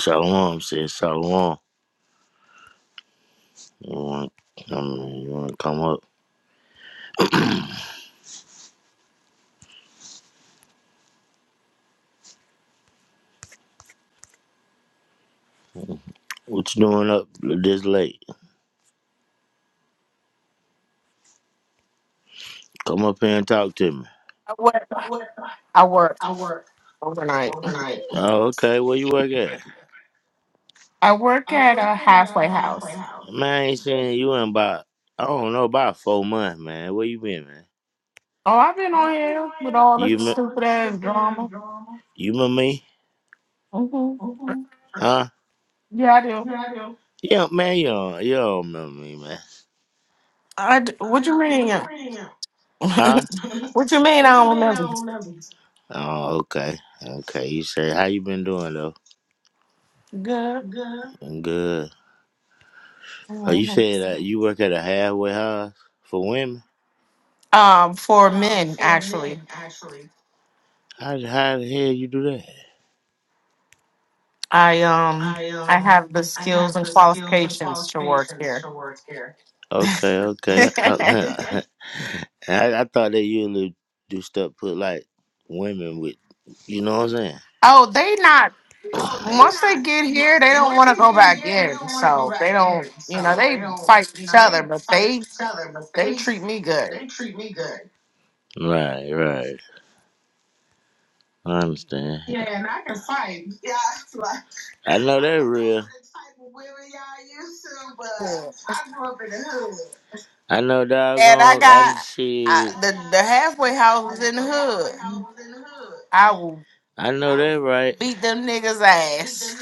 Shalom, says Shalom. You want, I mean, you want to come up? What you doing up this late? Come up here and talk to me. I work. I work overnight. Oh, okay. Where you work at? I work at a halfway house. Man, I ain't seen you in about, I don't know, about four months, man. Where you been, man? Oh, I've been on here with all this You me? stupid ass drama. You remember me? hmm Huh? Yeah, I do. Yeah, man, you don't, you don't remember me, man. I d- What you mean? Huh? what you mean? I don't remember. Oh, okay. Okay. You say, how you been doing, though? Good. I'm good. Oh, you Mhm. said that you work at a halfway house for women? Um, for men, actually, How, how the hell you do that? I um, I have the skills and qualifications to work here. Okay, okay. I, I, I thought that you would do stuff put like women with, you know what I'm saying? oh, they not. Oh, they Once they get here, they don't want to go back in. So they don't. You know, they fight each other, but they They treat me good. not. Right, right. I understand. Yeah, and I can fight. Yeah, like, I know that real. The type of women y'all used to, but And I know I doggone. I got I, see. the the halfway houses in the hood. I will I know that right. beat them niggas ass.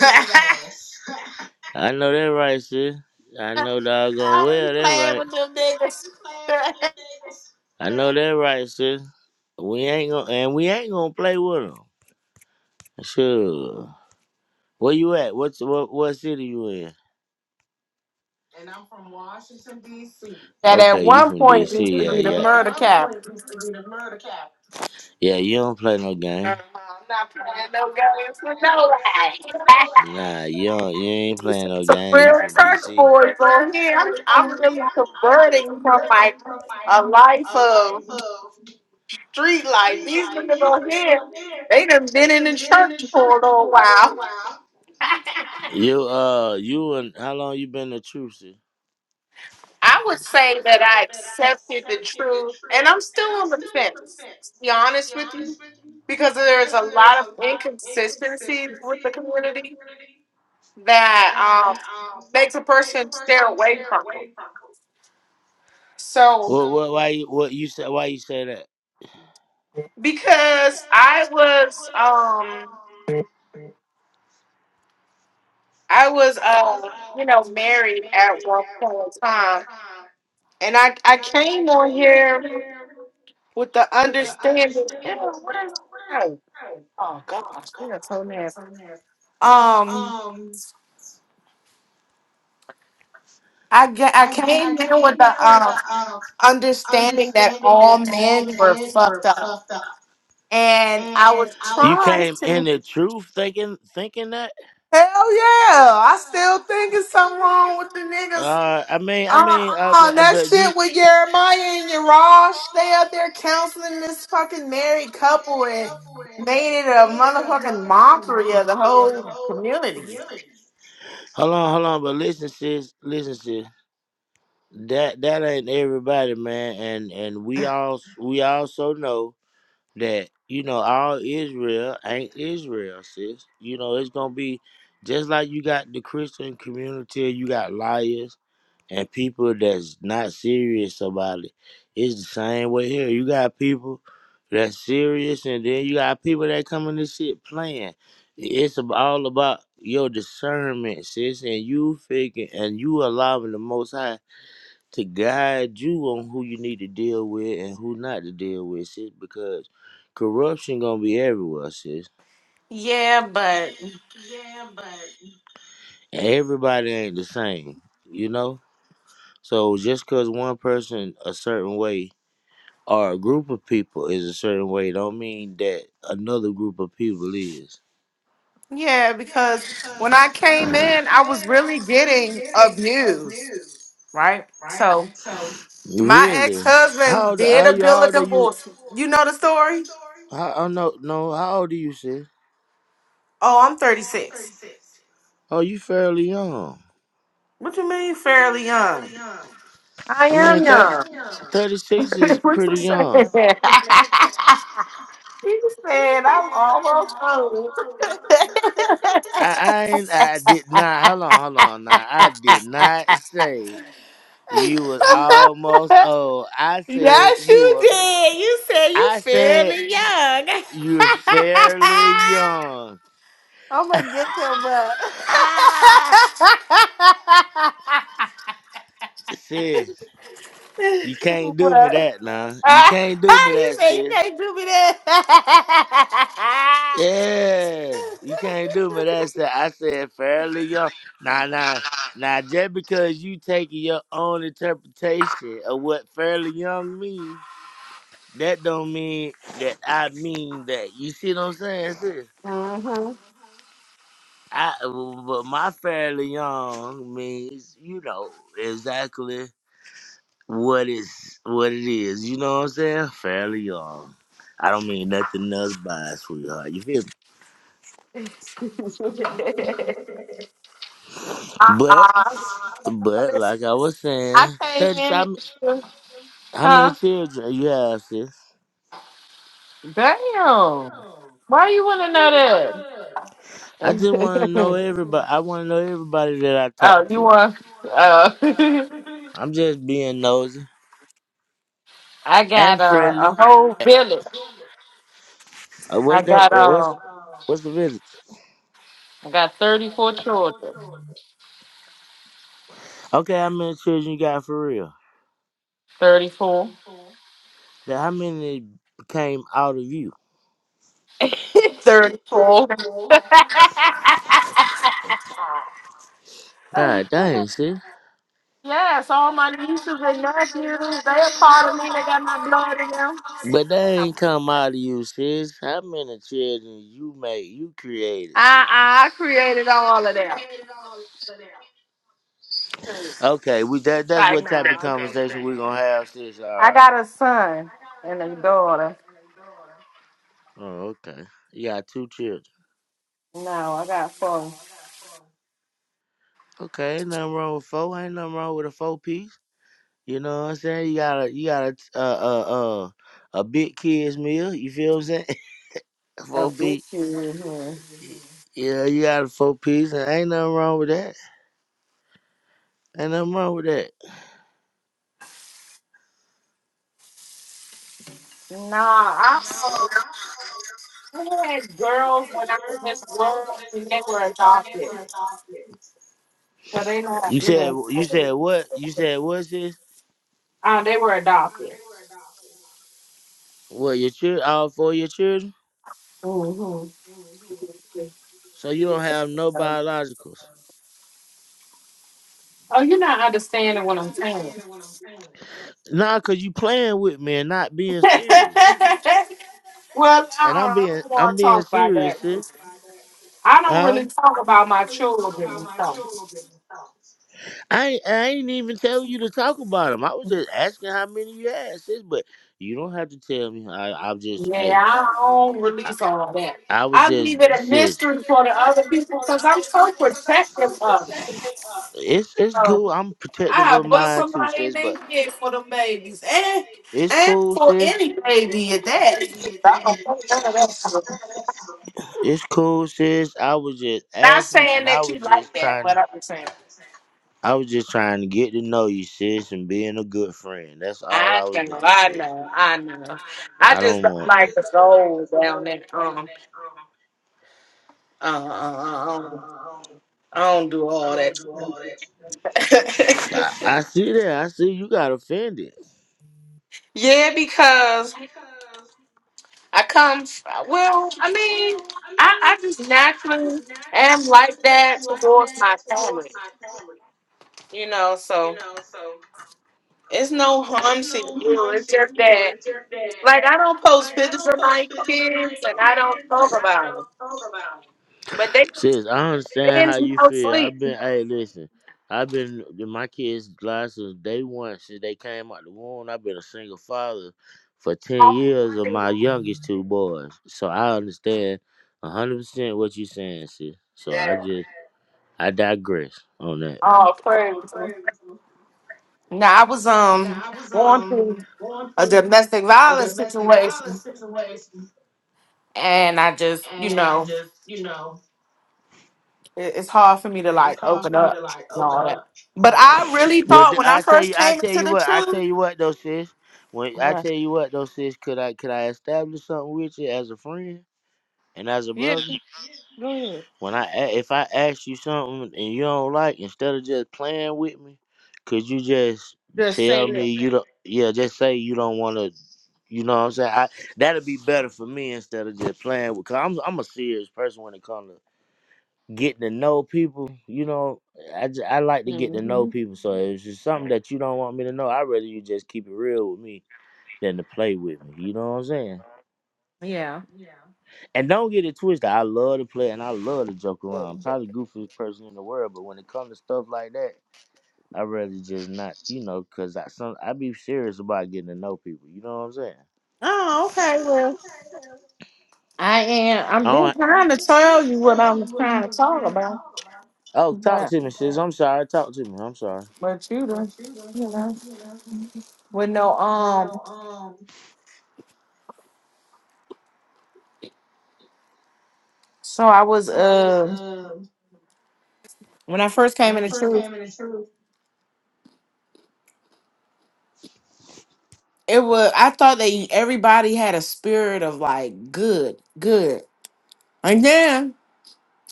I know that right, sis. I know doggone I be well that playing right. with them niggas. that I know that right, sis. We ain't gonna and we ain't gonna play with them. Sure. Where you at? What's what? What city you in? at Okay, you one from point DC? used to Yeah, be the yeah. At murder one cap. point used to be the murder capital. Yeah, you don't play no Uh-huh. game. I'm not playing no games with nobody. Nah, you don't, you ain't playing no Some game. You real from church DC? boys on here. I'm, I'm really converting from like a life of. Street life. These niggas on here, they done been in the church for a little while. You uh, you and how long you been the truth, truther? I would say that I accepted the truth, and I'm still on the fence. To be honest with you, because there's a lot of inconsistencies with the community that um, makes a person stare away from them. So What what why you what you say why you say that? because I was um I was uh you know married at one point in time And I, I came on here with the understanding. Ew, what is that? Oh gosh, you're so nasty. Um, I get, I came in with the um understanding that all men were fucked up, and I And was I. was, You trying came in to. the truth thinking thinking that? Hell yeah! I still think it's something wrong with the niggas. Uh, I mean, I mean, I Uh-uh, mean, I that bet you. shit with Jeremiah and Yarash, they out there counseling this fucking married couple and made it a motherfucking mockery of the whole community. Hold on, hold on, but listen, sis, listen, sis. That that ain't everybody, man, and and we all we also know that you know all Israel ain't Israel, sis. You know it's gonna be just like you got the Christian community, you got liars, and people that's not serious about it. It's the same way here. You got people that's serious, and then you got people that come in this shit playing. It's ab- all about your discernment, sis, and you figure and you allowing the Most High to guide you on who you need to deal with and who not to deal with, sis, because corruption gonna be everywhere, sis. Yeah, but And everybody ain't the same, you know. So just cause one person a certain way or a group of people is a certain way don't mean that another group of people is. yeah, because when I came in, I was really getting abused, right? So my Really? How ex-husband old did how a you bill how of old are you divorce. You know the story? how oh no no, how old are you, sis? Oh, I'm 36. Oh you fairly young. What you mean fairly young? I I mean am thirty young. thirty six is what you pretty saying? young. he said, I'm almost old. I, I ain't I did not hold on, hold on now. I did not say you was almost old. I said yes, you you were did. You said you I said fairly young. you're fairly young. I'm gonna get your butt. Sis, you can't do me what? that now. You can't do me you that, say you sis. can't do me that. Yeah, you can't do me that, sis. I said fairly young. Nah, nah, nah. Just because you taking your own interpretation of what fairly young mean, that don't mean that I mean that. You see what I'm saying, sis? Uh-huh. I, but my fairly young means, you know, exactly what is what it is. You know what I'm saying? Fairly young. I don't mean nothing else by it, sweetheart. You feel me? But uh-uh. but like I was I saying, came thirty in how and m- she, how many huh? children you have, sis? Damn. Why you want to I know just wanna know that? everybody I wanna know everybody that I talk oh, you to. want? Uh, I'm just being nosy I got and uh, friendly. a whole village. Uh, I what's that got uh, what's um, what's the village? I got thirty four children. Okay, how many children you got for real? Thirty four. Now, how many came out of you? Thirty four. God dang, sis. yes, all my nieces and nephews. They're a part of me. They got my blood in them. But that I ain't come out of you, sis. How many children you made, you created, sis? I created all of that. Okay, we that that's Like, what nah, type of conversation we're gonna have, sis. All I right. got a son and a daughter. Oh, okay. You got two children. No, I got four. Okay, ain't nothing wrong with four. Ain't nothing wrong with a four piece. You know what I'm saying? You got a you got a uh uh uh a big kids meal. You feel what I'm saying? A A four big piece. kid in here. Y- Yeah, you got a four piece, and ain't nothing wrong with that. Ain't nothing wrong with that. Nah, I uh, had girls when I was in the world and they were adopted. So they not You said even, you said what? You said what, sis? uh, they were adopted. What your children? All four of your children? hmm So you don't have no biologicals? Oh, you're not understanding what I'm saying. Nah, cause you playing with me and not being serious. well, uh-uh, And I'm I being, don't want I'm to being talk about serious, that. sis. I don't really Huh? talk about my children and stuff. I ain't, I ain't even telling you to talk about them. I was just asking how many you had, sis. But you don't have to tell me. I, I'm just, hey, Yeah, I don't release all that. I was I just, leave it a sis. mystery for the other people because I'm so protective of it. It's, it's So cool. I'm protective I of bust mine too, somebody in sis. their But head for them babies and it's and cool, for sis. any baby at that. I don't want none of that It's cool, sis. I was just Not asking, saying and I that was you like just that, trying. but I'm just saying. I was just trying to get to know you, sis, and being a good friend. That's all I I was doing. know, I know, I know. I I just don't want. don't like the soul down there. Um, uh, uh, uh, I don't I don't do all that. I, I see that. I see you got offended. yeah, because I come. f- Well, I mean, I, I just naturally am like that towards my family, you know. So it's no harm to you. It's just that, like, I don't post pictures of my kids and I don't talk about them, but they just Sis, I they understand in how you no feel. sleep. I've been, hey, listen, I've been my kids' lives since day one. Since they came out the womb, I've been a single father for ten Oh, years of praise. my youngest two boys. So I understand a hundred percent what you're saying, sis. So I Yeah. just, I digress on that. Oh, praise. Now I was um going through a domestic violence situation, and I just, you know. it- it's hard for me to like open up and all that. But I really Well, thought th- when I I tell first you, I came tell into you the what, I truth, tell you what though, sis. When I right? tell you what though, sis, could I, could I establish something with you as a friend and as a Yeah, brother? go ahead. When I a- if I ask you something and you don't like, instead of just playing with me, could you just Just tell say it. me you don't? Yeah, just say you don't want to. You know what I'm saying? I, that'd be better for me instead of just playing with. Cause I'm I'm a serious person when it comes to getting to know people. You know, I j- I like to get to know hmm people. So if it's something that you don't want me to know, I'd rather you just keep it real with me than to play with me. You know what I'm saying? Yeah. And don't get it twisted. I love to play and I love to joke around. Probably goofiest person in the world, but when it comes to stuff like that, I'd rather just not, you know, cause I some I be serious about getting to know people. You know what I'm saying? Oh, okay. Well, I am. I I'm been don't. trying to tell you what I'm trying to talk about, Oh, talk but to me, sis. I'm sorry. Talk to me. I'm sorry. but you do, you know, with no um. So I was uh when I first came into truth, it was I thought that everybody had a spirit of like good, good, and then.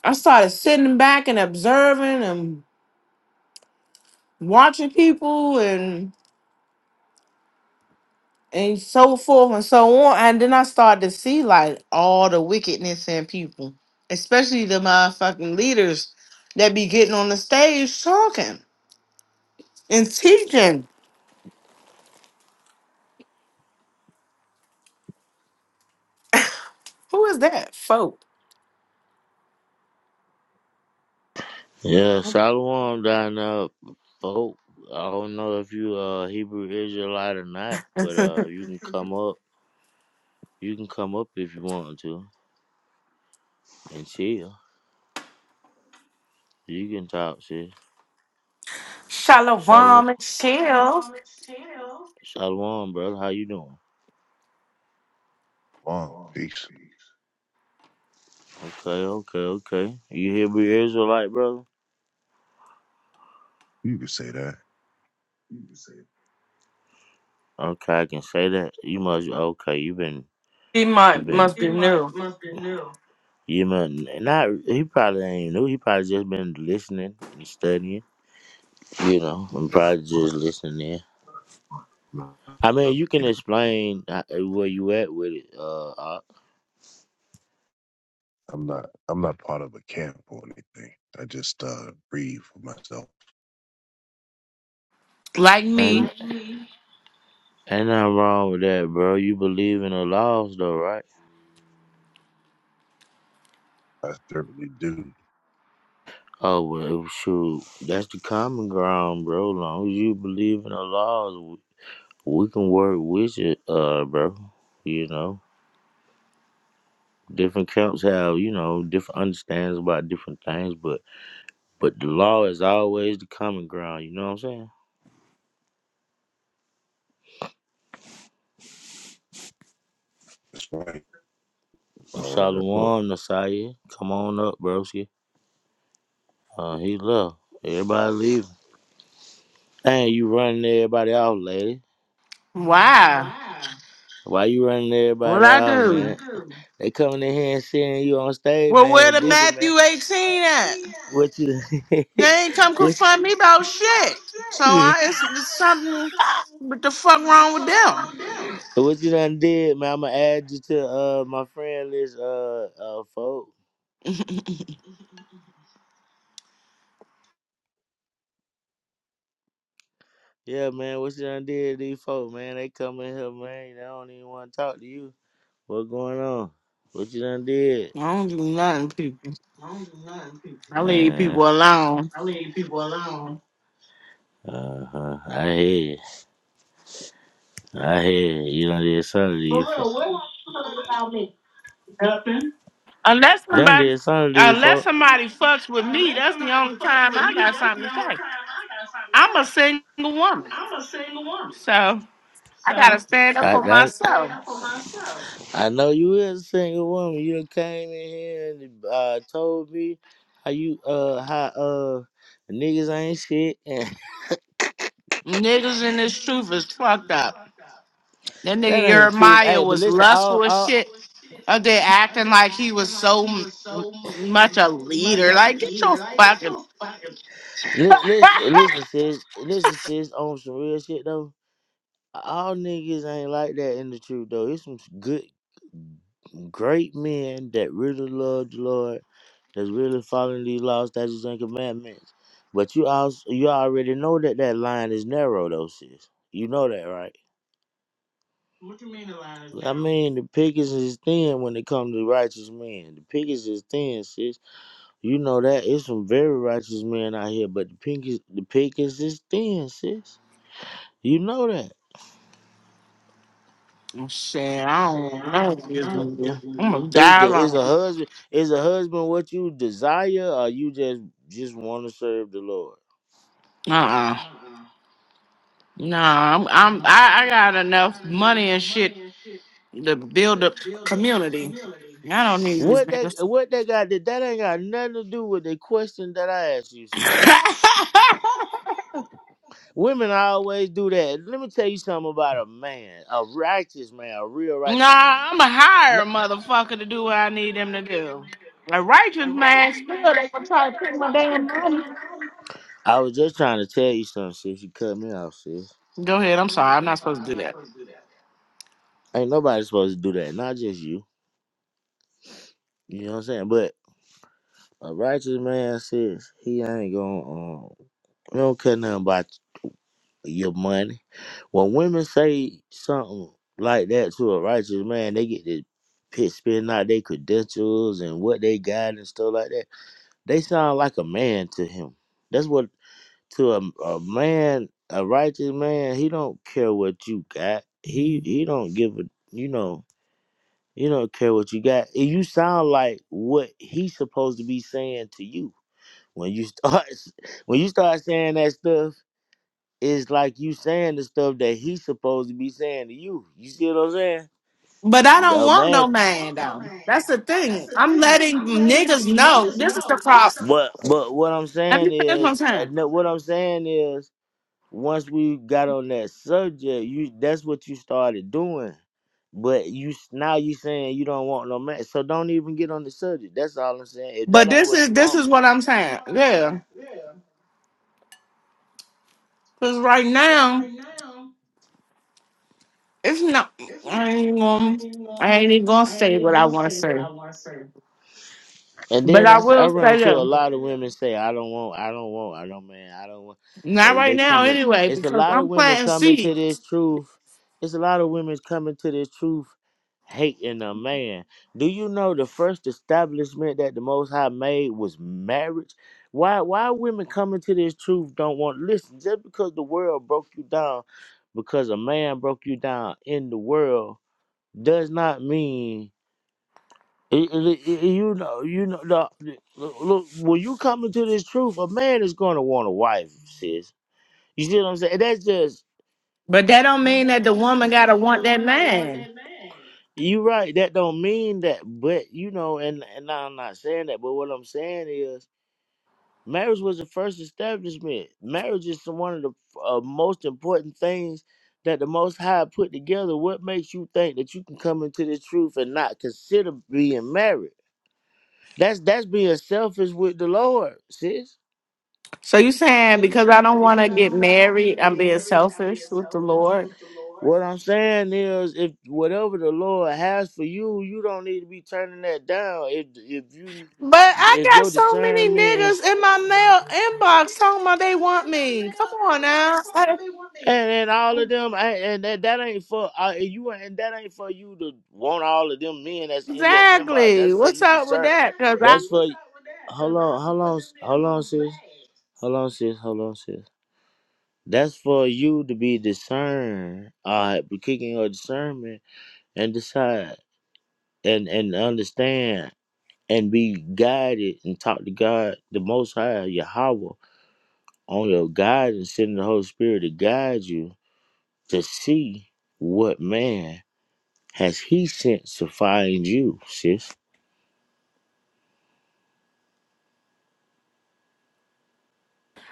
I started sitting back and observing and watching people and and so forth and so on. And then I started to see like all the wickedness in people, especially the motherfucking leaders that be getting on the stage talking and teaching. Who is that folk? Yeah, Shalom down there, folk. I don't know if you uh Hebrew Israelite or not, but uh you can come up. You can come up if you want to and chill. You can talk, sis. Shalom, Shalom and Shields. shalom, brother. How you doing? Long peace. Okay, okay, okay. You Hebrew Israelite, brother? You could say that. Okay, I can say that. You must okay, you been He you might been must be new. you man not he probably ain't new, he probably just been listening and studying, you know, and But probably I'm just listening. not I mean, part of you a can camp. explain uh, where you at with it, uh, uh I'm not. I'm not part of a camp or anything. I just uh, read for myself. Like and me. like me. ain't nothing wrong with that, bro. You believe in the laws though, right? I certainly do. Oh well, shoot, that's the common ground, bro. long as you believe in the laws, we can work with it, uh, bro. You know, different camps have you know different understandings about different things, but but the law is always the common ground. You know what I'm saying? That's why I And follow that book. Shalom, Nasiah, come on up, broski. Uh, he left. Everybody leaving. Dang, you running everybody off, lady. Wow. Why you running What everybody I off, man? do? They coming in here and seeing you on stage, Well, man. where The the different. Matthew 18 at? What you? They ain't come what confront me about shit. So I, it's, it's something. What the fuck wrong with them? So What you done did, man? I'ma add you to uh my friend list, uh uh folk. Yeah, man, what you done did to these folk, man? They come in here, man. They don't even want to talk to you. What going on? What you done did? I don't do nothing, people. I don't do nothing, people. I leave Man, people alone. uh huh. I hear you. I hear you. You done did something to these folk. Unless You done somebody, did something to these unless folk. somebody fucks with me, that's the only time I got something to say. I'm a single woman, so I gotta stand up I for got myself. I know you is a single woman. You done came in here and uh, told me how you uh how uh niggas ain't shit and Niggas in this truth is fucked up. That nigga that ain't true. Jeremiah Hey, but was listen, all lustful as all shit. Up there acting like he was so m- much a leader. Like, get your fucking li- listen listen sis listen sis on some real shit though. All niggas ain't like that in the truth though. It's some good. Great men that really love the Lord, that's really following these laws, statutes, and commandments. But you also you already know that that line is narrow, though, sis. You know that, right? What do you mean the line is I narrow? mean, the pickings is thin when it comes to righteous men. The pickings is thin, sis. You know that it's some very righteous men out here, but the pickings, the pickings is thin, sis. You know that. Shit, I don't know what this nigga. I'm gonna Is die the is alone. a husband is a husband what you desire, or you just just want to serve the Lord? Uh uh. Nah, I'm, I'm I, I got enough money and shit to build a community. I don't need these What they niggas. what they got that that ain't got nothing to do with the question that I asked you, nah, sis. Women always do that. Let me tell you something about a man, a righteous man, a real righteous man. I'm a hire motherfucker to do what I need them to do. A righteous man still they gonna try to take my damn money. I was just trying to tell you something, sis. You cut me off, sis. Go ahead, I'm sorry, I'm not supposed to do that. Ain't nobody supposed to do that, not just you. You know what I'm saying? But a righteous man, sis, he ain't gonna um, he don't care nothing about your money. When women say something like that to a righteous man, they get to pit spitting out their credentials and what they got and stuff like that. They sound like a man to him. That's what to a, a man, a righteous man, he don't care what you got. He he don't give a you know, You don't care what you got. And You sound like what he's supposed to be saying to you. When you start when you start saying that stuff, it's like you saying the stuff that he's supposed to be saying to you. You see what I'm saying? But I You don't know, want man. no man though. That's the thing. I'm letting niggas know this is the problem. But but what I'm Let saying me finish what I'm is, uh, saying. no, what I'm saying is, once we got on that subject, you that's what you started doing. But you s- now you saying you don't want no man, so don't even get on the subject. That's all I'm saying. If that But ain't this what is you this want, is what I'm saying. Yeah. Cause right now it's not I ain't even gonna I ain't even gonna say what I wanna say. And But then I I, s- I will run say into a that lot of women say, I don't want, I don't want, I don't, man, I don't want. not They, right they now coming. anyway, It's a because lot of I'm women planting coming to seeds. this truth. It's a lot of women coming to this truth hating a man. Do you know the first establishment that the Most High made was marriage? Why, why women coming to this truth don't want, listen, just because the world broke you down, because a man broke you down in the world, does not mean it- it- it- you know, you know. The, look, look, when you come into this truth, a man is gonna want a wife, sis. You see what I'm saying? That's just But that don't mean that the woman gotta want that man. you right. That don't mean that, but you know, and and I'm not saying that, but what I'm saying is, marriage was the first establishment. Marriage is one of the uh, most important things that the Most High put together. What makes you think that you can come into this truth and not consider being married? That's that's being selfish with the Lord, sis. So you saying because I don't wanna get married, I'm being selfish with the Lord. What I'm saying is, if whatever the Lord has for you, you don't need to be turning that down. If if you But I if got your so many discernment is niggas in my mail inbox talking about they want me. Come on now. and then all of them, I- and that that ain't for uh, and you, and that ain't for you to want all of them men that's in your inbox. Exactly. What's That's up with discern. that? Because I, That's for. Hold on, hold on, hold on, sis. Hold on, sis. Hold on, sis. That's for you to be discerned. All right, be kicking your discernment and decide and and understand. and be guided and talk to God, the Most High, Yahweh, on your guidance, sending the Holy Spirit to guide you to see what man has He sent to find you, sis.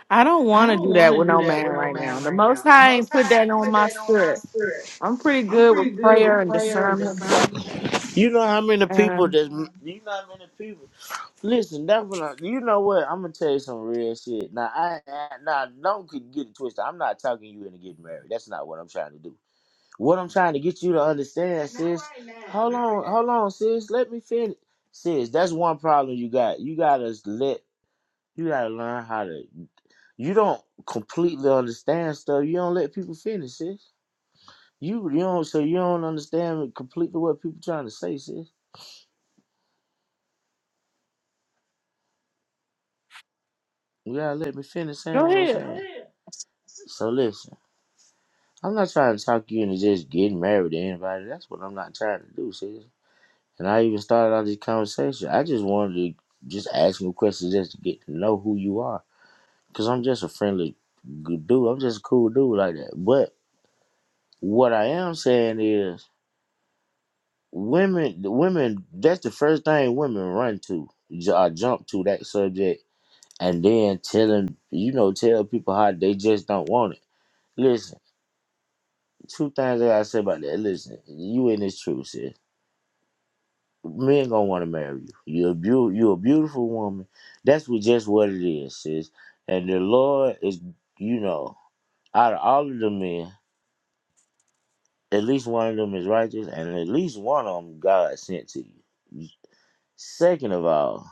I don't want to do that with no man right now. The Most High ain't put that on my spirit. I'm pretty good with prayer and discernment. You know how many people Um, that's you know how many people. Listen, that's what I, you know. What I'm gonna tell you some real shit. Now I, I now don't get it twisted. I'm not talking you into getting married. That's not what I'm trying to do. What I'm trying to get you to understand, sis. Hold on, hold on, sis. Let me finish. Sis, that's one problem you got. You gotta let you gotta learn how to you don't completely understand stuff. You don't let people finish, sis. You you don't so you don't understand completely what people trying to say, sis. You gotta let me finish saying go what I'm ahead. saying. So listen, I'm not trying to talk you into just getting married to anybody. That's what I'm not trying to do, sis. And I even started out this conversation. I just wanted to just ask you questions just to get to know who you are. Because I'm just a friendly good dude. I'm just a cool dude like that. But what I am saying is women, the women, that's the first thing women run to. J- I jump to that subject and then tell them, you know, tell people how they just don't want it. Listen, two things that I say about that. Listen, you in this truth, sis. men gonna want to marry you. You're a beau- you're a beautiful woman. That's what just what it is, sis. And the Lord is, you know, out of all of the men, at least one of them is righteous, and at least one of them God sent to you. Second of all,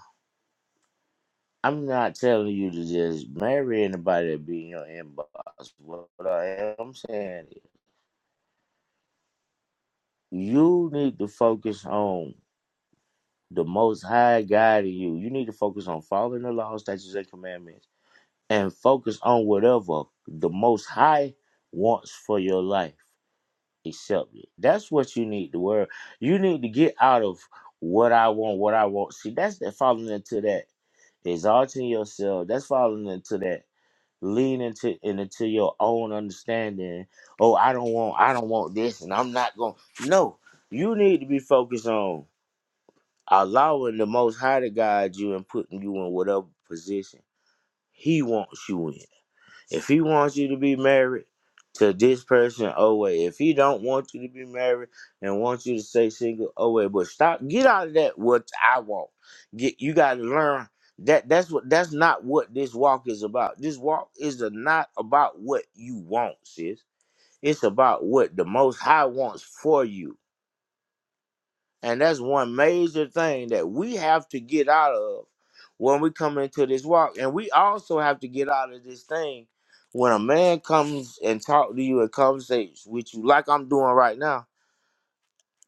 I'm not telling you to just marry anybody that be in your inbox. What I am saying is, you need to focus on the Most High guiding you. You need to focus on following the law, statutes, and commandments and focus on whatever the most high wants for your life accept it that's what you need to worry you need to get out of what i want what i want see that's that falling into that exalting yourself that's falling into that lean into and into your own understanding oh i don't want i don't want this and i'm not going no you need to be focused on allowing the most high to guide you and putting you in whatever position he wants you in if he wants you to be married to this person, oh wait. If he don't want you to be married and wants you to stay single, oh wait. But stop. Get out of that. What I want. Get. You got to learn that. That's what. That's not what this walk is about. This walk is a- not about what you want, sis. It's about what the Most High wants for you and that's one major thing that we have to get out of when we come into this walk. And we also have to get out of this thing when a man comes and talk to you and conversates with you like I'm doing right now.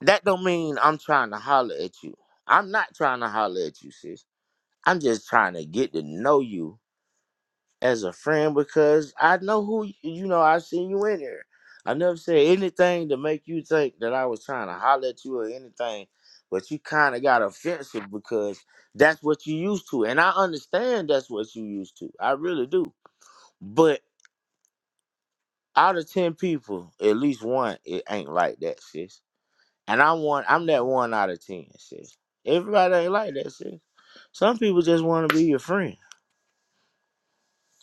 That don't mean I'm trying to holler at you. I'm not trying to holler at you, sis. I'm just trying to get to know you as a friend because I know who y- you know. I've seen you in there. I never said anything to make you think that I was trying to holler at you or anything, but you kind of got offensive because that's what you used to, and I understand that's what you used to. I really do. But out of ten people, at least one it ain't like that, sis. And I'm one. I'm that one out of ten, sis. Everybody ain't like that, sis. Some people just want to be your friend,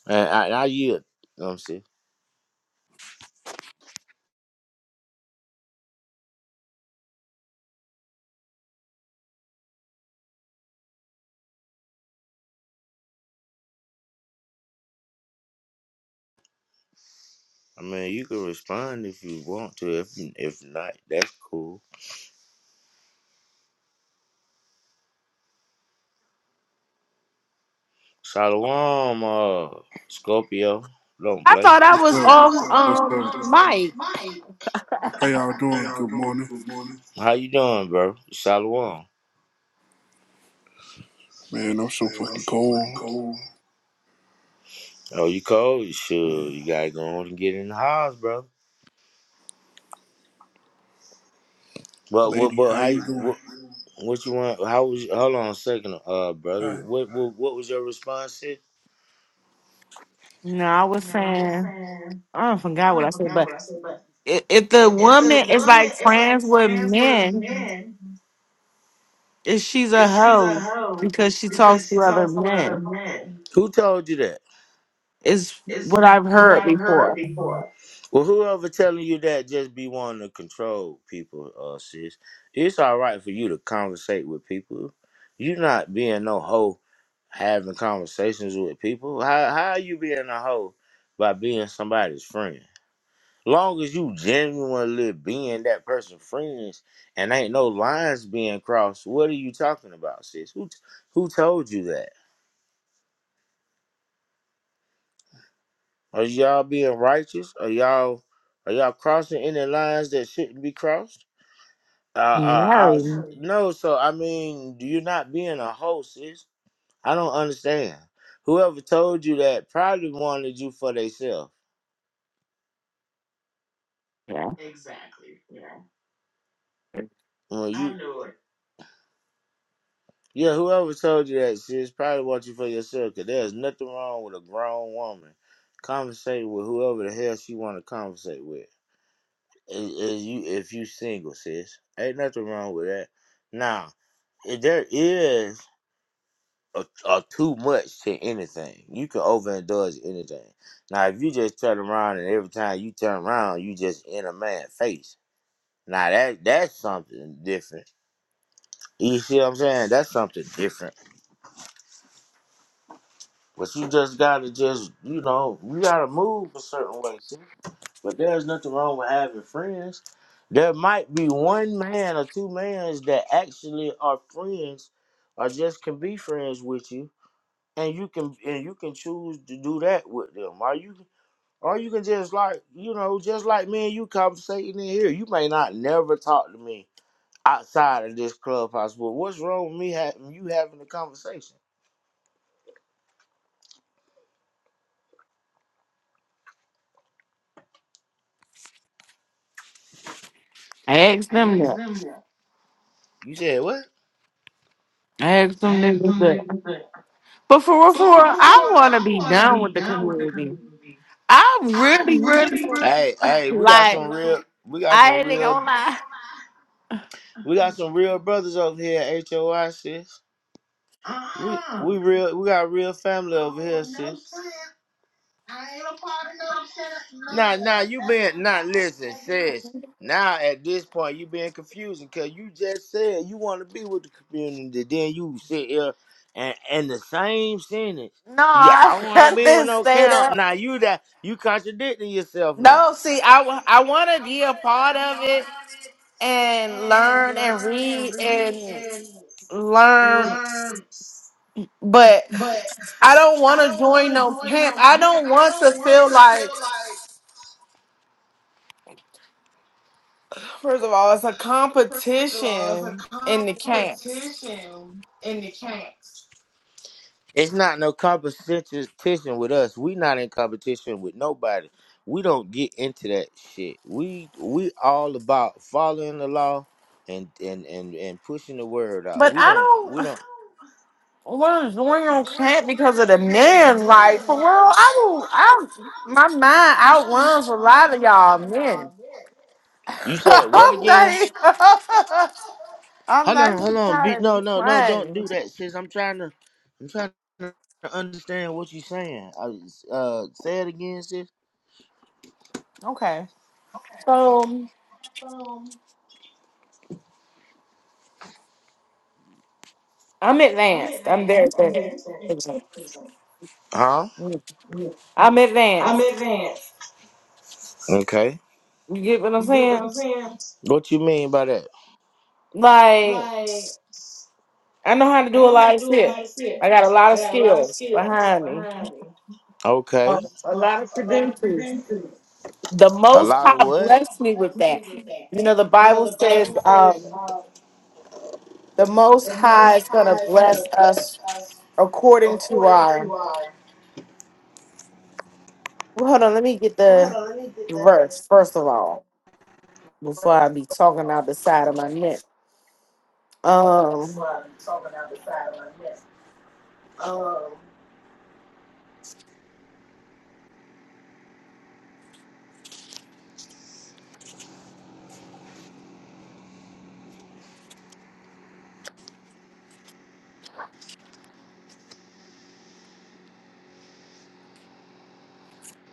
and I, and I yield. You know what I'm saying? I mean, you can respond if you want to. If if not, that's cool. Shalom, uh, Scorpio. Don't I play. thought I What's was up? on What's um up? Mike. How y'all doing? Good morning. How you doing, bro? Shalom. Man, I'm so fucking cold. Oh, you cold? Sure. You gotta go on and get in the house, bro. But what? Lady, But how how? you you- doing? What, what you want? How was? Hold on a second, uh, brother. What? What, what was your response? To? No, I was saying I don't forgot what I said, but if, if the woman is like friends with men, if she's a hoe because she talks to other men, Who told you that? is what I've heard before. Well, whoever telling you that just be wanting to control people, uh, sis. It's all right for you to conversate with people. You not being no hoe having conversations with people. How how you being a hoe by being somebody's friend? Long as you genuinely being that person's friends and ain't no lines being crossed, what are you talking about, sis? Who who told you that? Are y'all being righteous? Are y'all are y'all crossing any lines that shouldn't be crossed? Uh, uh, I, No, no, so I mean, you're not being a host, sis. I don't understand. Whoever told you that probably wanted you for themselves. yeah, Well, you, Yeah, whoever told you that sis, probably want you for yourself. Cause there's nothing wrong with a grown woman conversating with whoever the hell she want to conversate with. If if you if you single, sis, ain't nothing wrong with that. Now, if there is or, or too much to anything. You can overindulge anything. Now, if you just turn around and every time you turn around, you just in a man's face. Now that that's something different. You see what I'm saying? That's something different. But you just gotta just you know you gotta move a certain way. See? But there's nothing wrong with having friends. There might be one man or two mans that actually are friends, or just can be friends with you and you can and you can choose to do that with them. Or you or you can just like you know, just like me and you conversating in here. You may not never talk to me outside of this clubhouse, but what's wrong with me having you having a conversation? I asked them that. You said what? Ask them niggas that. But for real, for real, I want to be done with the community. I I really, really really, really Hey, hey, we got like. some real we got I some ain't real gonna lie. we got some real brothers over here at HOI sis. We, Uh-huh. we real we got real family over here, sis. Nah, nah, you been nah. Listen, sis. Now at this point, you being confusing because you just said you want to be with the community. Then you sit here and and the same sentence. No, Yeah, I don't I, want to I be with didn't no say camp. that. Now you that you contradicting yourself now. No, see, I want to be a part of it and learn and read and learn, but I don't want to join no camp. I don't want to feel like, first of all, it's a competition in the camps. It's not no competition with us. We not in competition with nobody. We don't get into that shit. We we all about following the law and and and and pushing the word out. But We I don't don't. we don't. What is going on, cat? Because of the men, like for real, I will. I my mind outruns a lot of y'all men. You said what I'm not. again? even- I'm Hold not on, hold even on. Be, trying to be no, no, no. Don't funny. do that, sis. I'm trying to, I'm trying to understand what you're saying. I, uh, say it again, sis. Okay, so I'm advanced. I'm very advanced. Huh? I'm advanced. Okay. You get what I'm saying? What you mean by that? Like I know how to do a lot of shit. I got a lot of skills behind me. A Okay. a lot of credentials. the A most lot of high what? blessed me with that you know the bible says um the most high is going to bless us according to our well, hold on let me get the verse first of all before i be talking out the side of my neck um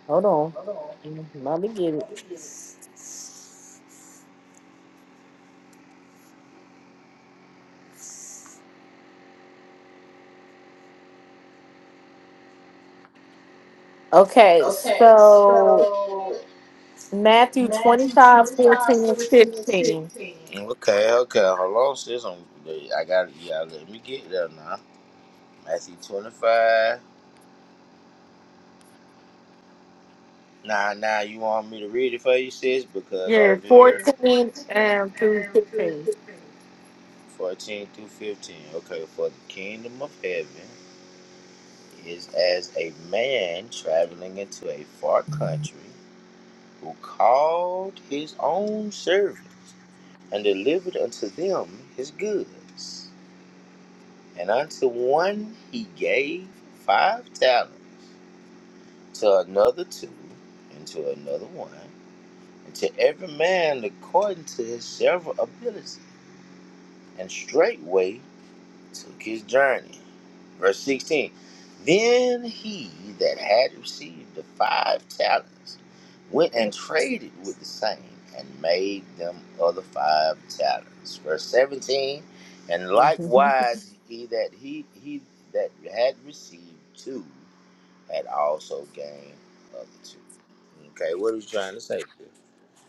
hold on Mm-hmm, let me get it okay so matthew twenty Matthew five 25, 14 and fourteen, and 15 16. Okay, okay. Hold on, sis. I'm, I got it. Yeah, let me get there now. Matthew 25. Nah, nah. You want me to read it for you, sis? Because yeah over here. 14 and through And Um, 15 3:16. 14 through 15. Okay, for the kingdom of heaven is as a man traveling into a far country who called his own servants and delivered unto them his goods. And unto one he gave five talents, to another two, and to another one, and to every man according to his several ability. And straightway took his journey. Verse 16 Then he that had received the five talents went and traded with the same and made them other five talents. Verse 17 And likewise he that he, he that had received two had also gained other two. Okay, what are you trying to say? here?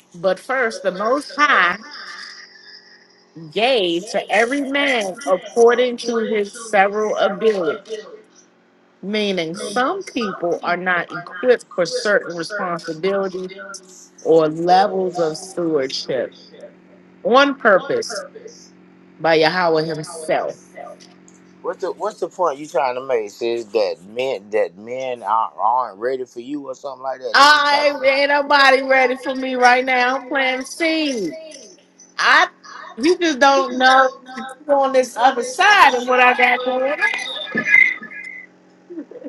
but first the most high gave to every man according to his several ability. Meaning, Okay. Meaning some some people are people not are not equipped for equipped for certain certain responsibilities responsibilities or levels of stewardship on purpose by Yahweh Himself. What's the What's the point you trying to make? Says that men that men aren't, aren't ready for you or something like that. That's what you I trying ain't nobody ready for me right now. I'm playing seed. to. I you just don't know you on this other side of what I got going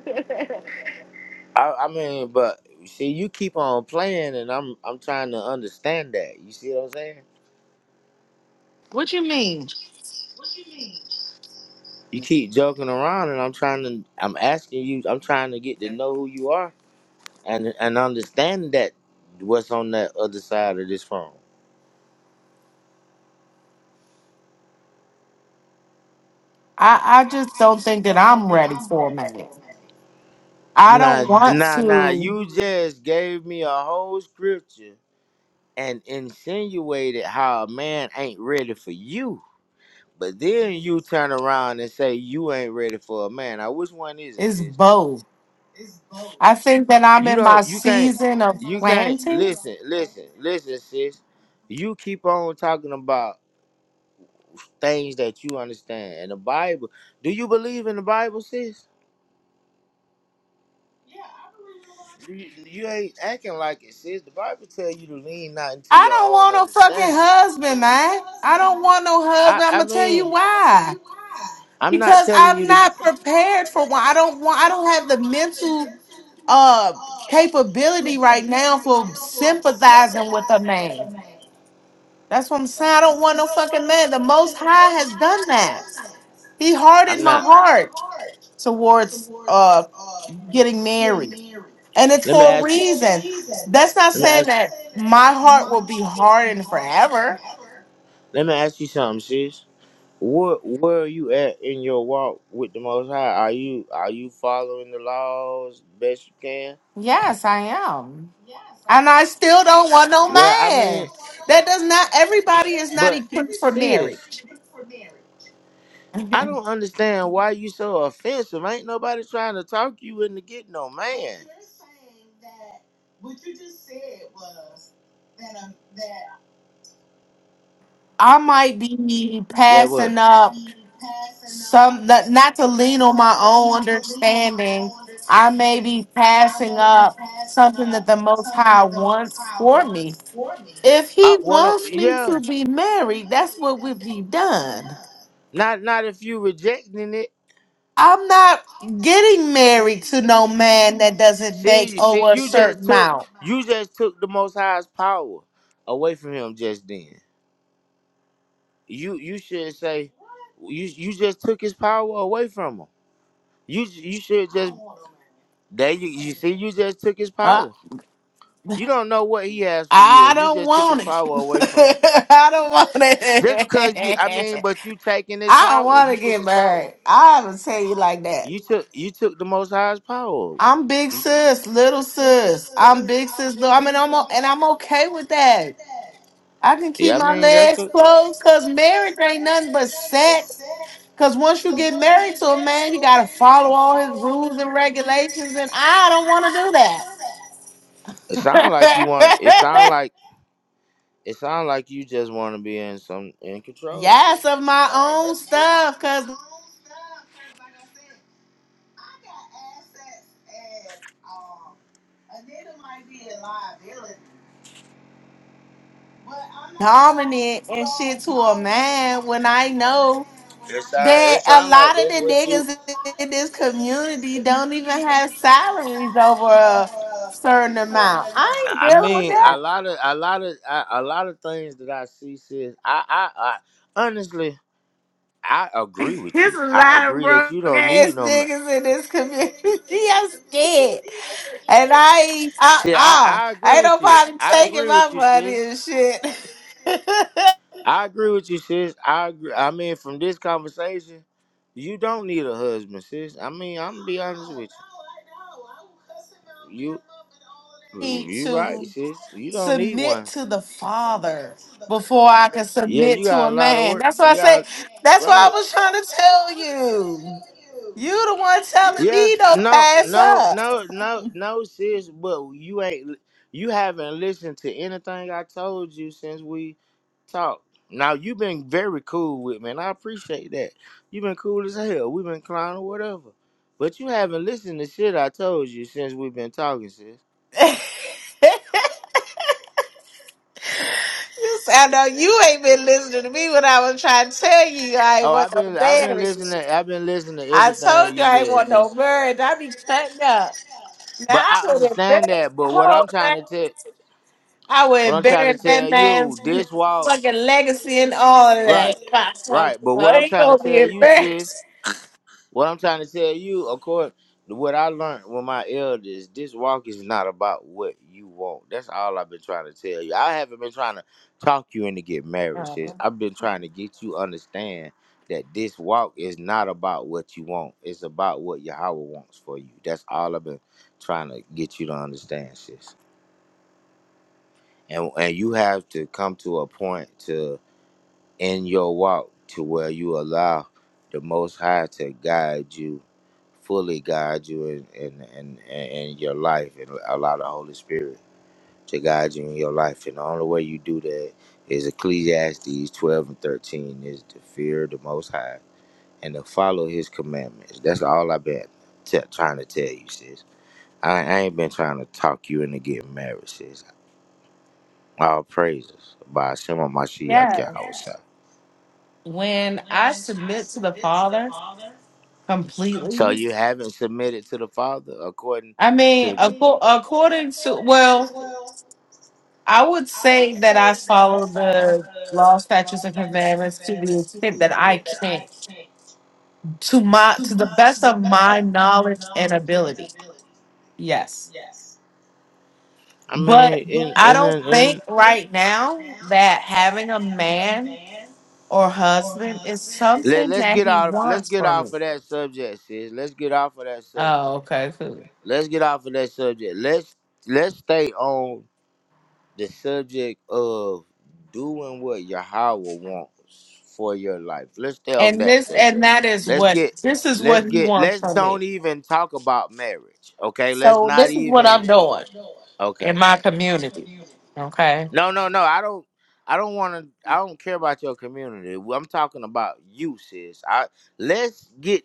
on. I, I mean, but see, you keep on playing, and I'm I'm trying to understand that. You see what I'm saying? what you mean? You keep joking around, and I'm trying to. I'm asking you. I'm trying to get to know who you are and and understand that what's on that other side of this phone. I, I just don't think that I'm ready for a man. I Nah, don't want nah, nah. to. You just gave me a whole scripture and insinuated how a man ain't ready for you. But then you turn around and say you ain't ready for a man. Now which one is it, It's sis? both. I think that I'm You in my don't you can't season of you can't plantings. listen, listen, listen, sis. You keep on talking about things that you understand. And the Bible do you believe in the Bible, sis? You, you ain't acting like it, sis. The Bible tell you to lean not into I your don't own want no fucking husband, man. I don't want no I, husband. I'm I gonna tell mean you why. I'm not Because telling you I'm to. not prepared for one. I don't want. I don't have the mental uh capability right now for sympathizing with a man. That's what I'm saying. I don't want no fucking man. The Most High has done that. He hardened I'm my not. heart towards uh getting married. And it's Let me for a ask you. Let reason. That's not me saying ask. that my heart you. will be hardened forever. Let me ask you something, sis. Where Where are you at in your walk with the Most High? Are you Are you following the laws best you can? Yes, I am. And I still don't want no Well, I mean, man. That does not, everybody is not but equipped for sis, marriage. I don't understand why you so offensive. Ain't nobody trying to talk you into getting no man. I might be Yeah, what? passing up some, Uh, not not to lean on my own understanding. I may be passing up something that the Most High wants for me. If He what? I'm- wants me yeah, to be married, that's what would be done. not not if you rejecting it. I'm not getting married to no man that doesn't make See, see, over a you just certain took amount. you just took the Most High's power away from him just then. You you should say you you just took his power away from him. You you should just there you you see you just took his Uh, power. You don't know what he has for you, I and you took don't his want it. power away from him. I don't want Just because you, I mean, it. but you taking his I don't power, you want to get took his power. married. I will tell you like that. You took you took the Most High's power. I'm big sis, little sis. I'm big sis, little. I mean, I'm o- and I'm okay with that. I can keep Yeah, I my mean that's. legs closed because marriage ain't nothing but sex Cause once you get married to a man, you gotta follow all his rules and regulations, and I don't want It to do sound like you want. It sound that. like. It sounds like you just want to be in some in control. See, yes, of my own stuff, cause dominant and shit to a man when I know it sound that it a sound like lot of that's the what you. niggas in this community don't even have salaries over a certain amount. I ain't I dealing with mean, that. a lot of a lot of a, a lot of things that I see, sis. I, I I honestly I agree with There's you. a I lot of agree that broke you don't ass need no man. niggas in this community. I'm scared. And I ain't uh See, I uh I agree ain't with you. nobody I taking agree with my money and shit. you. I agree with you, sis. I agree. I mean, from this conversation, you don't need a husband, sis. I mean, I'm gonna be honest with you. You, Need you right, to sis. You don't need submit one. to the Father before I can Yeah, submit you to got a a lot of man. work. That's why I You say. got That's why right. I was trying to tell you. You the one telling me Yes, don't no, pass no, up. no, no, no, sis, but you ain't you haven't listened to anything I told you since we talked. Now you've been very cool with me, and I appreciate that. You've been cool as hell. We've been clowning, whatever. But you haven't listened to shit I told you since we've been talking, sis. you say, I know you ain't been listening to me when I was trying to tell you I ain't Oh, want I've no been I've been marriage. listening I've been listening to I everything told you you I ain't said. want sis. no marriage. I be cutting up. But Now, I I would embarrass understand that. the But what whole I'm trying man. to tell I what would I'm trying to embarrass tell that you, man's this walk fucking legacy and all of Right. that. Fuck, fuck, Right, but fuck. what I'm He trying to gonna be tell you, sis, embarrassed. what I'm trying to tell you, according to what I learned with my elders, this walk is not about what you want. That's all I've been trying to tell you. I haven't been trying to talk you into get married, sis. I've been trying to get you understand that this walk is not about what you want. It's about what Yahweh wants for you. That's all I've been trying to get you to understand, sis. And and you have to come to a point to in your walk to where you allow the Most High to guide you, fully guide you in, in, in, in your life, and allow the Holy Spirit to guide you in your life. And the only way you do that is Ecclesiastes 12 and 13 is to fear the Most High and to follow His commandments. That's all I've been t- trying to tell you, sis. I, I ain't been trying to talk you into getting married, sis. All praises by Shema Mashiach Yes. Yahweh. When I submit to the Father So completely, you haven't submitted to the Father according I to. mean, The, acco- according to, well, I would say that I follow the law, statutes, and commandments to the extent that I can, to my, to the best of my knowledge and ability. Yes. I But mean, in I in don't in. think in right now that having a man or husband is let, something let's that get he out. Let's wants get from me. off of that subject, sis. Let's get off of that Oh, subject. okay, cool. Let's get off of that subject. Let's let's stay on the subject of doing what Yahweh wants for your life. Let's stay on And that this subject. and that is Let's what get this is let's what he get wants let's from don't me. even talk about marriage. Okay, let's So not this is even. what I'm doing Okay. in my community. Okay. No, no, no. I don't. I don't want to. I don't care about your community. Well, I'm talking about you, sis. I let's get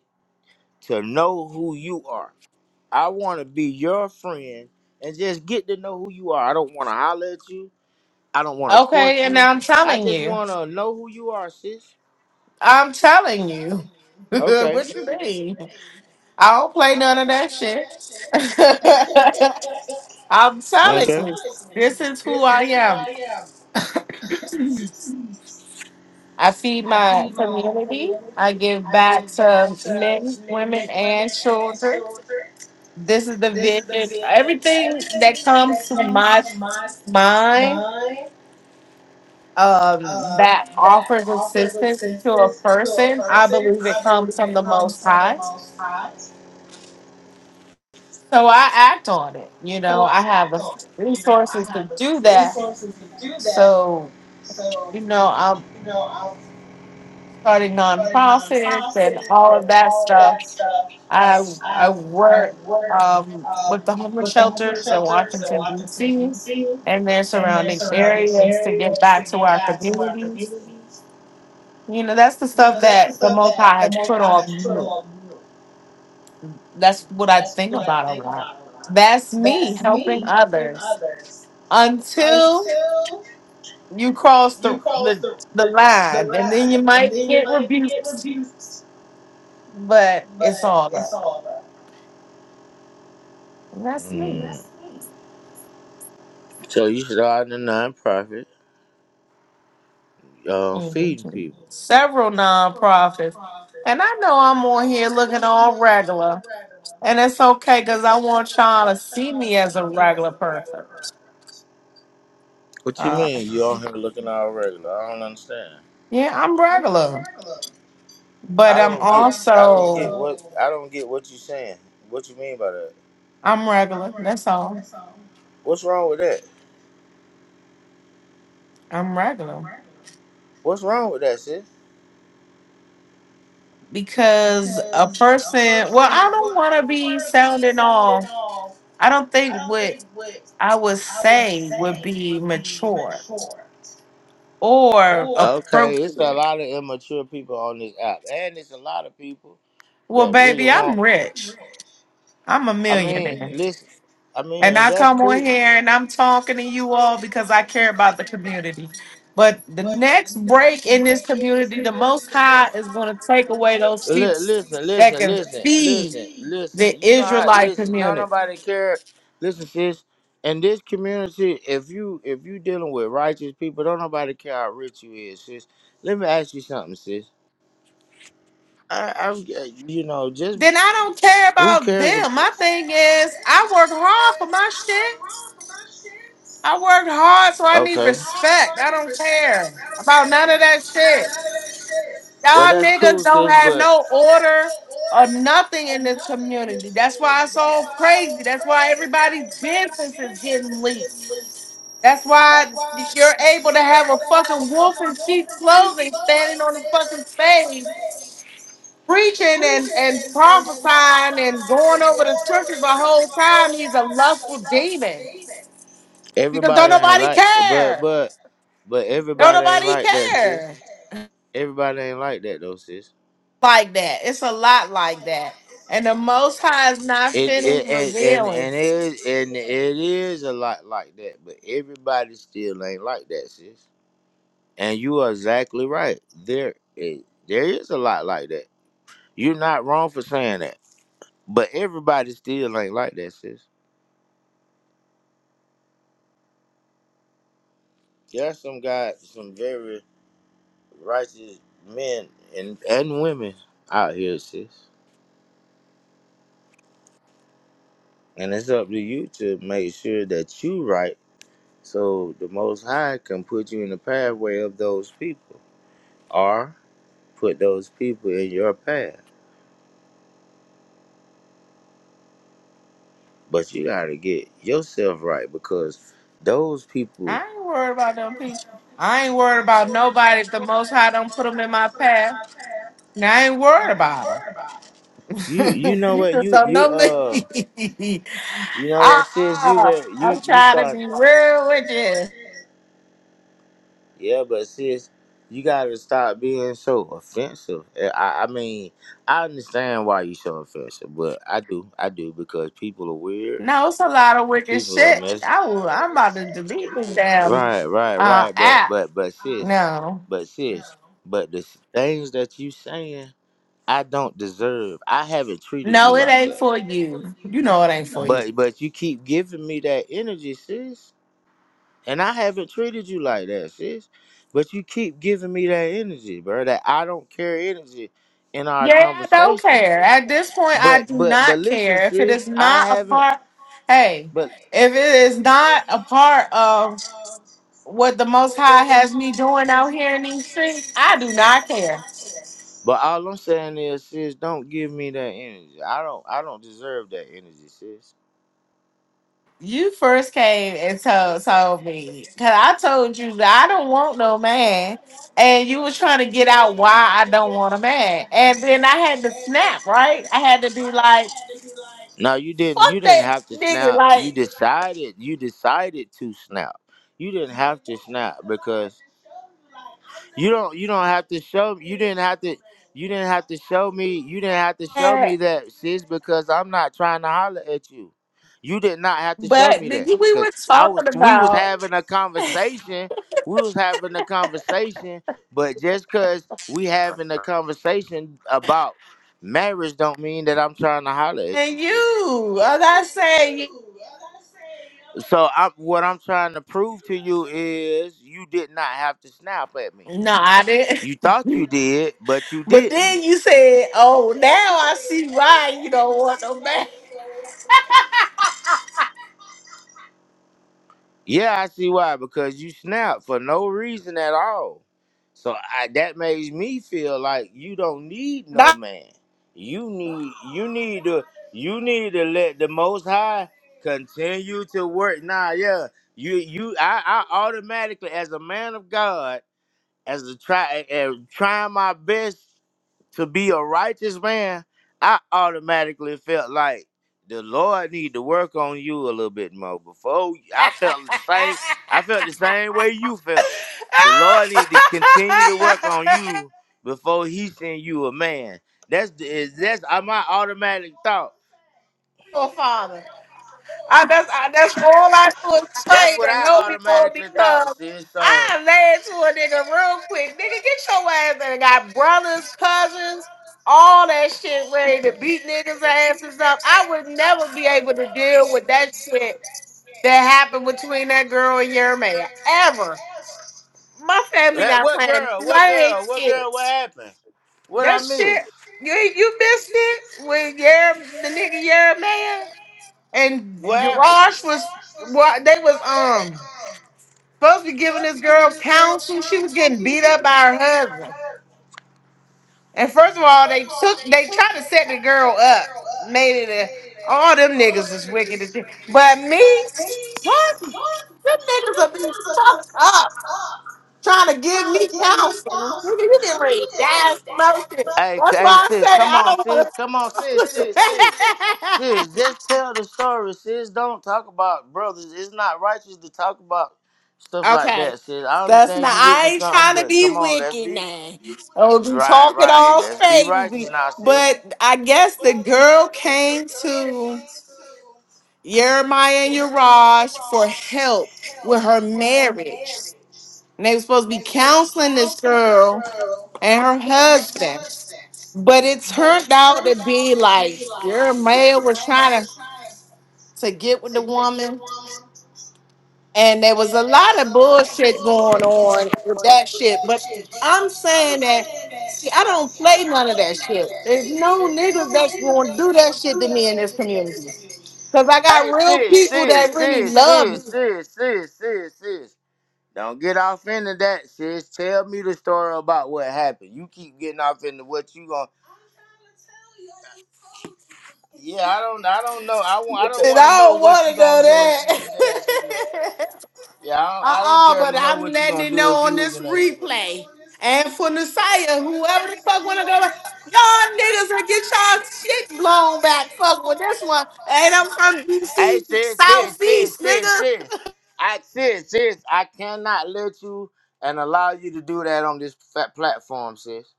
to know who you are. I want to be your friend and just get to know who you are. I don't want to holler at you. I don't want to court Okay, you. and I'm I telling just you. want to know who you are, sis. I'm telling you. Okay. what you mean? I don't play none of that shit. I'm telling Okay. you. This is who I am. I feed my community. I give back to men, women, and children. This is the vision. Everything that comes to my mind um, that offers assistance to a person, I believe it comes from the Most High. So I act on it. You know, I have the resources to do that. So, you know, I'm starting nonprofits and all of that stuff I I work um, with the homeless shelters in Washington D.C. and their surrounding areas to get back to our communities. You know, that's the stuff that the Most High has put on me. That's what I think about a lot. That's me helping others until you cross the the, the line, and then you might get rebuked, but it's all up. And that's me. Mm. So you starting a nonprofit, uh, feeding Mhm. people. Several nonprofits. And I know I'm on here looking all regular. And it's okay because I want y'all to see me as a regular person. What you Uh, mean? You all here looking all regular? I don't understand. yeah, I'm regular. But I I'm don't get. I don't get also, what. I don't get what you saying. What you mean by that? I'm regular. That's all. What's wrong with that? I'm regular. What's wrong with that, sis? Because a person, well, I don't want to be sounding all, I don't think what I would say would be mature or Okay, it's a appropriate. lot of immature people on this app, and it's a lot of people Well, that really baby, I'm want. rich. I'm a I mean, millionaire. listen. I And mean, I And come on that's here and I'm talking to you all because I care about the community. But the cool. next break in this community, the Most High is going to take away those sheep Li- Listen, that listen, can listen, feed listen, listen. the You know how? Israelite Listen, don't community. nobody care. Listen, sis. In this community, if you if you dealing with righteous people, don't nobody care how rich you is, sis. Let me ask you something, sis. I, I'm, you know, just Then I don't care who about cares? ab- them. My thing is, I work hard for my shit. I worked hard, so I need Okay. respect. I don't care about none of that shit. Well, Y'all that's niggas cool, don't sis. have But no order or nothing in this community. That's why it's all crazy. That's why everybody's business is getting leaked. That's why you're able to have a fucking wolf in sheep's clothing standing on the fucking stage preaching and, and prophesying and going over the scriptures the whole time. He's a lustful demon because don't everybody ain't nobody like, but care. but but Don't everybody ain't nobody like that. care. Everybody ain't like that though, sis. like that. It's a lot like that. And the Most High is not It, it finished and, and revealing. and it is and it is a lot like that, but everybody still ain't like that, sis. And you are exactly right. There is there is a lot like that. You're not wrong for saying that, but everybody still ain't like that, sis. There are some guys, some very righteous men and and women out here, sis. And it's up to you to make sure that you right, so the Most High can put you in the pathway of those people. Or put those people in your path. But you gotta get yourself right because those people I ain't worried about them people. I ain't worried about nobody. If the Most High don't put them in my path, now I ain't worried about you you them. know you what just you don't you know uh me. you know uh what sis you uh. very I'm you you trying to start be real with you. yeah but sis you gotta stop being so offensive. Eh, I, I mean I understand why you so offensive, but I do I do because people are weird, No, it's a lot of wicked people are shit. messed. I will. I'm about to delete this damn Right, right, uh, right. But app. but but sis, No, but sis, but the things that you saying. I don't deserve. I haven't treated no, you it like ain't for you. You know it ain't that. for you. But but you keep giving me that energy, sis. And I haven't treated you like that, sis. But you keep giving me that energy, bro. That I don't carry energy in our Yeah, I don't conversation. care. At this point, I But do but but not listen, care. If it sis, is I not a haven't part, hey, but if it is not a part of what the Most High has me doing out here in these streets, I do not care. but all I'm saying is, sis, don't give me that energy. I don't I don't deserve that energy, sis. You first came and told told me because I told you that I don't want no man, and you was trying to get out why I don't want a man, and then I had to snap. Right, I had to be like, No, you didn't you "Fuck didn't that have to nigga!" snap. Like. decided you decided to snap. You didn't have to snap because you don't you don't have to show you didn't have to you didn't have to show me you didn't have to show me that sis because I'm not trying to holler at you. You did not have to show But me did that we cuz were I was talking we was about having a conversation. We was having a conversation, but just cuz we having a conversation about marriage don't mean that I'm trying to holler at you, and sis. you. I'm not saying you. So I, what I'm trying to prove to you is you did not have to snap at me. No, I didn't. You thought you did, but you But didn't. then you said, "Oh, now I see why you don't want no man." Yeah, I see why. Because you snapped for no reason at all. So I, that makes me feel like you don't need No. no man. You need you need to you need to let the Most High continue to work. Nah, yeah. You you I, I automatically as a man of God as a try as trying my best. to be a righteous man, I automatically felt like the Lord need to work on you a little bit more. Before I felt the same, I felt the same way you felt. The Lord need to continue to work on you before He send you a man. That's the is that's uh, my automatic thought. oh, father. I, that's I, that's all I do is That's what trade and I help people automatically thought, because sis. So I led to a nigga real quick. Nigga, get your ass there. Got brothers, cousins, all that shit ready to beat niggas' asses up. I would never be able to deal with that shit that happened between that girl and your man ever. My family that not what playing none girl? of What that girl? What girl? What shit. happened? What I That shit, missed? you you missed it with your the nigga your man and What happened? Yaraj was what they was um supposed to be giving this girl counsel. She was getting beat up by her husband. And first of all, they took they tried to set the girl up, made it a all them niggas is wicked as shit. But me, what them niggas are being fucked up trying to give Trying me to give me counsel. Nigga, thousands. You getting ready to You die or some other shit. just Hey, That's hey, why I say sis, come I on, don't sis, come on, sis, want sis, sis, to. sis. Just tell the story, sis. Don't talk about brothers. It's not righteous to talk about stuff like Okay. that, sis. I That's not understand you I witnessed ain't something, trying to but be come on, let's wicked now. I'll be right, talking right. all Be righteous crazy. now, sis. But I guess the girl came to Jeremiah and Uriah for help with her marriage. And they were supposed to be counseling this girl and her husband. But it turned out to be like Jeremiah was trying to, to get with the woman and there was a lot of bullshit going on with that shit. But I'm saying that see, I don't play none of that shit. There's no niggas that's going to do that shit to me in this community. Cause I got Hey, real sis, people that sis, really sis, love me, sis, sis, sis, sis, sis. Don't get off into that, sis. Tell me the story about what happened. You keep getting off into what you gonna. Yeah, I don't. I don't know. I want. I don't and want to I know don't what want to know was in that situation. that. Yeah, I don't, I don't Uh-uh, care but to know I'm what you letting gonna it do if know on you was this in. replay. And for Nasiah, whoever the fuck wanna go, y'all niggas will get y'all shit blown back. Fuck with this one. And I'm from Hey, DC sis, sis, Southeast, sis, sis, nigga. sis. I sis, sis. I cannot let you and allow you to do that on this fat platform, sis.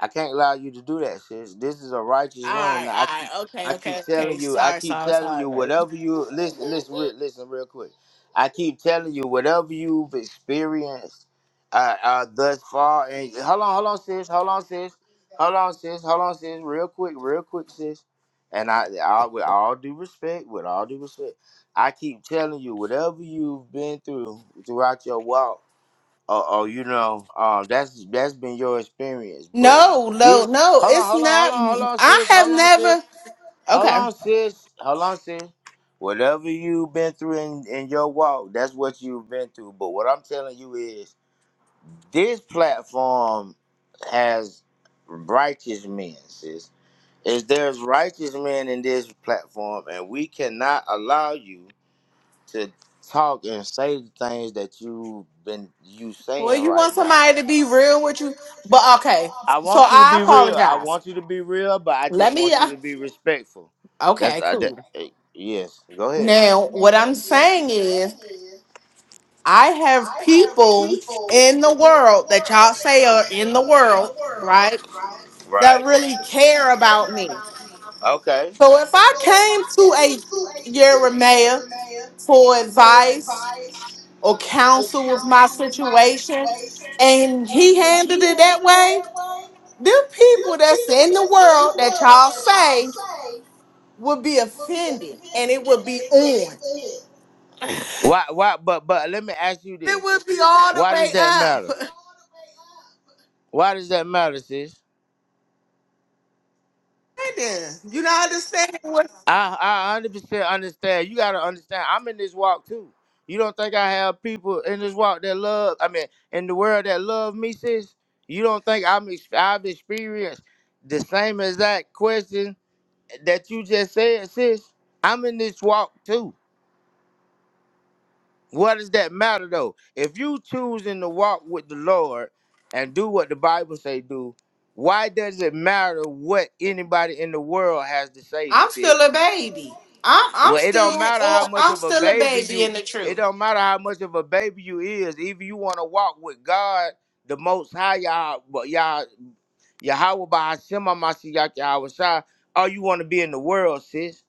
I can't allow you to do that, sis. This is a righteous room. Alright, Now I alright, okay, I keep okay, okay. telling you, I Sorry, keep sorry, telling sorry, you, baby. whatever you listen, listen, re- listen, real quick. I keep telling you, whatever you've experienced uh, uh, thus far, and hold on, hold on, sis, hold on, sis, hold on, sis, hold on, sis, real quick, real quick, sis. And I, I, with all due respect, with all due respect, I keep telling you, whatever you've been through throughout your walk, uh, oh, you know, uh, that's that's been your experience. But No, no, this, no, hold on, it's hold on, hold not. on, hold on, I sis, have hold on, sis. never How okay. long, sis? How long, sis? Whatever you've been through in, in your walk, that's what you've been through. But what I'm telling you is this platform has righteous men, sis. Is there's righteous men in this platform, and we cannot allow you to talk and say the things that you've been you Well, saying you right want now. somebody to be real with you, but okay. I So want you to I be real. I apologize. want you to be real, but I Let just me want you uh, to be respectful. That's okay, I, that, cool. eh, yes. Go ahead. Now, what I'm saying is, I have people in the world that y'all say are in the world, right? That Right. really care about me. Okay. So if I came to a Yeremia for advice or counsel with my situation, and he handled it that way, them people that's in the world that y'all say would be offended, and it would be on. Why? Why? But but let me ask you It this: would be all the Why way does that up. matter? Why does that matter, sis? understanding. You're not understanding what I I hundred percent understand. You gotta understand. I'm in this walk too. You don't think I have people in this walk that love? I mean, in the world that love me, sis. You don't think I'm ex- I've experienced the same exact question that you just said, sis? I'm in this walk too. What does that matter though? If you choosing to walk with the Lord and do what the Bible say do, why does it matter what anybody in the world has to say, I'm still sis? a baby. I'm I'm Well, it still don't matter or how much I'm of a still a baby baby you. in the It truth. don't matter how much of a baby you is. If you want to walk with God, the Most High, y'all, but y'all, Yahweh by Hashem, Mashiach, Yahweh Shai, or you want to be in the world, sis.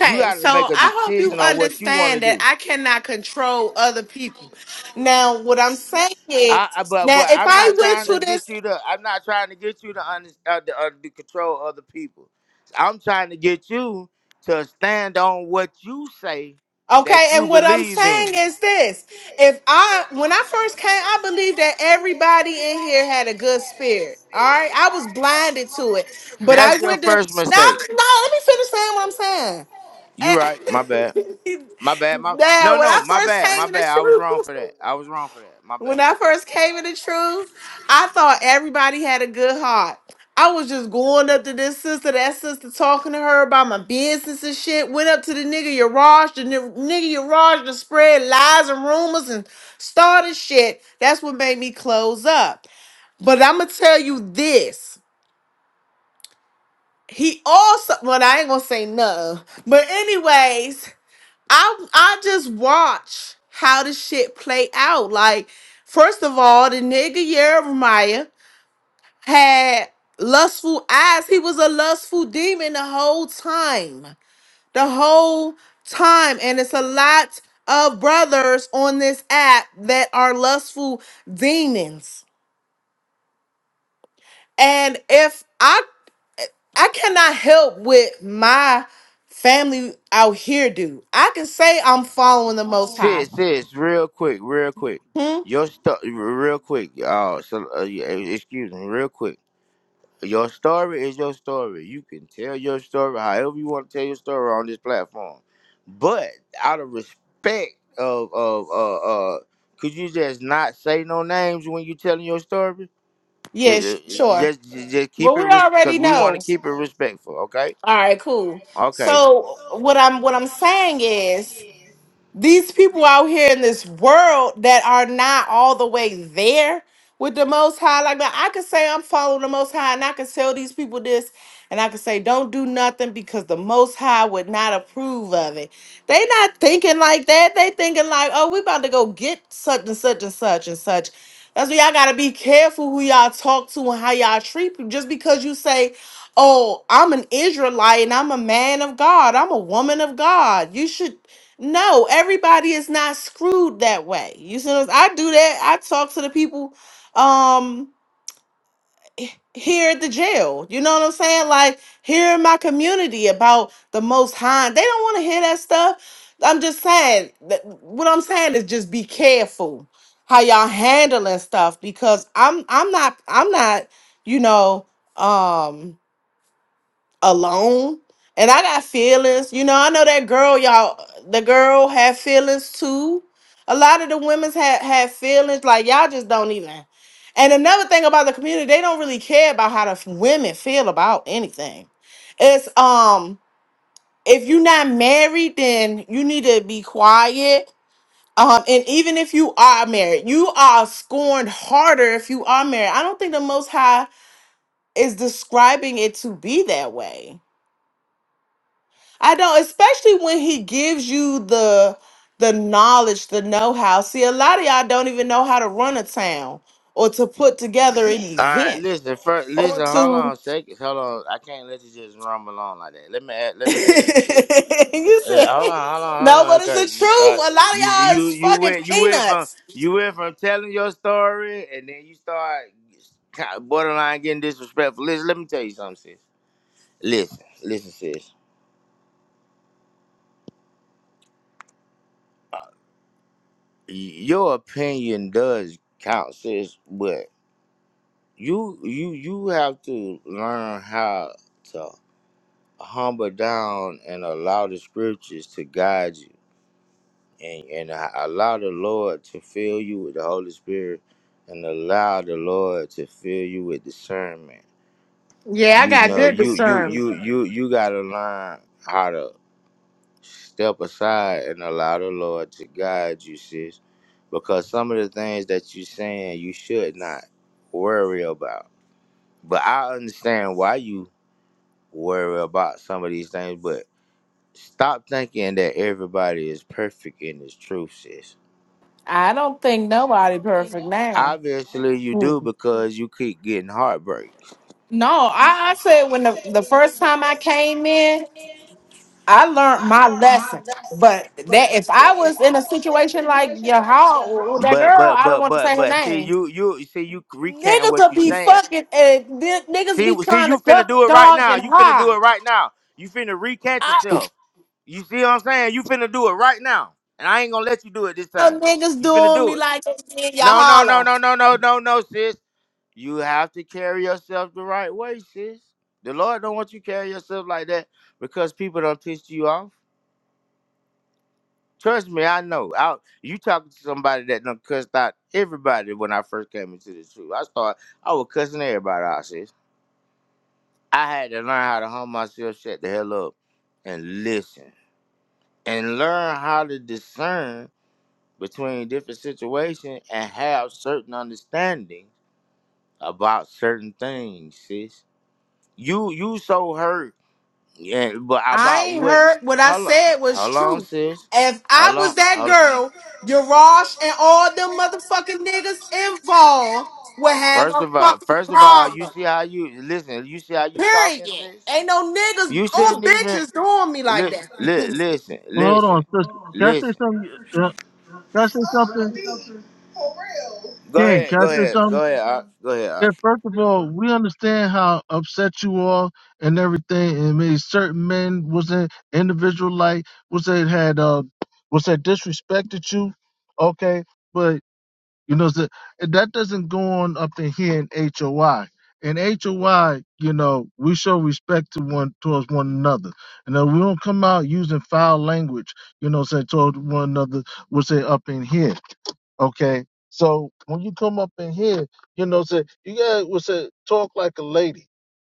You got to so make a I hope you decision on what you want to understand that do. I cannot control other people. Now, what I'm saying is, I, I but now but if I'm I not trying went to. to this, you to. I'm not trying to get you to under, uh, to, uh, to control other people. I'm trying to get you to stand on what you say that okay, and you what I'm believe saying in. is this: if I, when I first came, I believed that everybody in here had a good spirit. All right, I was blinded to it, but I That's your went to. first Now, mistake. no, let me finish saying what I'm saying. You right? My bad. My bad. My no, now, when no. I My first bad. came My in the bad. I was wrong truth, for that. I was wrong for that. My when bad. I first came in the truth, I thought everybody had a good heart. I was just going up to this sister, that sister, talking to her about my business and shit. Went up to the nigga Yaraj, the ni- nigga Yaraj to spread lies and rumors and started shit. That's what made me close up. But I'm gonna tell you this. He also, well, I ain't gonna say no, but anyways, I I just watch how this shit play out. Like, first of all, the nigga Jeremiah had lustful eyes. He was a lustful demon the whole time. The whole time. And it's a lot of brothers on this app that are lustful demons. And if I I cannot help with my family out here, dude. I can say I'm following the most high. Sis, sis, real quick, real quick. Hmm? Your stuff, real quick. Oh, so, uh, yeah, excuse me, real quick Your story is your story. You can tell your story however you want to tell your story on this platform. But out of respect of of uh uh could you just not say no names when you telling your story? It- Yes, it- it- sure. just just just keep Well, we it because already we want know. to keep it respectful, okay? All right, cool. Okay. So what I'm what I'm saying is these people out here in this world that are not all the way there with the most high like man i could say i'm following the most high and i could tell these people this and i could say don't do nothing because the most high would not approve of it they not thinking like that they thinking like oh we about to go get such and such and such and such that's why y'all gotta be careful who y'all talk to and how y'all treat people just because you say oh i'm an israelite and i'm a man of god i'm a woman of god you should no, everybody is not screwed that way. You see, what I'm- I do that. I talk to the people um h- here at the jail. You know what I'm saying? Like here in my community about the most high. They don't want to hear that stuff. I'm just saying that what I'm saying is just be careful how y'all handling stuff because I'm I'm not I'm not, you know, um, alone and i got feelings you know i know that girl y'all the girl had feelings too a lot of the women's had had feelings like y'all just don't even and another thing about the community they don't really care about how the f- women feel about anything it's um if you're not married then you need to be quiet um and even if you are married you are scorned harder if you are married i don't think the most high is describing it to be that way I don't, especially when he gives you the the knowledge, the know-how. See, a lot of y'all don't even know how to run a town or to put together an All right, event listen, first or listen, hold to on seconds. Hold on. I can't let you just rumble on like that. Let me add, let me listen. you said Yeah, hold on, hold on, hold no, on, but it's because the you truth. start. A lot of y'all You is you fucking went you went from peanuts. you went from telling your story and then you start kind borderline getting disrespectful. Listen, let me tell you something, sis. Listen, listen, sis. Your opinion does count, sis, but you you you have to learn how to humble down and allow the scriptures to guide you and, and allow the Lord to fill you with the Holy Spirit and allow the Lord to fill you with discernment you know you you you you you gotta learn how to step aside and allow the lord to guide you sis because some of the things that you saying you should not worry about but i understand why you worry about some of these things but stop thinking that everybody is perfect in this truth sis I don't think nobody perfect now. obviously you Hmm. do because you keep getting heartbreaks No, I, I said when the, the first time I came in, I learned my lesson. But that if I was in a situation like your how with that but girl, but I don't but want to but say her but see name. you you see you recanting Niggas what will you be saying fucking and niggas See, be see, trying to you finna duck and do it right dodge now. and You finna do it hide. right now. You finna recatch I yourself. You see what I'm saying? You finna do it right now, and I ain't gonna let you do it this know time. niggas You finna doing do me it. like they did your No, no, no, holler. no, no, no, no, no, sis. You have to carry yourself the right way, sis. The Lord don't want you carry yourself like that because people don't piss you off. Trust me, I know. I, you talking to somebody that done cussed out everybody when I first came into this truth. I started, I was cussing everybody out, sis. I had to learn how to humble myself, shut the hell up, and listen, and learn how to discern between different situations and have certain understanding about certain things. Sis, you you so hurt, yeah, but I about ain't what? heard what I Hold on, said was hold on, true. sis, If I hold on, was that hold on. girl, Yarosh and all them motherfucking niggas involved would have First a of all, fucking first of all, you problem. see how you listen. You see how you talking. sis? Period. Ain't no niggas You or shouldn't even bitches doing me like li- li- that. listen, Well, hold listen, on, sister. Can I say listen. something? Uh, can I say something? Go Ken, can ahead, I go say ahead, something? go ahead, Ox, go ahead. Yeah, first of all, we understand how upset you are and everything, and maybe certain men was in individual like was that had uh was that disrespected you, okay? But. You know, so that doesn't go on up in here in HOI. In HOI, you know, we show respect to one towards one another. And then we don't come out using foul language, you know, say towards one another, we'll say up in here. Okay. So when you come up in here, you know, say you gotta will say talk like a lady.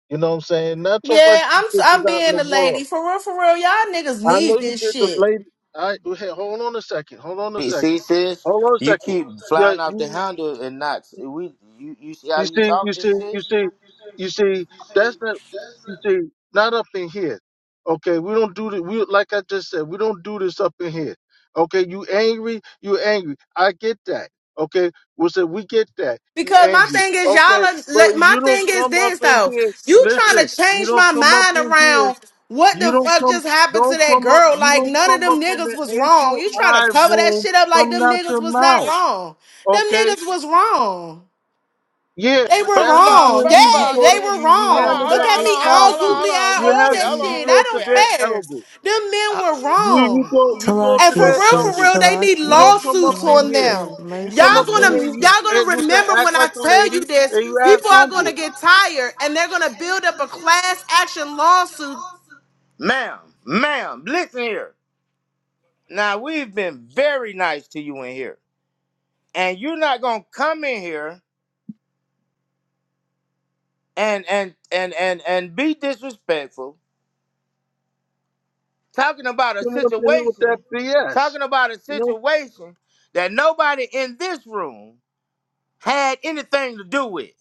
You know what I'm saying? Not talk like Yeah, you I'm I'm sisters out in being the a lady world. for real, for real. Y'all niggas I know need you this did the shit. lady I hey, hold on a second. Hold on a Hey, second. See, sis, Hold on a you second. keep Yeah, flying off the you. handle and not we. You, you see how You you see, you talking, see, you sis? see, you see, that's not, you see, not up in here. Okay, we don't do the We like I just said, we don't do this up in here. Okay, you angry, you angry. I get that. Okay, we said we get that. You Because my angry. thing is, y'all, Okay, are, but let- my you don't thing is come up this in though. here. You trying Listen, to you change don't my come up mind in here. around what You the don't fuck come. just happened to Don't that come up. girl? You Like, don't none of come them up in niggas the was wrong. April You trying I to cover that room. shit up like Come them out niggas your was not mouth. wrong. Them Okay, niggas was wrong. yeah, They but were First that's of all, wrong. between first you. of You all, Yeah, sis- go they to were you, you hold wrong. on, handle hold Look that on, at hold in me on, hold on, all hold on, council. googly hold on, eyed, You real all have quick, that hold you, you on, shit. I real go to quick, their Abram. don't care. elders. Them men Uh, were You wrong. you go you go And to for Salakia, their real, for sis. elders. real, they need You Salakia, don't come up lawsuits in on here. them. Salakia. You Y'all come Mercy, up in gonna here. You mercy. y'all and gonna you remember say act when I like a tell you lady this. and you act People are gonna humble. get tired and they're gonna build up a class action lawsuit. ma'am, ma'am, listen here. Now we've been very nice to you in here, and you're not gonna come in here and and and and and be disrespectful, talking about a come up in here with that situation, BS. talking about a You know situation that nobody in this room. had anything to do with.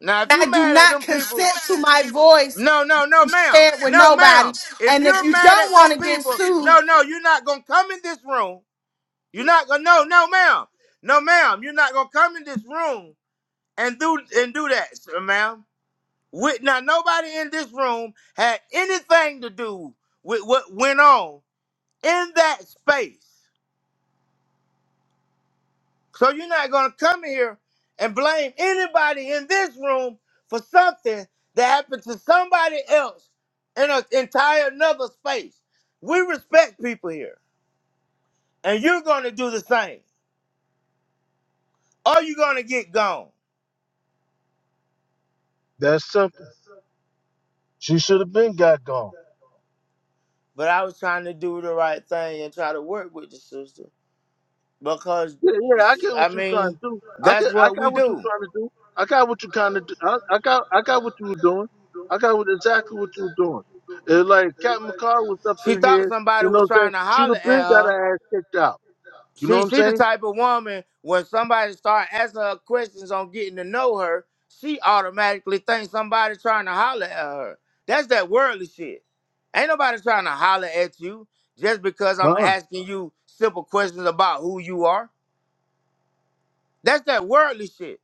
Now, if And I you do mad at not them people, consent to my voice no, no, no, ma'am, shared with no, nobody. ma'am. If And if you're you mad don't at want them to get people, sued, no, no, you're not gonna come in this room. You're not gonna, no, no, ma'am, no, ma'am. You're not gonna come in this room and do and do that, sir, ma'am. With now, nobody in this room had anything to do with what went on in that space. So you're not going to come here and blame anybody in this room for something that happened to somebody else in an entire another space. We respect people here, and you're going to do the same, or you're going to get gone. that's simple. She should have been got gone. But I was trying to do the right thing and try to work with the sister because, Yeah, yeah, I get I what you're trying mean, to do. I that's get, I what we got what you're do. trying to do. I got what you kind of, do. I, I got, I got what you were doing. I got what, exactly what you were doing. It's like Captain McCall was up She in thought here, somebody you know was what I'm saying? trying to She'd holler have at been got her, her ass kicked out. You know what She I'm she the saying? type of woman when somebody start asking her questions on getting to know her, she automatically thinks somebody trying to holler at her. That's that worldly shit. Ain't nobody trying to holler at you just because I'm Huh? asking you simple questions about who you are. That's that worldly shit.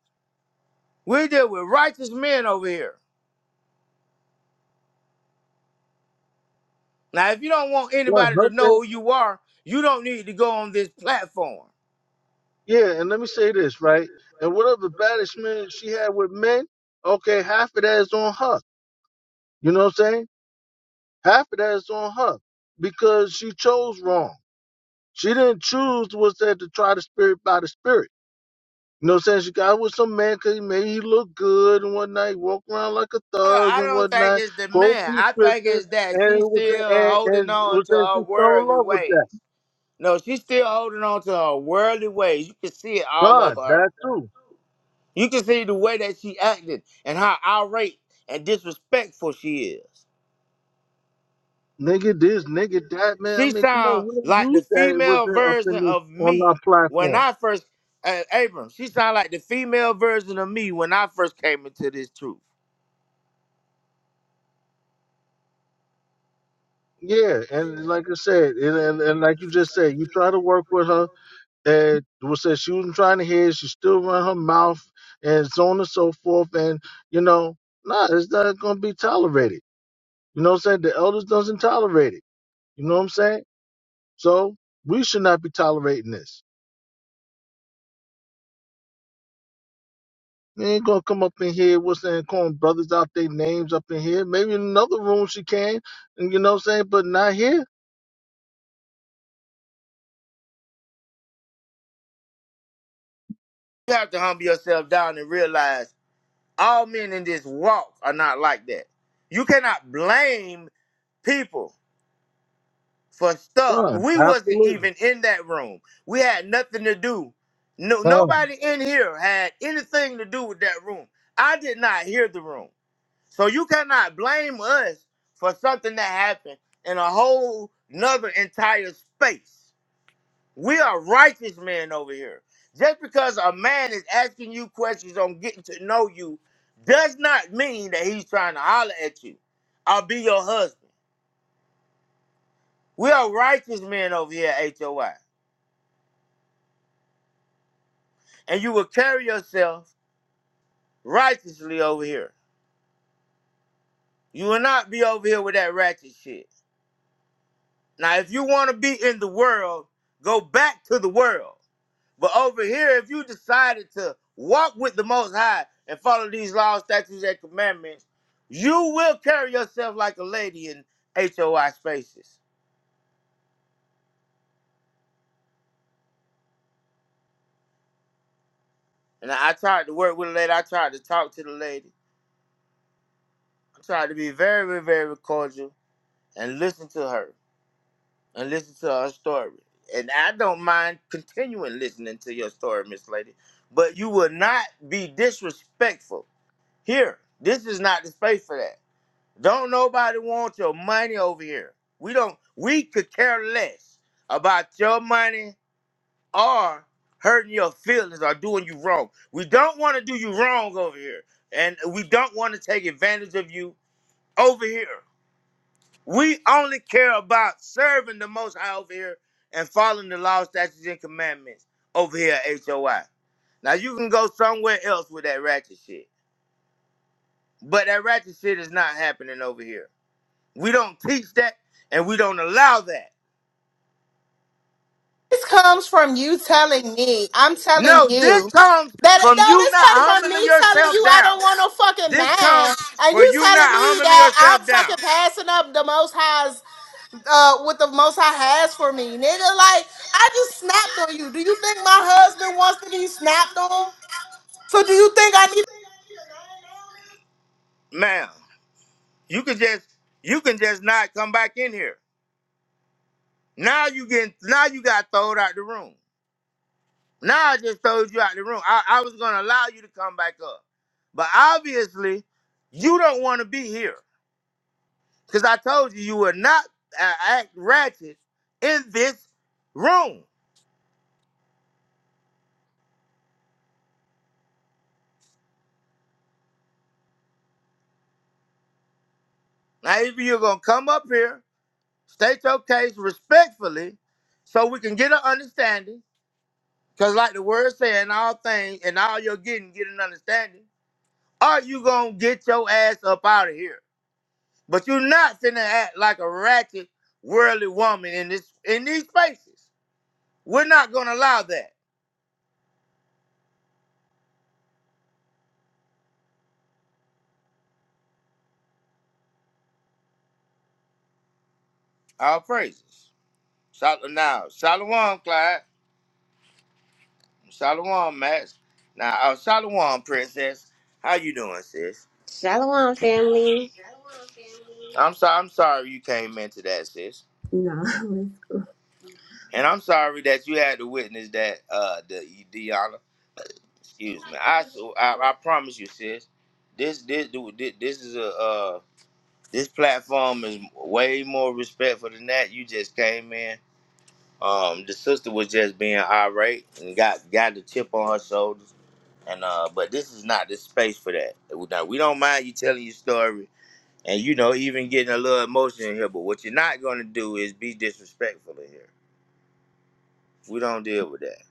We deal with righteous men over here. Now, if you don't want Yeah, anybody her to thing- know who you are, you don't need to go on this platform. yeah, and let me say this, right? And whatever bad she had with men, okay, half of that is on her. You know what I'm saying? Half of that is on her because she chose wrong. She didn't choose was that to try the spirit by the spirit. You know what I'm saying? She got with some man 'cause he made he look good and whatnot. He walk around like a I don't thug and think whatnot. it's the Go man. through I think scriptures it's that and it she's was still and holding and on was to and she her fell in worldly love with ways. that. No, she's still holding on to her worldly ways. You can see it all God, over her. that too. You can see the way that she acted and how irate and disrespectful she is. Nigga this, nigga that, man. I She mean, come on, sounds we don't like the use that. It female wasn't up in version the, of on our me when platform. I first, uh, Abram, she sounds like the female version of me when I first came into this truth. Yeah, and like I said, and, and, and like you just said, you try to work with her, and was said she wasn't trying to hear. She still run her mouth, and so on and so forth. And you know, nah, it's not gonna be tolerated. You know what I'm saying? The elders doesn't tolerate it. You know what I'm saying? So we should not be tolerating this. We ain't gonna come up in here, what's saying, calling brothers out their names up in here. Maybe in another room she can, and you know what I'm saying, but not here. You have to humble yourself down and realize all men in this walk are not like that. You cannot blame people for stuff. Done. We wasn't Absolutely. even in that room. We had nothing to do. No, Done. nobody in here had anything to do with that room. I did not hear the room. So you cannot blame us for something that happened in a whole nother entire space. We are righteous men over here. Just because a man is asking you questions on getting to know you does not mean that he's trying to holler at you I'll be your husband. We are righteous men over here at HOI. And you will carry yourself righteously over here. You will not be over here with that ratchet shit. Now, if you want to be in the world, go back to the world. But over here, if you decided to walk with the Most High and follow these laws, statutes, and commandments, you will carry yourself like a lady in HOI spaces. And I I tried to work with a lady. I tried to talk to the lady. I tried to be very, very cordial and listen to her and listen to her story. And I don't mind continuing listening to your story, Miss Lady, but you will not be disrespectful. Here, this is not the space for that. Don't nobody want your money over here. We don't we could care less about your money or hurting your feelings or doing you wrong. We don't want to do you wrong over here. And we don't want to take advantage of you over here. We only care about serving the most high over here and following the law, statutes, and commandments over here at HOI. Now you can go somewhere else with that ratchet shit. But that ratchet shit is not happening over here. We don't teach that and we don't allow that. this comes from you telling me. I'm telling No, this you. comes That from no, you this not came from humbling me telling yourself you I down. don't want no fucking This man, comes and for you you telling not me humbling that I'm yourself fucking down. passing up the Most High's uh what the most high has for me, nigga. Like I just snapped on you. Do you think my husband wants to be snapped on? So do you think I need Ma'am, you can just you can just not come back in here. Now you getting now you got thrown out the room. Now I just throwed you out the room. I, I was gonna allow you to come back up. But obviously, you don't want to be here. Cause I told you you would not uh, act ratchet in this room. Now, if you're gonna come up here, state your case respectfully, so we can get an understanding. Cause like the word said, in all things, and all you're getting, get an understanding. Or you gonna get your ass up out of here. But you're not finna act like a ratchet, worldly woman in this in these spaces. We're not gonna allow that. All praises. Shal- now, Shalom, Clyde. Shalom, Max. Now, uh, Shalom, Princess. How you doing, sis? Shalom, family. I'm sorry. I'm sorry you came into that, sis. No. And I'm sorry that you had to witness that. Uh, the Deanna. Excuse me. I, so- I I promise you, sis. This this this is a uh this platform is way more respectful than that. You just came in. Um, the sister was just being irate and got got the chip on her shoulders. And uh, but this is not the space for that. Now we don't mind you telling your story and you know, even getting a little emotion in here. But what you're not gonna do is be disrespectful in here. We don't deal with that.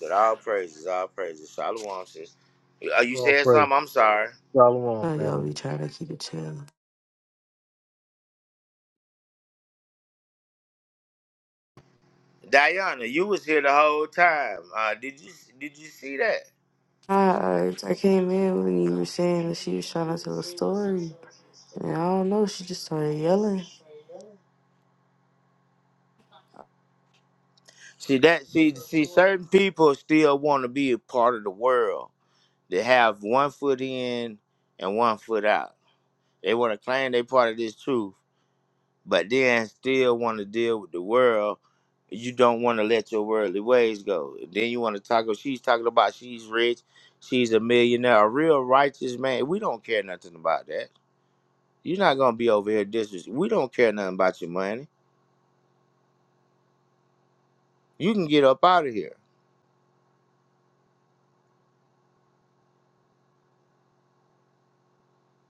But all praises, all praises. Shalom, sis. Are you Lord saying praise. something? I'm sorry, Shalom, Oh, y'all family. be trying to keep it chill. Diana. You was here the whole time. Uh, did you did you see that? I, I, I came in when you were saying that she was trying to tell a story. And I don't know, she just started yelling. See that? See, see, certain people still want to be a part of the world. They have one foot in and one foot out. They want to claim they part of this truth, but then still want to deal with the world. You don't want to let your worldly ways go. Then you want to talk. oh, She's talking about she's rich, she's a millionaire, a real righteous man. We don't care nothing about that. You're not gonna be over here disres. We don't care nothing about your money. You can get up out of here.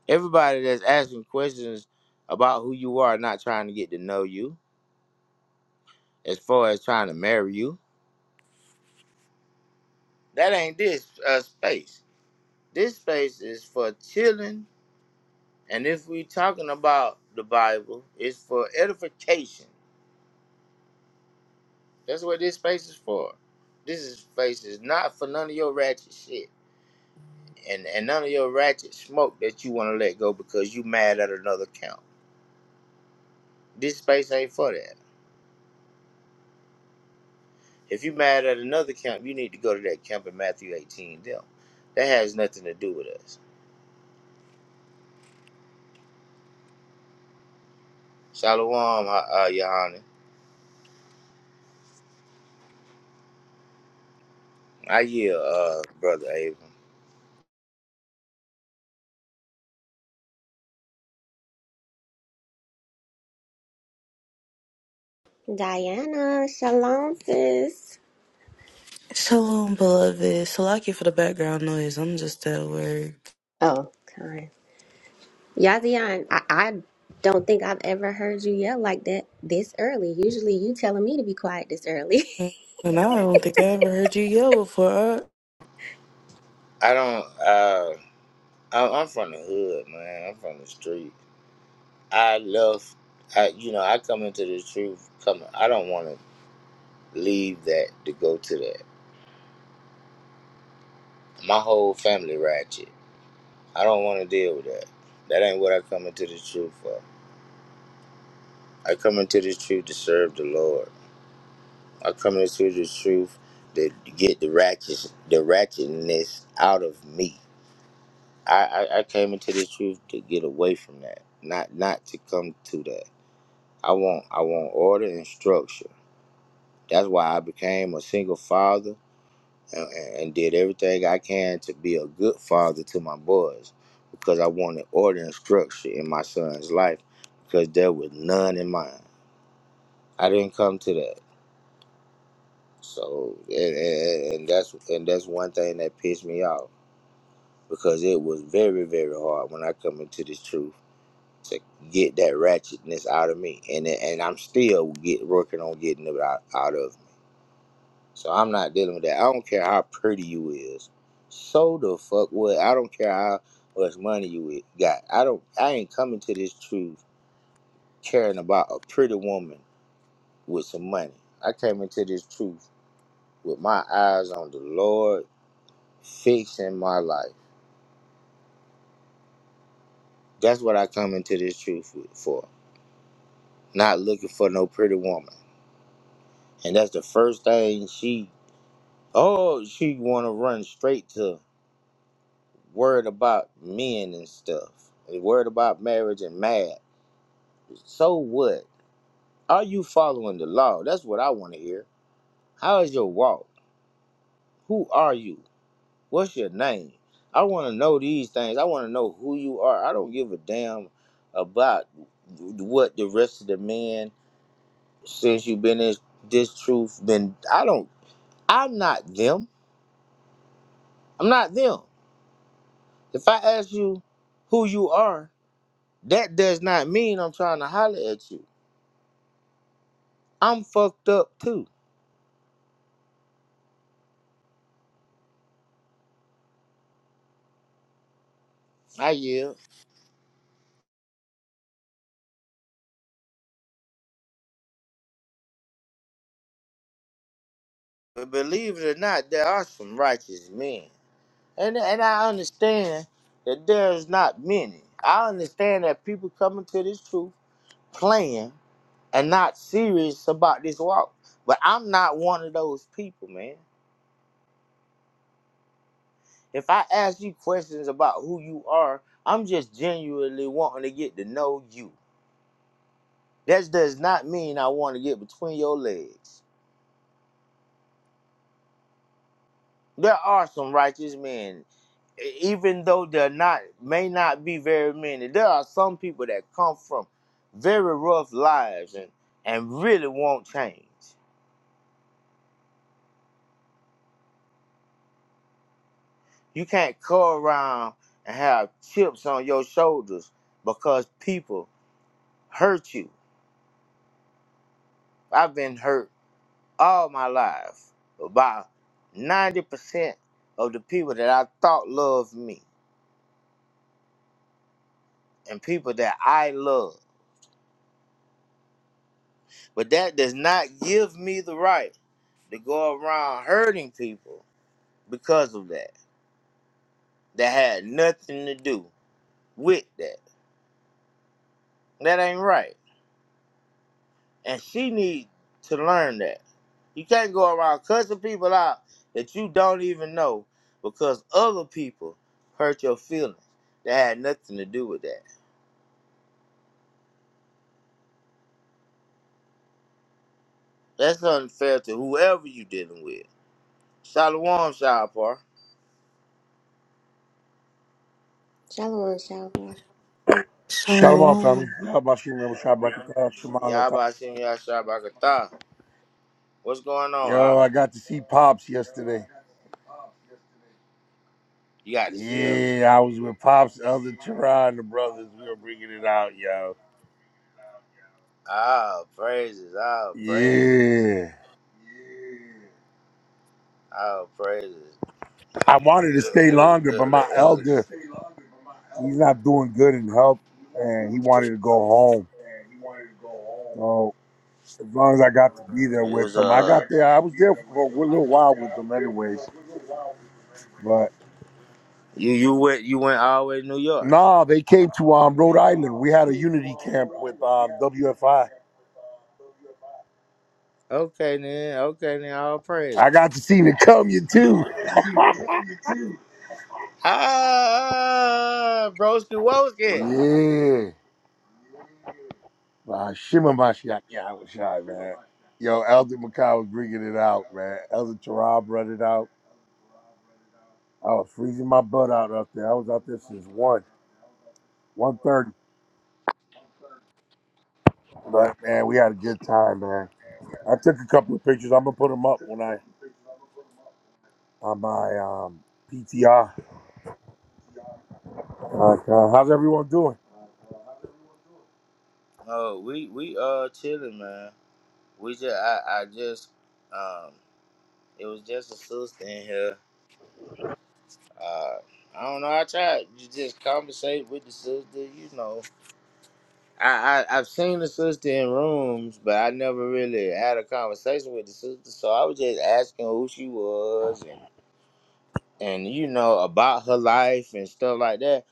Everybody that's asking questions about who you are, not trying to get to know you, as far as trying to marry you, that ain't this uh, space. This space is for chilling And if we're talking about the Bible, it's for edification. That's what this space is for. This is- space is not for none of your ratchet shit and, and none of your ratchet smoke that you want to let go because you mad at another camp. This space ain't for that. If you mad at another camp, you need to go to that camp in Matthew 18. Them. That has nothing to do with us. Shalom, uh, uh, Your Honor. I yield, uh, Brother Abram. Diana, shalom, sis. Shalom, beloved. Salakia for the background noise. I'm just at work. Oh, kind. Yazian, I, I don't think I've ever heard you yell like that this early. Usually you telling me to be quiet this early. And I don't think I ever heard you yell before. Uh, I don't, uh, I- I'm from the hood, man. I'm from the street. I love, I you know, I come into the truth. Come, I don't want to leave that to go to that. My whole family ratchet. I don't want to deal with that. That ain't what I come into the truth for. I come into the truth to serve the Lord. I come into the truth to get the ratchet, the ratchetness out of me. I, I, I came into the truth to get away from that, not not to come to that. I want I want order and structure. That's why I became a single father and, and did everything I can to be a good father to my boys because I wanted order and structure in my son's life because there was none in mine. I didn't come to that. So and, and, and that's and that's one thing that pissed me off because it was very very hard when I come into this truth to get that ratchetness out of me and it- and I'm still get working on getting it out, out of me. So I'm not dealing with that. I don't care how pretty you is. So the fuck what? I don't care how much money you i- got. I don't. I ain't coming to this truth caring about a pretty woman with some money. I came into this truth with my eyes on the Lord, fixing my life. That's what I come into this truth with, for. Not looking for no pretty woman, and that's the first thing she. Oh, she want to run straight to. worried about men and stuff, and worried about marriage and mad. So what? Are you following the law? That's what I want to hear. How is your walk? Who are you? What's your name? I want to know these things. I want to know who you are. I don't give a damn about what the rest of the men since you've been in this truth. Then I don't. I'm not them. I'm not them. If I ask you who you are, that does not mean I'm trying to holler at you. I'm fucked up too. I yield. But believe it or not, there are some righteous men. And and I understand that there's not many. I understand that people coming to this truth playing and not serious about this walk. But I'm not one of those people, man. If I ask you questions about who you are, I'm just genuinely wanting to get to know you. That does not mean I want to get between your legs. There are some righteous men, e- even though they're not, may not be very many. There are some people that come from very rough lives and, and really won't change. You can't go around and have chips on your shoulders because people hurt you. I've been hurt all my life by 90% of the people that I thought loved me and people that I love. But that does not give me the right. to go around hurting people because of that. That had nothing to do with that. That ain't right. And she need to learn that. You can't go around cussing people out that you don't even know because other people hurt your feelings. That had nothing to do with that. That's unfair to whoever you dealing with. Shalom, Shalpar. Shalom, shalom. Shalom, family. Shalom. Y'all Bashim Rebbe Shai Brakatah, Shema Latah. Yabba Shem Yashab Akatah. What's going on? Uh, Yo, I got to see Pops yesterday. you got to see her? Yeah, I was with Pops, Elder Tera, and the brothers. We were bringing it out, yo. All praises, all praises, Yeah. all praises. I wanted to stay Yeah, it was a longer, but good. my It was. elder, he's not A, doing good in health, and he wanted to go home. So as long as I got to be there it with was them, I Uh, got there. I was there for a little while with them, anyways. But you you went you went all the way to New York. nah, they came to um, Rhode Island. We had a unity camp with um, WFI. Okay then. Okay then. All praises. I got to see the come you too. Ah, broski woski. Yeah. My shimmer my shot. Yeah, I was shy, man. Yo, Elder Makai was bringing it out, man. Elder Terrell brought it out. I was freezing my butt out up there. I was out there since one, one thirty. But man, we had a good time, man. I took a couple of pictures. I'm gonna put them up when I on my um PTR. Like, uh, how's everyone doing? Oh, we we uh chilling, man. We just I I just um it was just a sister in here. Uh, I don't know. I tried to just conversate with the sister. You know, I, I I've seen the sister in rooms, but I never really had a conversation with the sister. So I was just asking who she was and and you know about her life and stuff like that.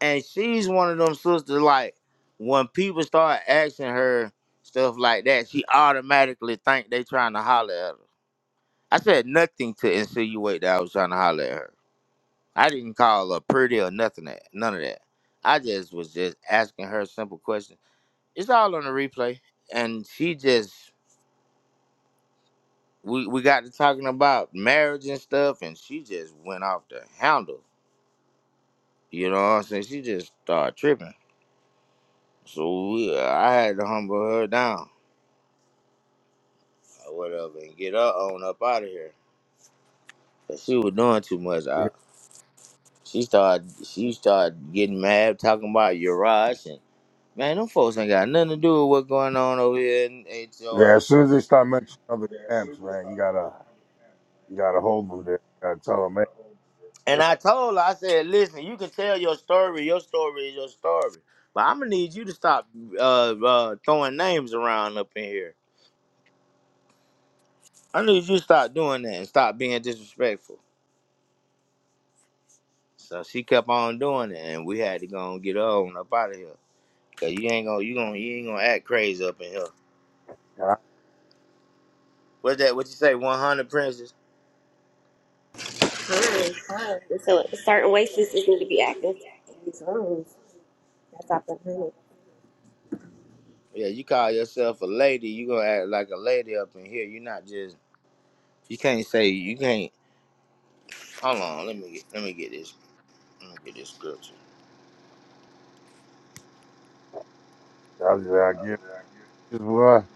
And she's one of them sisters like when people start asking her stuff like that, she automatically think they trying to holler at her. I said nothing to insinuate that I was trying to holler at her. I didn't call her pretty or nothing that none of that. I just was just asking her simple questions. It's all on the replay. And she just we, we got to talking about marriage and stuff and she just went off the handle. You know what I'm saying? She just started tripping. So we, I had to humble her down or whatever and get her on up out of here. 'Cause she was doing too much. Yeah, I, she started she started getting mad talking about Uriah Man, them folks ain't got nothing to do with what's going on over here in Yeah, HOI. as soon as they start mentioning other camps, man, you gotta you gotta hold them there. You gotta tell them, And I told her, I said, listen, you can tell your story. Your story is your story. But I'm going to need you to stop uh, uh, throwing names around up in here. I need you to stop doing that and stop being disrespectful. So she kept on doing it, and we had to go and get her on up out of here. Cause you ain't gonna, you gonna, you ain't gonna act crazy up in here. man. What's that? What you say? One hundred princess? Kind, kind. So certain ways sisters need to be active in these rooms. That's up and honey. Yeah, you call yourself a lady. You gonna act like a lady up in here. You're not just You can't say you can't. Hold on, let me get, let me get this let me get this scripture. I Is why.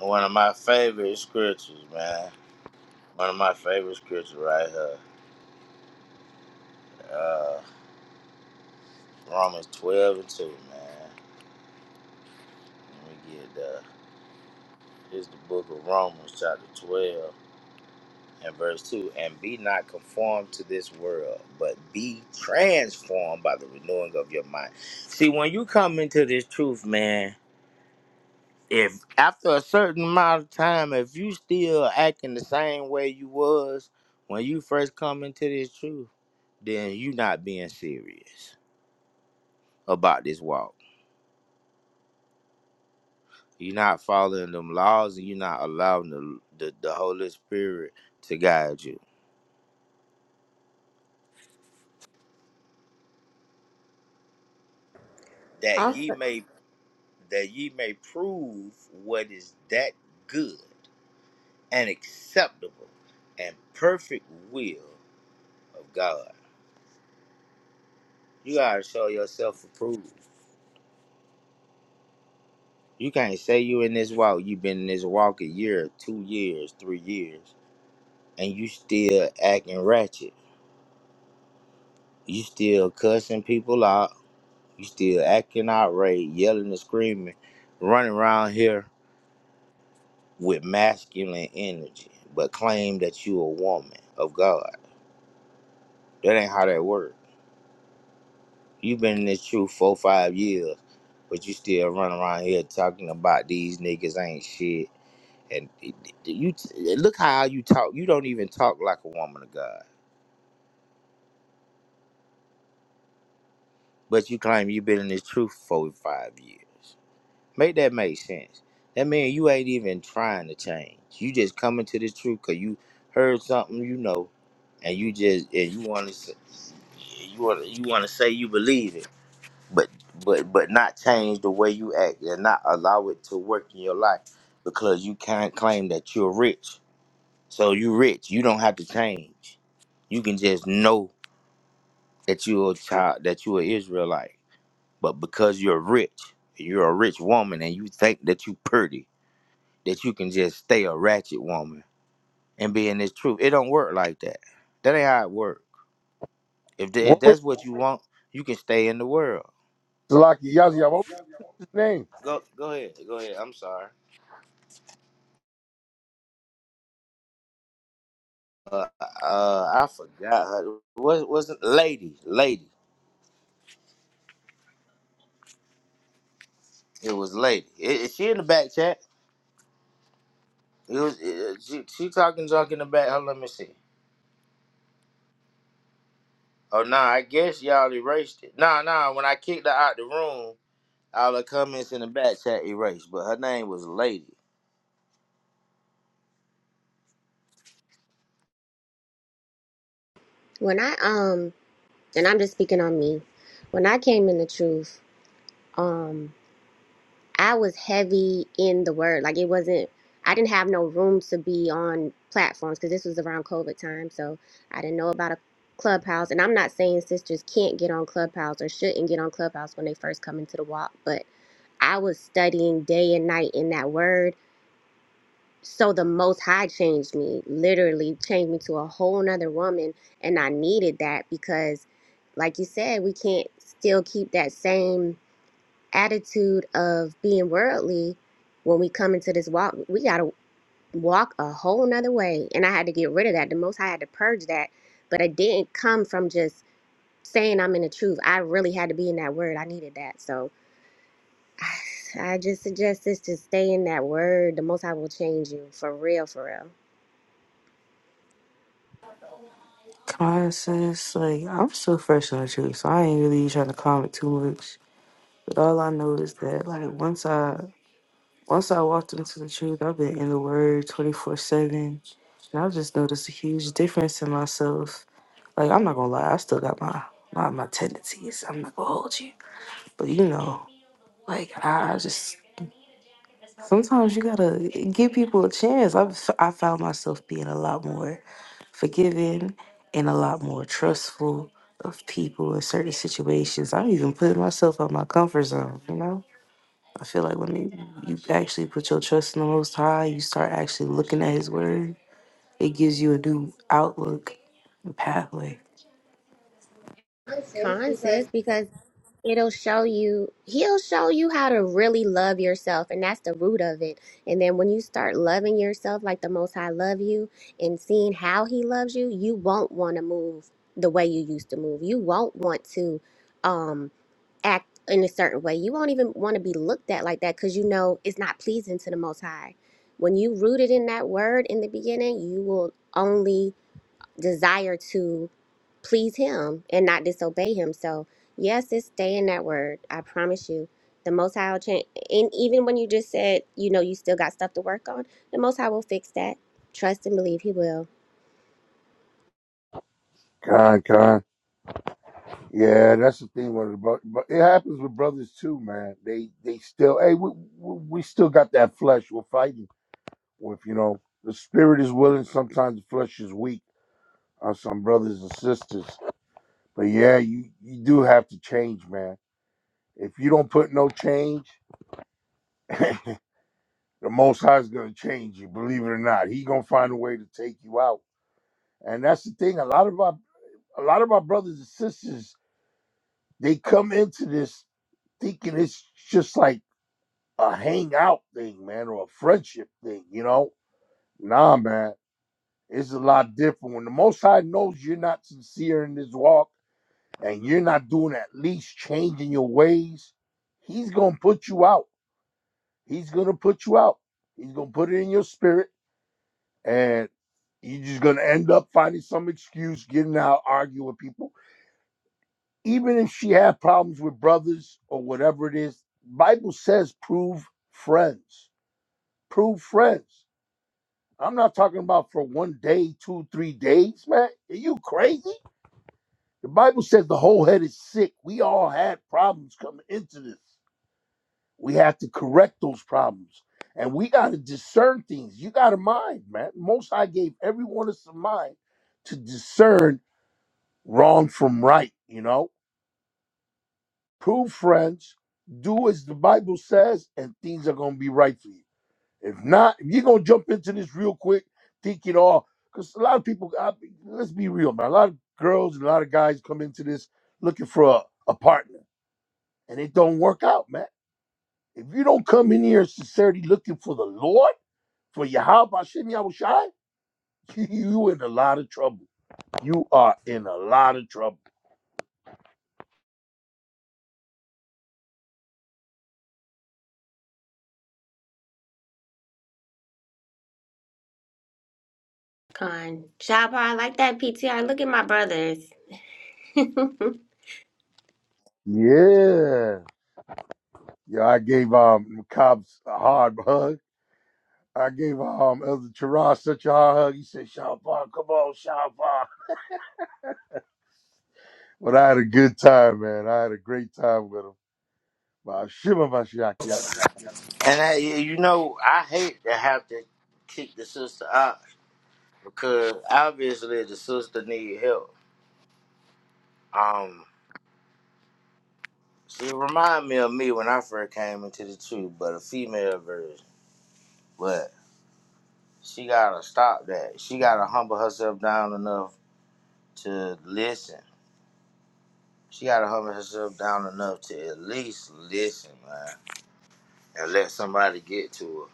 One of my favorite scriptures, man. One of my favorite scriptures right here. Uh, Romans twelve and two, man. Let me get uh, here's the book of Romans, chapter twelve and verse two. And be not conformed to this world, but be transformed by the renewing of your mind. See, when you come into this truth, man. if after a certain amount of time, if you still acting the same way you was when you first come into this truth, then you not being serious about this walk. You're not following them laws, and you're not allowing the, the the Holy Spirit to guide you. That ye Also, may that ye may prove what is that good and acceptable and perfect will of God. You gotta show yourself approved. You can't say you in this walk. you have been in this walk a year, two years, three years, and you still acting ratchet. You still cussing people out. You still acting outraged, yelling and screaming, running around here with masculine energy, but claim that you a woman of God. That ain't how that works. you have been in this truth four, five years, but you still running around here talking about these niggas ain't shit And you look how you talk. You don't even talk like a woman of God, but you claim you've been in this truth for five years. Make that make sense. That means you ain't even trying to change. You just coming to the truth because you heard something you know, and you just and you want to you want you want to say you believe it, but but but not change the way you act and not allow it to work in your life because you can't claim that you're rich So you rich. You don't have to change. You can just know that you're a child, that you're an Israelite. But because you're rich, you're a rich woman, and you think that you pretty, that you can just stay a ratchet woman and be in this truth. It don't work like that. That ain't how it works. If, tha- if What was that's what you want, you can stay in the world. Salaki Yazia? What was his name? Go go ahead. Go ahead. I'm sorry. Uh, uh I forgot her. What was it? Lady. Lady. It was lady. Is is she in the back chat? It was it, she, she talking junk in the back. Hold, on, let me see. Oh nah, I guess y'all erased it. Nah, nah. When I kicked her out the room, all the comments in the back chat erased. But her name was Lady. when I, um, and I'm just speaking on me. When I came in the truth, um, I was heavy in the word. Like it wasn't I didn't have no room to be on platforms because this was around COVID time. So I didn't know about a clubhouse. And I'm not saying sisters can't get on clubhouse or shouldn't get on clubhouse when they first come into the walk, but I was studying day and night in that word. So the most high changed me, literally changed me to a whole nother woman. And I needed that because like you said, we can't still keep that same attitude of being worldly when we come into this walk we got to walk a whole nother way and i had to get rid of that the most i had to purge that but it didn't come from just saying i'm in the truth i really had to be in that word i needed that so i just suggest this to stay in that word the most i will change you for real for real Common sense. Like, I'm still fresh on the truth, so I ain't really trying to comment too much. But all I know is that, like, once I Once I walked into the truth, I've been in the word 24 7. And I've just noticed a huge difference in myself. Like, I'm not gonna lie, I still got my, my, my tendencies. I'm not gonna hold you. But you know, like, I I just sometimes you gotta give people a chance. I've, I found myself being a lot more forgiving and a lot more trustful of people in certain situations. I'm even putting myself out my comfort zone, you know? I feel like when you you actually put your trust in the Most High, you start actually looking at His Word. It gives you a new outlook and pathway. con says because it'll show you he'll show you how to really love yourself and that's the root of it and then when you start loving yourself like the most high love you and seeing how he loves you you won't want to move the way you used to move you won't want to um act in a certain way you won't even want to be looked at like that because you know it's not pleasing to the most high when you rooted in that word in the beginning you will only desire to please him and not disobey him. So yes, it's stay in that word. I promise you. The most high will change and even when you just said, you know, you still got stuff to work on, the most high will fix that. Trust and believe he will. Khan Khan. Yeah, that's the thing with it, bro. But it happens with brothers too, man. They they still, hey, we we we still got that flesh we're fighting with. You know, the spirit is willing. Sometimes the flesh is weak on some brothers and sisters. But yeah, you you do have to change, man. If you don't put no change, the Most High is gonna change you. Believe it or not, He gonna find a way to take you out. And that's the thing. A lot of our a lot of my brothers and sisters they come into this thinking it's just like a hangout thing, man, or a friendship thing, you know? Nah, man, it's a lot different. When the Most High knows you're not sincere in this walk and you're not doing at least changing your ways, He's gonna put you out. He's gonna put you out. He's gonna put it in your spirit, and you're just gonna end up finding some excuse, getting out, arguing with people even if she had problems with brothers or whatever it is bible says prove friends prove friends i'm not talking about for one day two three days man are you crazy the bible says the whole head is sick we all had problems coming into this we have to correct those problems and we got to discern things you got a mind man most i gave everyone us a mind to discern wrong from right you know prove friends, do as the Bible says, and things are gonna be right for you. If not, if you're gonna jump into this real quick, thinking, oh, because a lot of people, I, let's be real, man. A lot of girls and a lot of guys come into this looking for a, a partner, and it don't work out, man. If you don't come in here in sincerity looking for the Lord, for Yahweh Hashem Yahushai, you in a lot of trouble. You are in a lot of trouble. Con. Shabba, I like that PTR. Look at my brothers. Con, Yeah. Yeah, I gave um Cobbs a hard hug. I gave um Elder Teron such a hard hug. He said, Shafar, come on, Shafar. But I had a good time, man. I had a great time with him. My Shimmer Mashiach, yeah. And I, you know, I hate to have to kick the sister out because obviously the sister need help. Um, she remind me of me when I first came into the truth, but a female version. But she gotta stop that. She gotta humble herself down enough to listen She gotta humble herself down enough to at least listen, man, and let somebody get to her.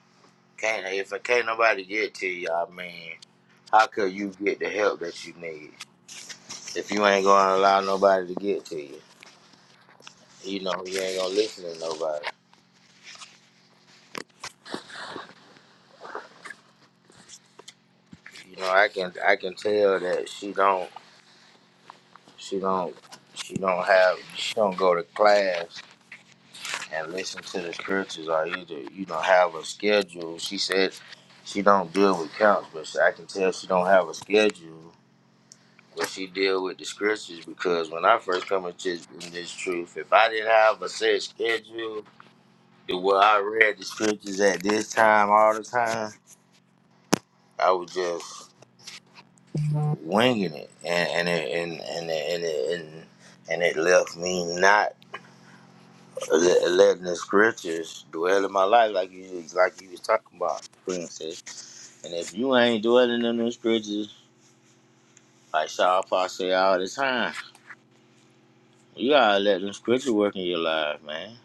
Can't if it can't nobody get to you, I mean, how could you get the help that you need if you ain't gonna allow nobody to get to you? You know, you ain't gonna listen to nobody. You know, I can I can tell that she don't she don't she don't have she don't go to class and listen to the scriptures or either you know have a schedule. She said she don't deal with counts, but I can tell she don't have a schedule. But she deal with the scriptures because when I first come into in this truth, if I didn't have a set schedule, the way I read the scriptures at this time all the time, I was just winging it, and and it, and and it, and, it, and and it left me not le- letting the scriptures dwell in my life like you like you was talking about, princess. And if you ain't dwelling in them scriptures, like Shaw Pa say all the time, you gotta let them scriptures work in your life, man.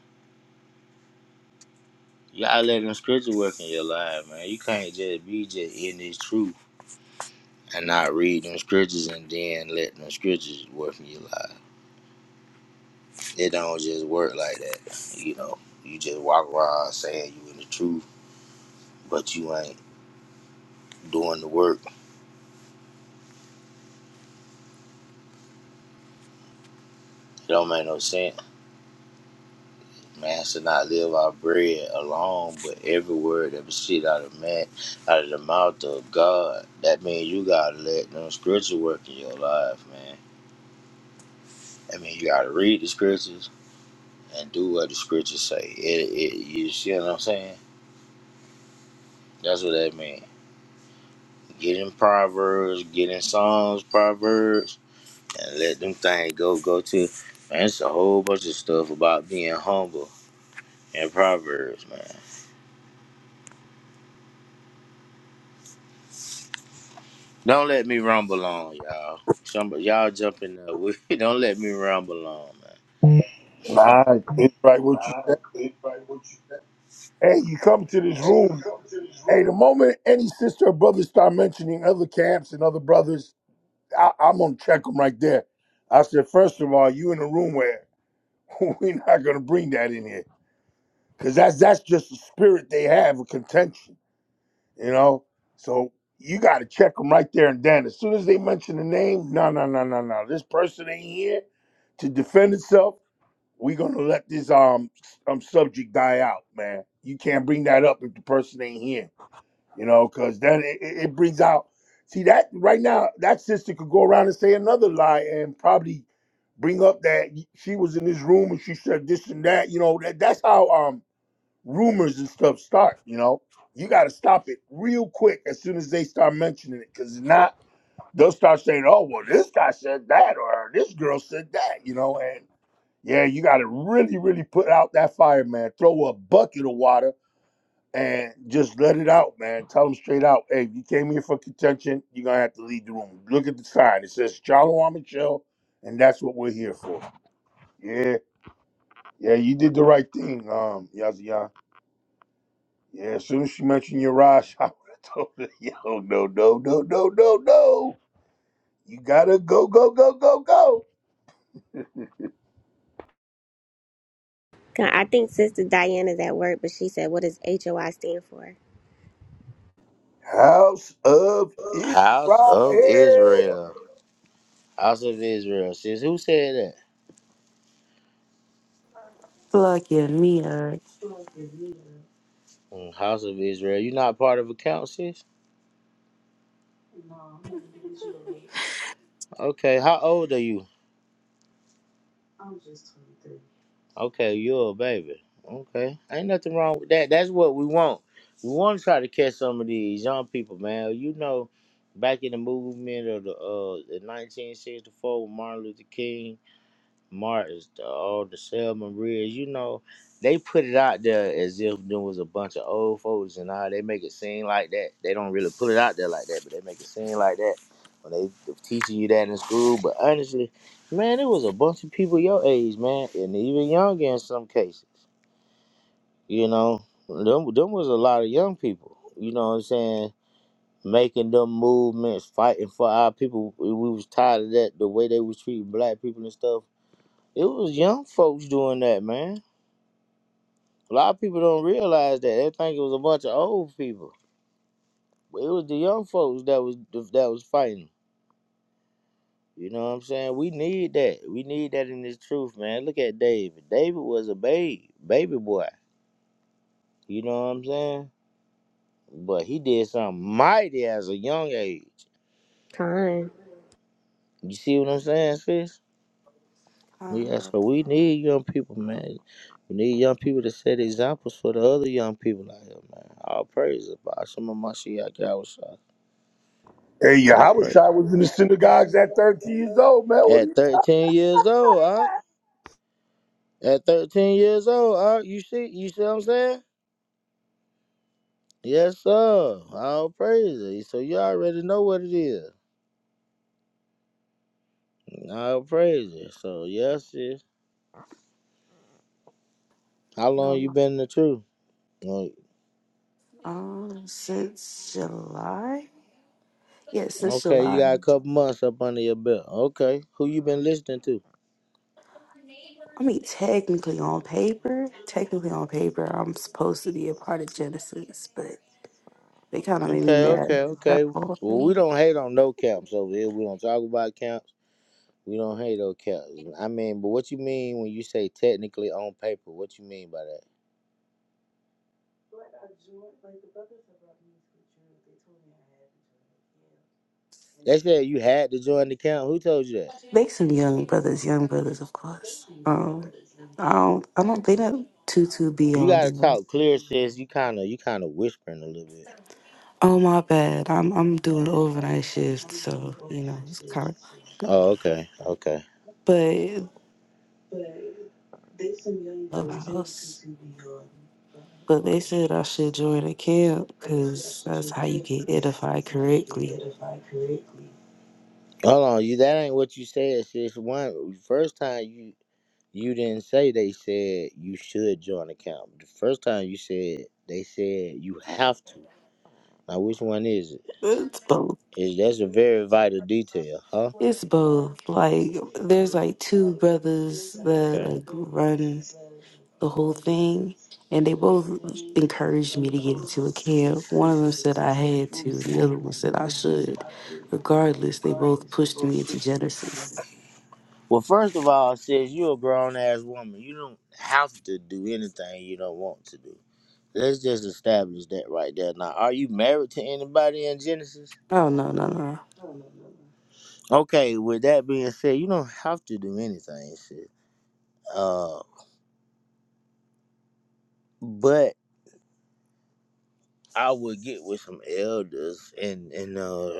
You gotta let them scriptures work in your life, man. You can't just be just in this truth and not read them scriptures and then let them scriptures work in your life. It don't just work like that, you know. You just walk around saying you in the truth, but you ain't doing the work. It don't make no sense. Man should not live our bread alone, but every word that proceed out of man, out of the mouth of God. That means you gotta let them scriptures work in your life, man. I mean, you gotta read the scriptures and do what the scriptures say. It, it, you see what I'm saying? That's what that means. Get in proverbs, get in songs, proverbs, and let them things go. Go to man. It's a whole bunch of stuff about being humble in proverbs, man. Don't let me rumble on, y'all. Some y'all jumping up. We don't let me rumble on, man. Nah, it's right what you said. Hey, you come to this room. Hey, the moment any sister or brother start mentioning other camps and other brothers, I, I'm gonna check them right there. I said, first of all, you in a room where we're not gonna bring that in here because that's that's just the spirit they have of contention. you know. So you got to check them right there and then. As soon as they mention the name, no, no, no, no, no. This person ain't here to defend itself. We're gonna let this um s- um subject die out, man. You can't bring that up if the person ain't here, you know, because then it, it it brings out. See that right now, that sister could go around and say another lie and probably bring up that y- she was in this room and she said this and that. You know, that that's how um rumors and stuff start. You know, you got to stop it real quick as soon as they start mentioning it, because not they'll start saying, "Oh, well, this guy said that," or "This girl said that." You know, and yeah, you got to really, really put out that fire, man. Throw a bucket of water and just let it out, man. Tell them straight out, "Hey, you came here for contention. You're gonna have to leave the room. Look at the sign. It says Charlo Michelle, and that's what we're here for." Yeah, yeah, you did the right thing, um, Yazian. Yeah, as soon as she mentioned your Raj, I would have told her, yo, no, no, no, no, no, no. You gotta go, go, go, go, go. I think Sister Diana's at work, but she said, what does HOI stand for? House of House Israel. of Israel. House of Israel, sis. Who said that? I feel like yeah, me uh, Mm, House of Israel. You not part of a count, sis? Okay. How old are you? Okay, you're a baby. Okay. Ain't nothing wrong with that. That's what we want. We want to try to catch some of these young people, man. You know, back in the movement of the uh the 1964 with Martin Luther King Martins, the all the Selma Reds, you know, they put it out there as if there was a bunch of old folks and all. They make it seem like that. They don't really put it out there like that, but they make it seem like that when they teaching you that in school. But honestly, man, it was a bunch of people your age, man, and even younger in some cases. You know, them, them was a lot of young people. You know what I'm saying? Making them movements, fighting for our people. We we was tired of that, the way they was treating black people and stuff it was young folks doing that, man. A lot of people don't realize that. They think it was a bunch of old people. But it was the young folks that was that was fighting. You know what I'm saying? We need that. We need that in this truth, man. Look at David. David was a babe, baby boy. You know what I'm saying? But he did something mighty as a young age. Con. You see what I'm saying, Fish? Yes, uh so we need young people, man. We need young people to set examples for the other young people out here, man. All praise about some of my Yahweh Hey, All Yahweh praise. was in the synagogues at 13 years old, man. What do At you? 13 years old, huh? At 13 years old, huh? You see, you see what I'm saying? Yes, sir. All praise it. So you already know what it is. All praise it. So yes, yes. How long you no, been in the truth? Well, um since July. Yeah, since Okay, you July. got a couple months up under your belt. Okay, who you been listening to? I mean, technically on paper, technically on paper, I'm supposed to be a part of Genesis, but they kind of made me Okay, mad okay, at that okay. whole Well, we thing. don't hate on no camps over here. We don't talk about camps. We don't hate on camps. I mean, but what you mean when you say technically on paper? What you mean by that? They said you had to join the camp. Who told you that? They some young brothers, young brothers, of course. Um, I don't, I don't. They not too too be You on. you gotta talk clear, sis. You kind of you kind of whispering a little bit. Oh my bad. I'm I'm doing overnight shift, so you know it's kind of. Oh, okay, okay. But clubhouse. But they said I should join a camp because that's how you get edified correctly. Hold on, you that ain't what you said, sis. One first time you you didn't say they said you should join the camp. The first time you said they said you have to. Now which one is it? It's both. Is that's a very vital detail, huh? It's both. Like there's like two brothers that okay. like run. the whole thing. And they both encouraged me to get into a camp. One of them said I had to, and the other one said I should. Regardless, they both pushed me into Genesis. Well, first of all, sis, you a grown ass woman. You don't have to do anything you don't want to do. Let's just establish that right there. Now, are you married to anybody in Genesis? Oh, no, no, no. Okay, with that being said, you don't have to do anything, shit. Uh, but I would get with some elders and and uh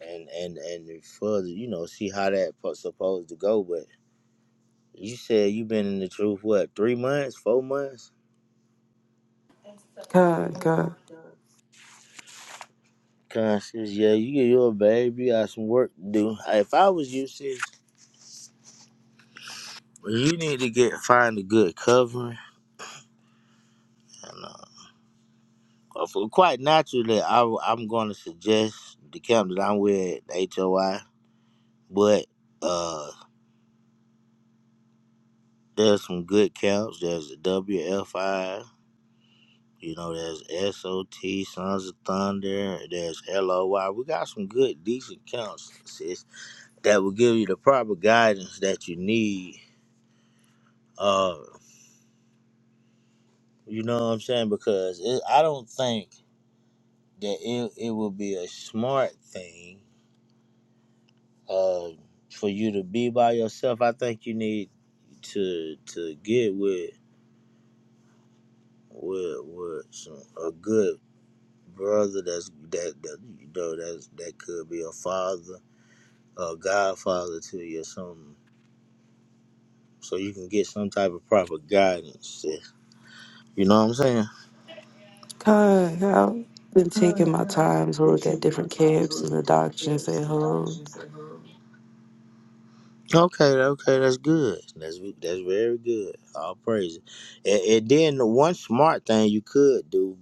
and and and further, you know, see how that fu- supposed to go. But you said you've been in the truth what three months, four months? God, God, Conscious, yeah, you you a baby, you got some work to do. If I was you, sis, you need to get find a good covering. And, uh, uh, for- quite naturally, I, I'm going to suggest the camp that I'm with, HOI. But uh, there's some good camps. There's the WFI. You know, there's SOT, Sons of Thunder. There's LOY. We got some good, decent counts, sis, that will give you the proper guidance that you need. Uh, you know what I'm saying? Because it, I don't think that it, it will be a smart thing uh, for you to be by yourself. I think you need to to get with with with some a good brother that's that that you know that's that could be a father, a godfather to you or something. So you can get some type of proper guidance. eh, You know what I'm saying? God. I've been taking my time to look at different camps and the doctrines they hold. Okay, okay, that's good. That's that's very good. All praise it. And, and then the one smart thing you could do,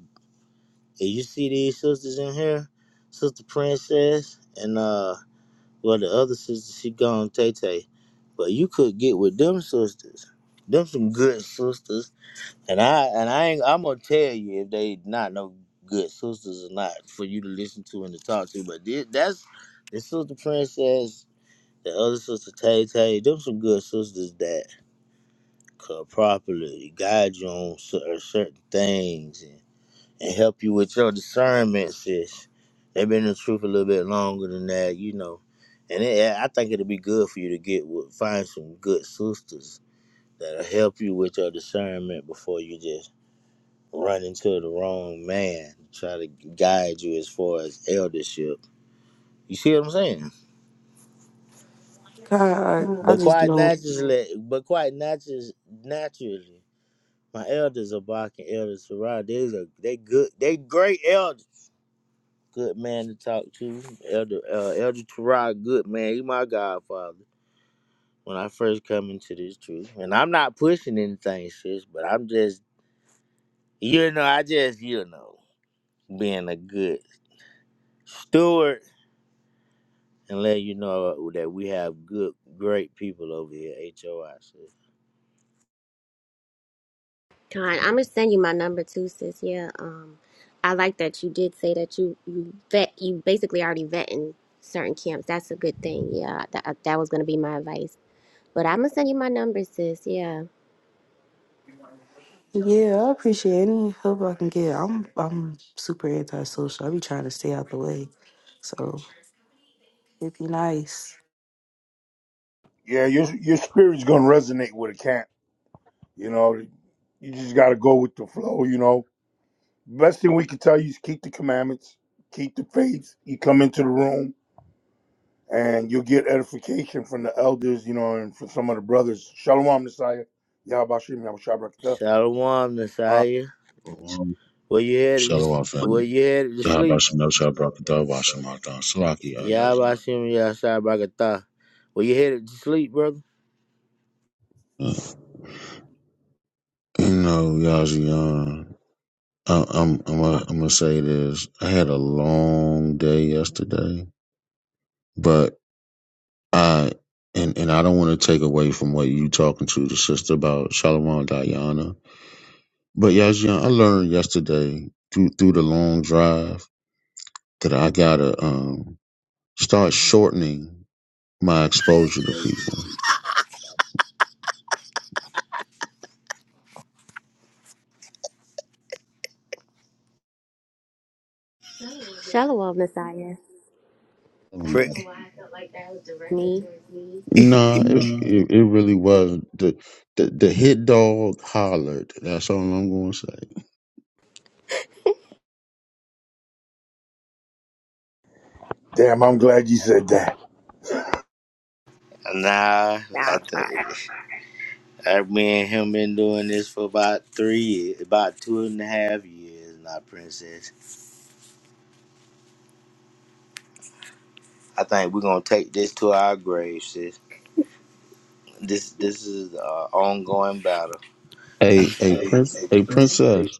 and you see these sisters in here, Sister Princess and uh well the other sister she gone Tay Tay. But you could get with them sisters. Them some good sisters And I and I ain't, I'm gonna tell you if they not no good sisters or not for you to listen to and to talk to. But this, that's the sister princess, the other sister Tay Tay. Them some good sisters that could properly guide you on cer- uh, certain things and, and help you with your discernment, sis. They've been in the truth a little bit longer than that, you know. And it, yeah, I think it'll be good for you to get with, find some good sisters that'll help you with your discernment before you just run into the wrong man, try to guide you as far as eldership. You see what I'm saying? God, Mm. I, I But just quite don't. naturally, but quite naturally, naturally, my elders are barking elders to ride. They's a they good, they great elders. Good man to talk to, elder uh, elder Tarod. Good man, he my godfather. When I first come into this truth, and I'm not pushing anything, sis, but I'm just you know, I just you know, being a good steward and let you know that we have good, great people over here. HOI. So. Kind, I'm gonna send you my number too, sis. Yeah. Um, I like that you did say that you you vet you basically already vetting certain camps. That's a good thing. Yeah. That uh, that was gonna be my advice. But I'm gonna send you my number, sis. Yeah. Yeah, I appreciate any help I can get. I'm I'm super antisocial. I be trying to stay out the way. So it'd be nice. Yeah, your your spirit's gonna resonate with a camp. You know, you just gotta go with the flow. You know, best thing we can tell you is keep the commandments, keep the faith. You come into the room. and you'll get edification from the elders, you know, and from some of the brothers. Shalom, Messiah. Yahbashim, Yahbashabrakta. Shalom, Uh, Messiah. Shalom, Where you headed? To, Shalom, where family. you headed to Y'all about sleep? some else. Salaki, uh, Yazian. Yabashim Yashabakata. Where you headed to sleep, brother? Uh, You know, Yazian. I'm, I'm, I'm, gonna- I'm gonna say this. I had a long day yesterday, but I, and, and I don't want to take away from what you talking to the sister about Shalom Diana. But Yazian, I learned yesterday through, through the long drive that I gotta, um, start shortening my exposure to people. Shalom, Messiah. I Um, don't know why I felt like that was directed Me. towards me. Nah, it, it it really was the the the hit dog hollered. That's all I'm going to say. damn, I'm glad you said that. Nah, I th- Malachi. I, me and him been doing this for about three years, about two and a half years now, princess. I think we're gonna take this to our grave, sis. This this is an ongoing battle. A a prince a princess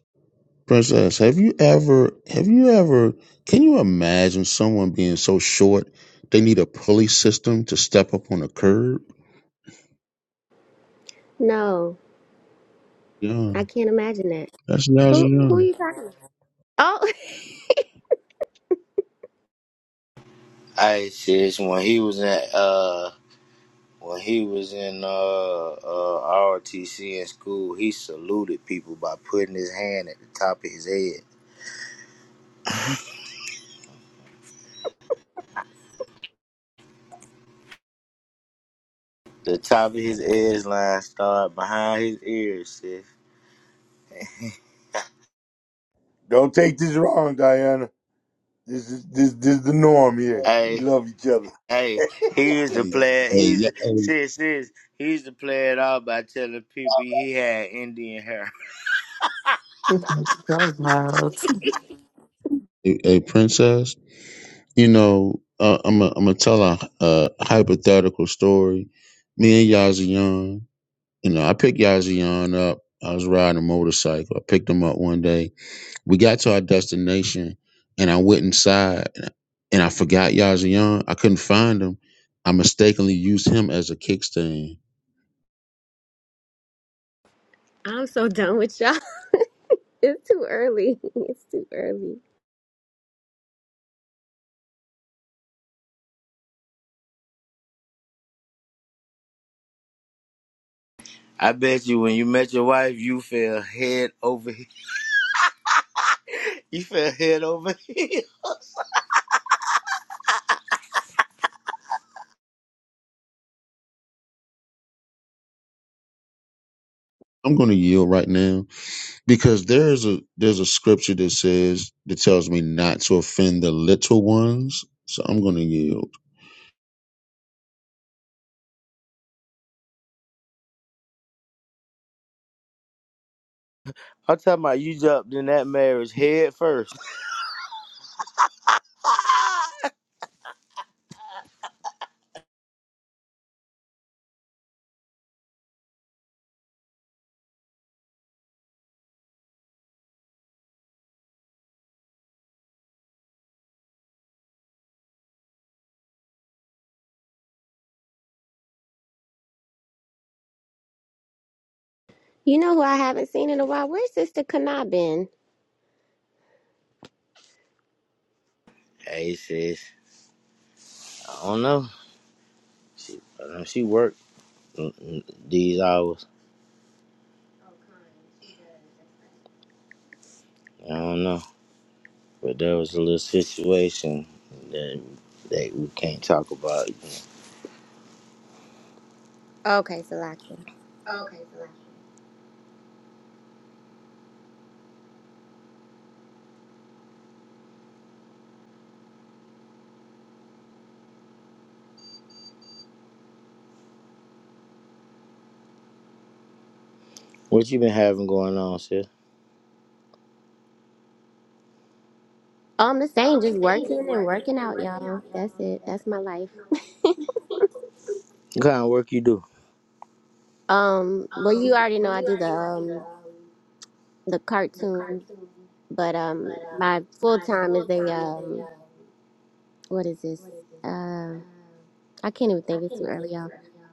princess. Have you ever have you ever can you imagine someone being so short they need a pulley system to step up on a curb? No, Yeah, I can't imagine that. that's lousy. Who who are Young. you talking? to? Oh, Ice is when he was in uh when he was in uh, uh ROTC in school, he saluted people by putting his hand at the top of his head. The top of his edge line started behind his ears, sis. Don't take this wrong, Diana. This is this this is the norm here. We Hey, love each other. hey, he's the Hey, player. He's hey, the, sis, sis. He's the player it out by telling people he had Indian hair. Y'all loud. a, a princess. You know, uh, I'm i I'm gonna tell a, a hypothetical story. Me and Yazzie Young. You know, I picked Yazian up. I was riding a motorcycle. I picked him up one day. We got to our destination and I went inside and I and I forgot Yazian. I couldn't find him. I mistakenly used him as a kickstand. I'm so done with y'all. It's too early. It's too early. I bet you when you met your wife, you fell head over. he- You fell head over. I'm going to yield right now because there is a there's a scripture that says that tells me not to offend the little ones. So I'm going to yield. I'm talking about you jumped in that marriage head first. You know who I haven't seen in a while? Where's Sister Kana been? Hey, sis. I don't know. She, uh, she worked mm, mm, these hours. I don't know. But there was a little situation that, that we can't talk about. you know. Okay, Salakia. What you been having going on, sis? Um, the same, just working and working out, y'all. That's it. That's my life. What kind of work you do? Um, well, you already know I do the um the cartoons, but um, my full time is a um, what is this? Um, I can't even think. It's too early, y'all.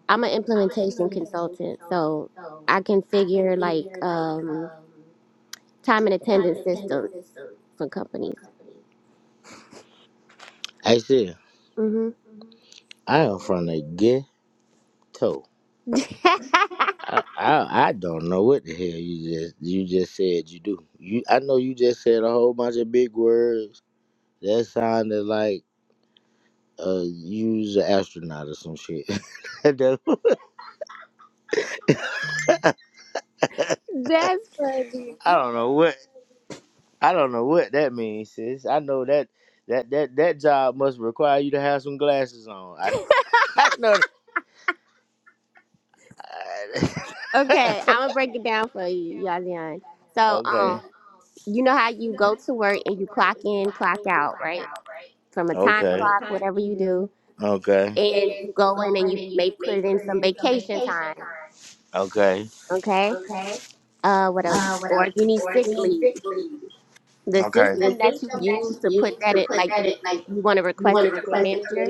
I'm an implementation consultant, so I can figure like um time and attendance systems for companies. Hey, sis. hmm I am from the ghetto. That's I, I I don't know what the hell you just you just said you do. You I know you just said a whole bunch of big words that sounded like uh use an astronaut or some shit. That does- funny. I don't know what I don't know what that means, sis. I know that that that that job must require you to have some glasses on. I I know that. Okay, I'm gonna break it down for you, Yazian. So, um, okay. you know how you go to work and you clock in, clock out, right? From a time Okay. clock, whatever you Okay. do, Okay. and you go in and you may put in some vacation time, Okay. okay? Uh, what else? Or you need sick leave. The system that you use to put that in, like if you want to request it from your manager,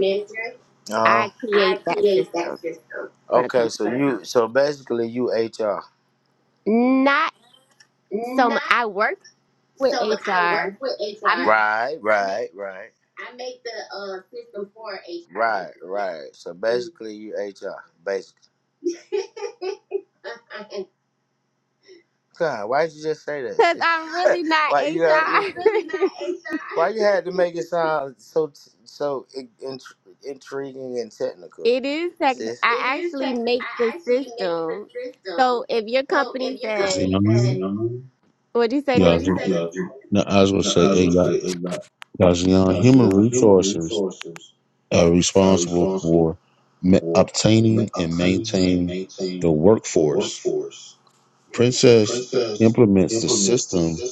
Uh huh. I create that system for the Okay, company. so you so basically you HR. Not so much. I work with HR. I'm Right, right, right, right, right. So Mhm. basically, you HR. Basically, God, why did you just say that? because shit? I'm really not why you had you? HR. Why you had to HR. make it sound so so in, in, intriguing and technical, It is tech. sis? I actually make the system. So if your company says, Yazian, Mhm. "What'd you say, Yazian. Nasiah? No, I was going to No, I say, was hey, gonna Ya- say Yazian, human HR resources. uh, uh, responsible responsible for ma- for obtaining and training and maintaining the maintaining the workforce. workforce. Princess Princess implements the implements system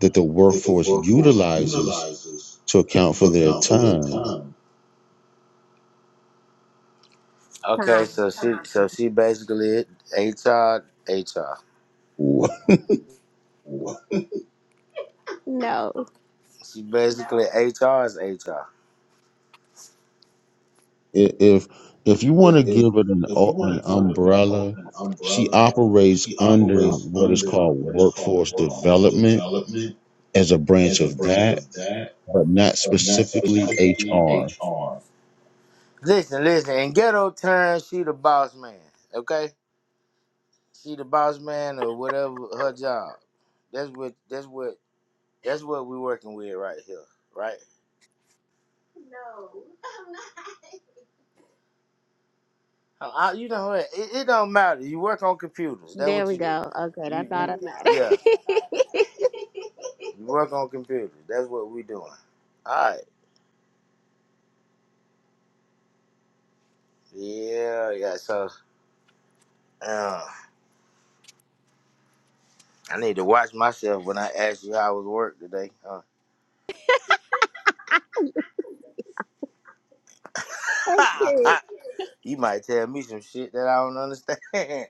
that the that the workforce work utilizes realizes. to account for their time. Okay, Time?" so she so she basically HR HR. Wha- I- No. She basically HR is HR. if if you want If, to give if it an you o- want an to get umbrella, an she umbrella, operates under operates what is under called what is called workforce development as a as branch of that, but not but not specifically specifically HR. HR. Listen, listen. In ghetto terms, she the boss man. Okay, she the boss man or whatever her job. That's what that's what that's what we working with right here, right? I, I- you know what? It, it don't matter. You work on computers. That's There what we you do. go. Okay, You, you that's all There we that go. matters. yeah. Okay. You work on computers. That's what we doing. All right. Yeah, yeah. So uh, I need to watch myself when I ask you how was work today. Huh? okay. you might tell me some shit that I don't understand.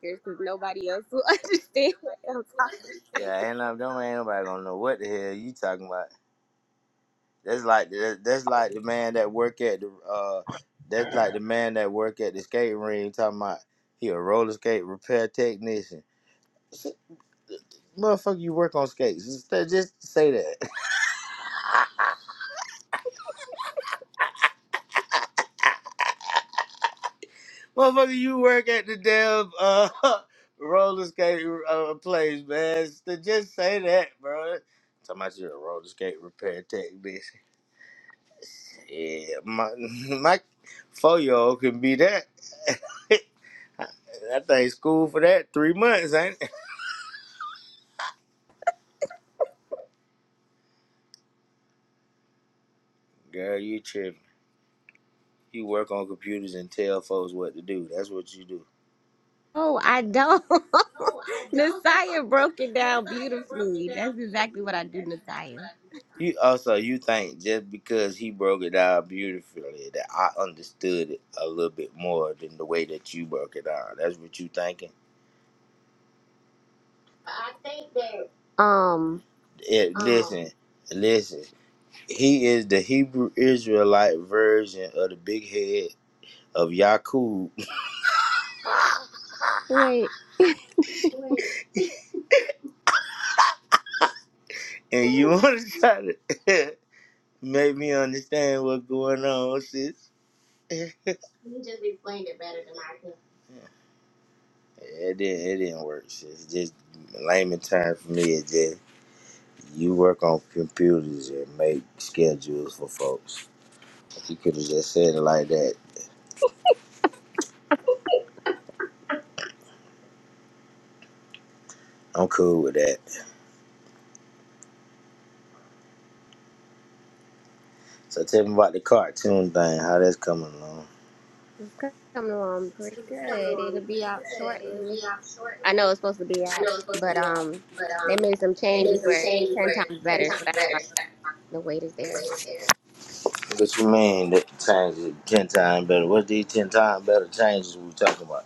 Because nobody else will understand what I'm talking. yeah, and I'm don't ain't nobody gonna know what the hell you talking about. That's like that's like the man that work at the uh that's like the man that work at the skate ring talking about he a roller skate repair technician. Motherfucker, you work on skates. Just, just say that. Motherfucker, you work at the damn uh roller skate uh, place, man. Just just say that, bro. Talking about you a roller skate repair technician. Yeah, my my four year old can be that. I think school for that three months, ain't it? Girl, you tripping. You work on computers and tell folks what to do. That's what you do. Oh, I don't. Nasiah broke it down beautifully. That's exactly what I do, Nasiah. You also you think just because he broke it down beautifully that I understood it a little bit more than the way that you broke it down. That's what you thinking. Um, It, listen, listen. He is the Hebrew Israelite version of the big head of Yakub, Wait. and you want to try to make me understand what's going on, sis. It didn't. It didn't work. It's just in layman term for me. It just you work on computers and make schedules for folks. You could have just said it like that. I'm cool with that. So tell me about the cartoon thing. How that's coming along? It's coming along pretty good. It'll be out shortly. I know it's supposed to be out, but um, they made some changes where it's ten times better, so that's why the weight is there. What you mean that changes it ten times better? What these ten times better changes we talking about?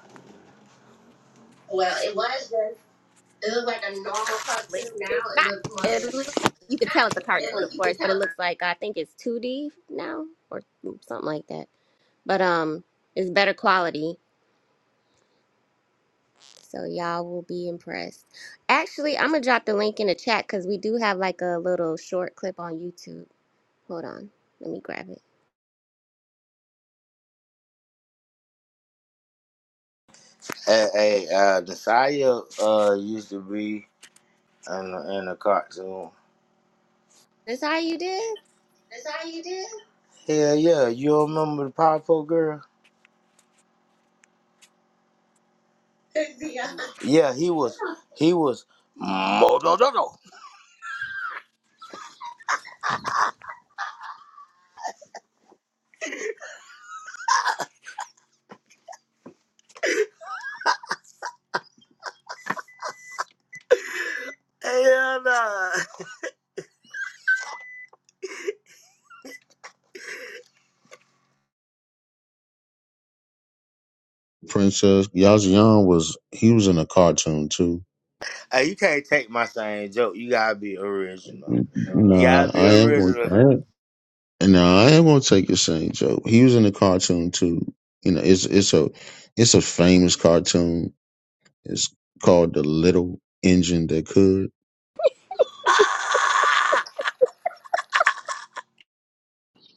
It's Not it. Look, you can tell it's a cartoon, of course, but it looks like I think it's two D now or something like that. but um it's better quality so y'all will be impressed actually i'm gonna drop the link in the chat because we do have like a little short clip on youtube hold on let me grab it Hey, hey uh, Desire uh used to be in a, in a cartoon. that's how you did Hell yeah, you don't remember the Powerpuff girl? Yeah, he was. He was. mo- no, no, no. Yeah, no. Princess Yazian was he was in a cartoon too Hey, you can't take my same joke. You gotta be original. You Nah, gotta be I am going. original. I am, nah, I am going to take your Saint Joe. He was in the cartoon too. You know, it's it's a it's a famous cartoon. It's called the Little Engine That Could.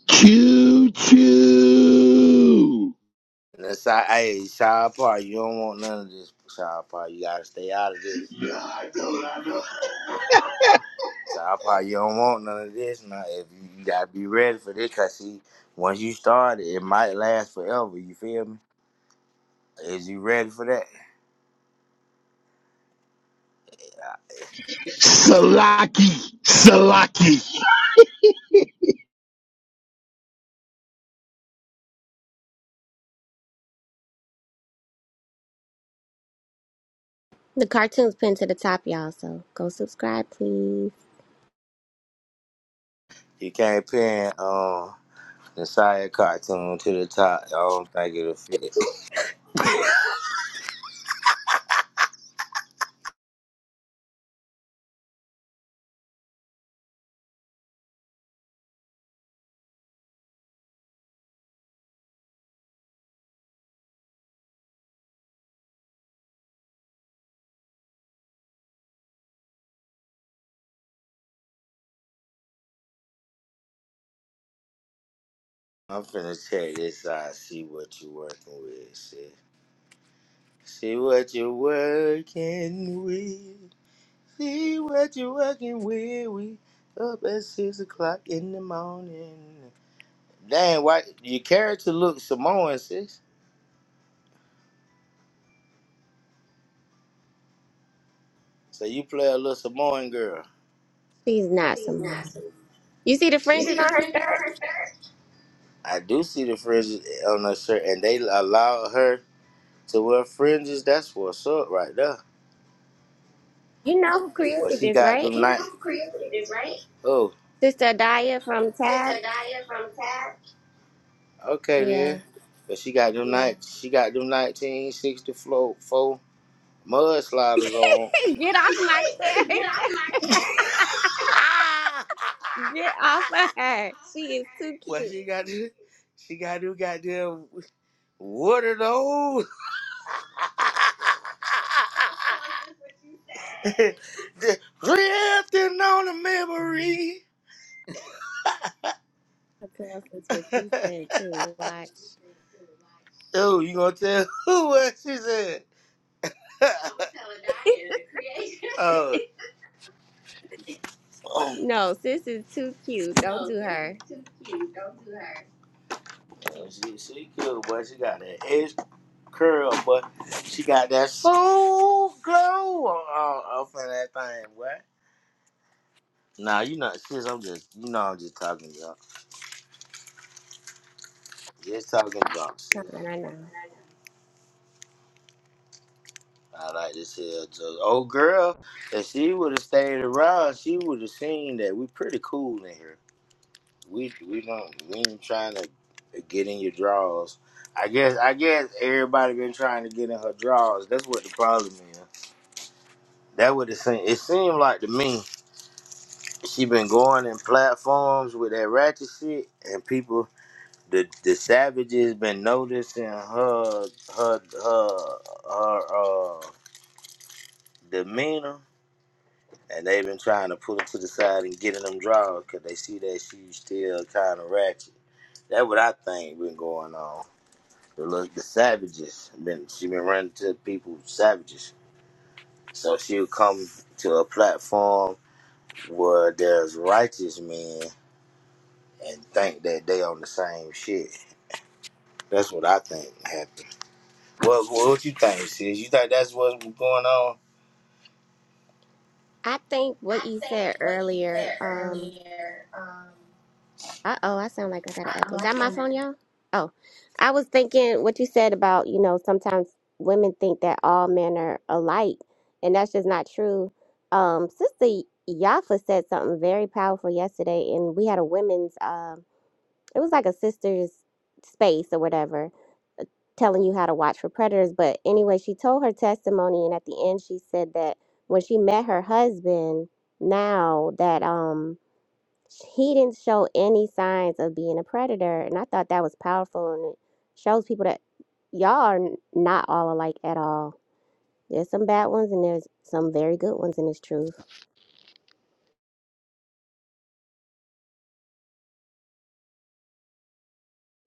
Choo choo. That's how, hey, Shy part. you don't want none of this, Shy part. You gotta stay out of this. Yeah, I I know, I know. Shy part. you don't want none of this. Now, if you, you gotta be ready for this, cause see, once you start it, it might last forever. You feel me? Is you ready for that? Salaki. Salaki. the cartoon's pinned to the top y'all so go subscribe please you can't pin. um, The side cartoon to the top. I don't think it'll fit. I'm finna check this out. See what you working with. See, see what you working with. See what you working with. We up at six o'clock in the morning. Dang, why your character look Samoan, sis? So you play a little Samoan girl. she's not simone you see the fringes on her skirt I do see the fringes on her shirt, and they allow her to wear fringes. That's what's up, right there. you know who created She this got right them nights. Right? Oh, sister Adaya from tab okay yeah then. But she got them night. She got them 1964 mudsliders on. get off my character get off of her she is too well, cute she got them- she got them goddamn water those. The Drifting on a memory. What else is what you said too? Watch. oh, you gonna tell who what she said? I'm telling Diane, the creator. oh, oh No, sis is too cute. Don't do her. Oh, She, she good, boy. She got that edge curl, but she got that soul glow on, on, up that thing, boy. Nah, you know, sis, I'm just, you know, I'm just talking junk. Just talking junk, sis. Something I know. I like this here. Just, old girl, if she would have stayed around, she would have seen that we pretty cool in here. We we don't we ain't trying to get in your drawers. I guess I guess everybody been trying to get in her drawers. That's what the problem is. That what it seemed. It seemed like to me she been going in platforms with that ratchet shit, and people, the the savages been noticing her her her her uh, demeanor, and they been trying to pull her to the side and get in them draws because they see that she's still kind of ratchet. That what I think been going on. The look, the savages been she been running to people savages, so she'll come to a platform where there's righteous men and think that they on the same shit. That's what I think happened. What what you think, sis? You think that's what's going on? I think what you said earlier. Um. Uh oh, I sound like I got an echo. Is that my phone, y'all? Oh, I was thinking what you said about you know sometimes women think that all men are alike, and that's just not true. Um, Sister Yafa said something very powerful yesterday, and we had a women's. Um, it was like a sisters space or whatever, telling you how to watch for predators. But anyway, she told her testimony, and at the end, she said that when she met her husband, now that um he didn't show any signs of being a predator, and I thought that was powerful, and it shows people that y'all are n- not all alike at all. There's some bad ones, and there's some very good ones in this truth.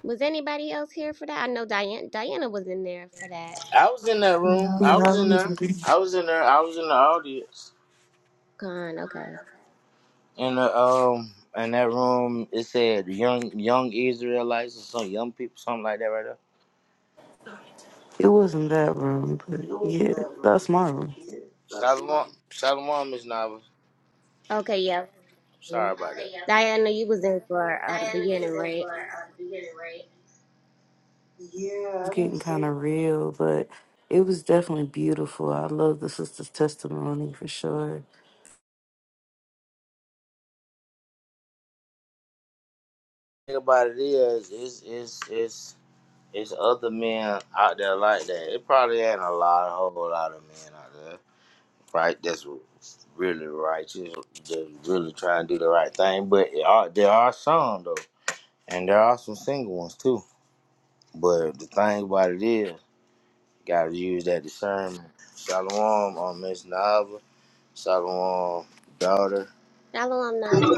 Was anybody else here for that? I know Diana. Diana was in there for that. I was in that room. I No. Yeah, I was in was- there. I was in there. I was in the audience. Gone. Okay. In the um in that room it said young young Israelites or some young people, something like that right there. it wasn't that room, but yeah, that's my room. Shalom Shalom is novel. Okay. Yeah. Sorry Mhm. about that. Diana, you was in for uh, the beginning, right? It's getting kind of real, but it was definitely beautiful. I love the sister's testimony for sure. Thing about it is it's it's it's it's other men out there like that. It probably ain't a lot a whole lot of men out there. right? That's really righteous. Just really trying to do the right thing. But it are, there are some though, and there are some single ones too. But the thing about it is, gotta use that discernment. Shalom on Miss Nava. Shalom, daughter. Shalom Nava.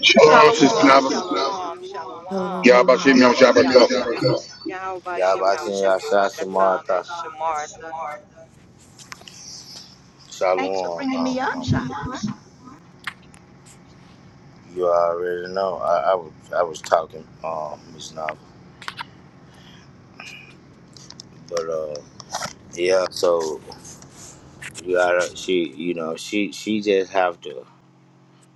Shalom, Sister Shalom, Naba. shalom, shalom. Tell the world Yabashim Yam Yahweh Shem Yabakim Shabrakta. Yahusha. Yahweh Shem Yahusha Yasha Barakatham and Shamartha. Shamartha. Thanks for Shalom, bringing um, me up, mama. Shafar. You already know. I, I was I was talking, um, Miss Nava. But uh, yeah. So You gotta, she, you know, she, she just have to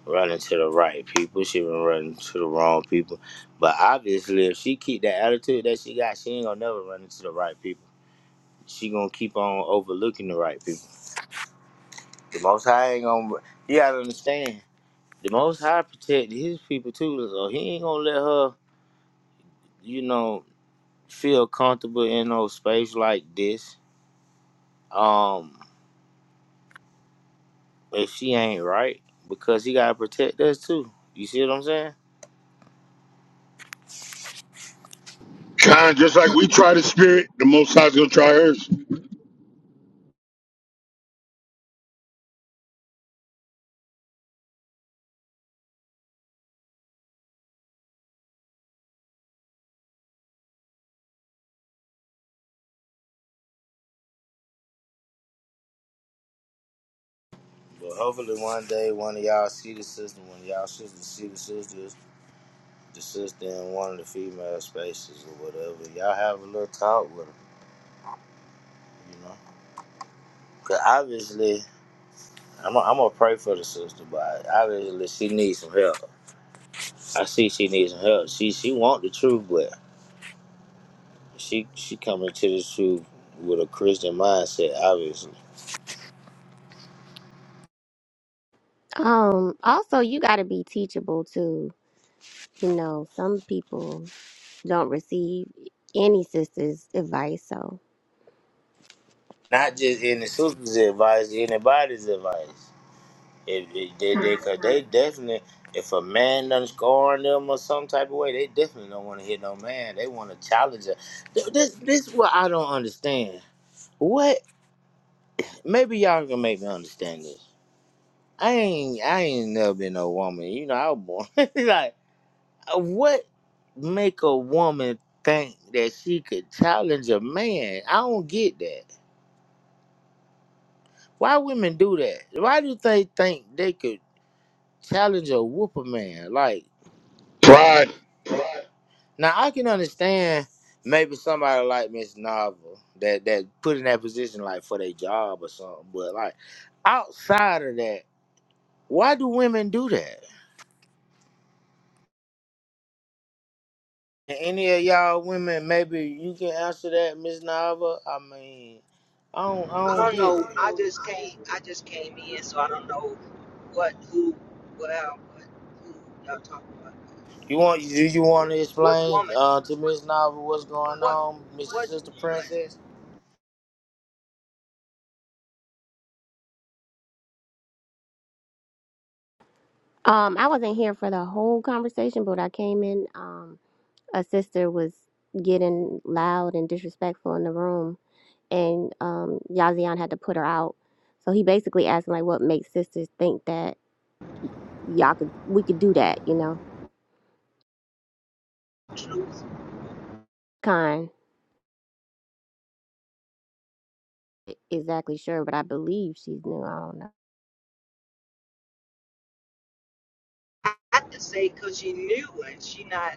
run into the right people. She been running to the wrong people. But obviously, if she keep that attitude that she got, she ain't gonna never run into the right people. She gonna keep on overlooking the right people. The Most High ain't gonna. You gotta understand. The Most High protect His people too, so He ain't gonna let her, you know, feel comfortable in no space like this. Um, if she ain't right, because He gotta protect us too. You see what I'm saying? Kind of just like we try the spirit, the Most High's gonna try hers. But hopefully one day one of y'all see the sister, one of y'all sisters see the sisters, the sister in one of the female spaces or whatever. Y'all have a little talk with her, you know. Cause obviously, I'm i I'm gonna pray for the sister, but obviously she needs some help. I see she needs some help. She she want the truth, but she she coming to the truth with a Christian mindset, obviously. Um, also you gotta be teachable too. You know, some people don't receive any sister's advice, so Not just any sister's advice, anybody's advice. It, it- they, they, 'cause they definitely, if a man done score on them or some type of way, they definitely don't want to hit no man. They want to challenge it. Th- This, this is what I don't understand. What? Maybe y'all can make me understand this. I ain't, I ain't never been no woman. You know, I was born. like, uh, what make a woman think that she could challenge a man? I don't get that. Why women do that? Why do they think they could challenge or whoop a man? Like. Pride. Now I can understand maybe somebody like Miss Novel that that put in that position like for their job or something, but like outside of that, why do women do that? And any of y'all women, maybe you can answer that, Miss Novel. I mean, I don't, I I don't don't get it. know. I just came. I just came in, so I don't know what, who, well, what, who y'all talking about. You want, do you want to What explain woman? uh, to Miss Novel what's going What, on, Miss what Sister woman? Princess? um I wasn't here for the whole conversation, but I came in, um a sister was getting loud and disrespectful in the room and um Yazian had to put her out. So he basically asked like what makes sisters think that y'all could we could do that, you know. Truth. Kind e-, exactly sure, but I believe she's new. I don't I have to say, cause she new and she not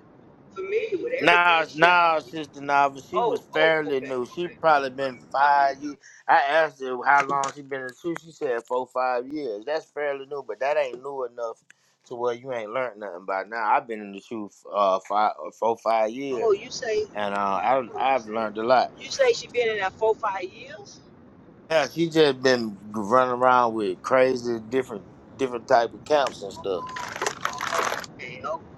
familiar with everything. Nah, She haven't. nah, sister Nava. She Oh, was oh, fairly okay, new. She okay. probably been Let me. five years. I asked her how long she been in the truth. She said four, five years. That's fairly new, but that ain't new enough to where you ain't learned nothing by now. I've been in the truth uh five, uh, four, five years, Oh, you say. and uh, I I've learned a lot. You say she been in there four, five years? Yeah, she just been running around with crazy different different type of camps and stuff. Okay, okay.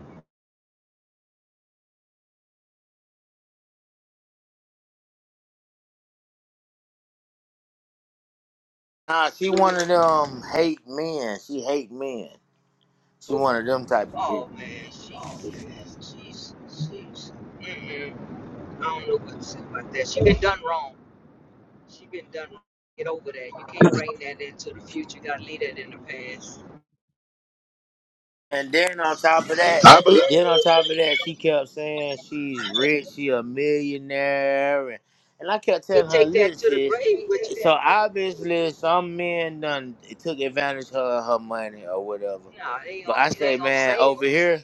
Nah, she one of them hate men. She hate men. She one of them type of people. Oh man, she, she's, she's. Mm-mm. I don't know what to say about that. She been done wrong. She been done wrong. Get over that. You can't bring that into the future. You gotta leave that in the past. And then on top of that, I believe. then on top of that, she kept saying she's rich, she a millionaire, and, and I kept You can't telling her, take "Look, that to the sis." grave with you. So obviously, some men done took advantage of her, her money or whatever. Nah, it ain't But gonna, I it say, ain't gonna man, save over her. here.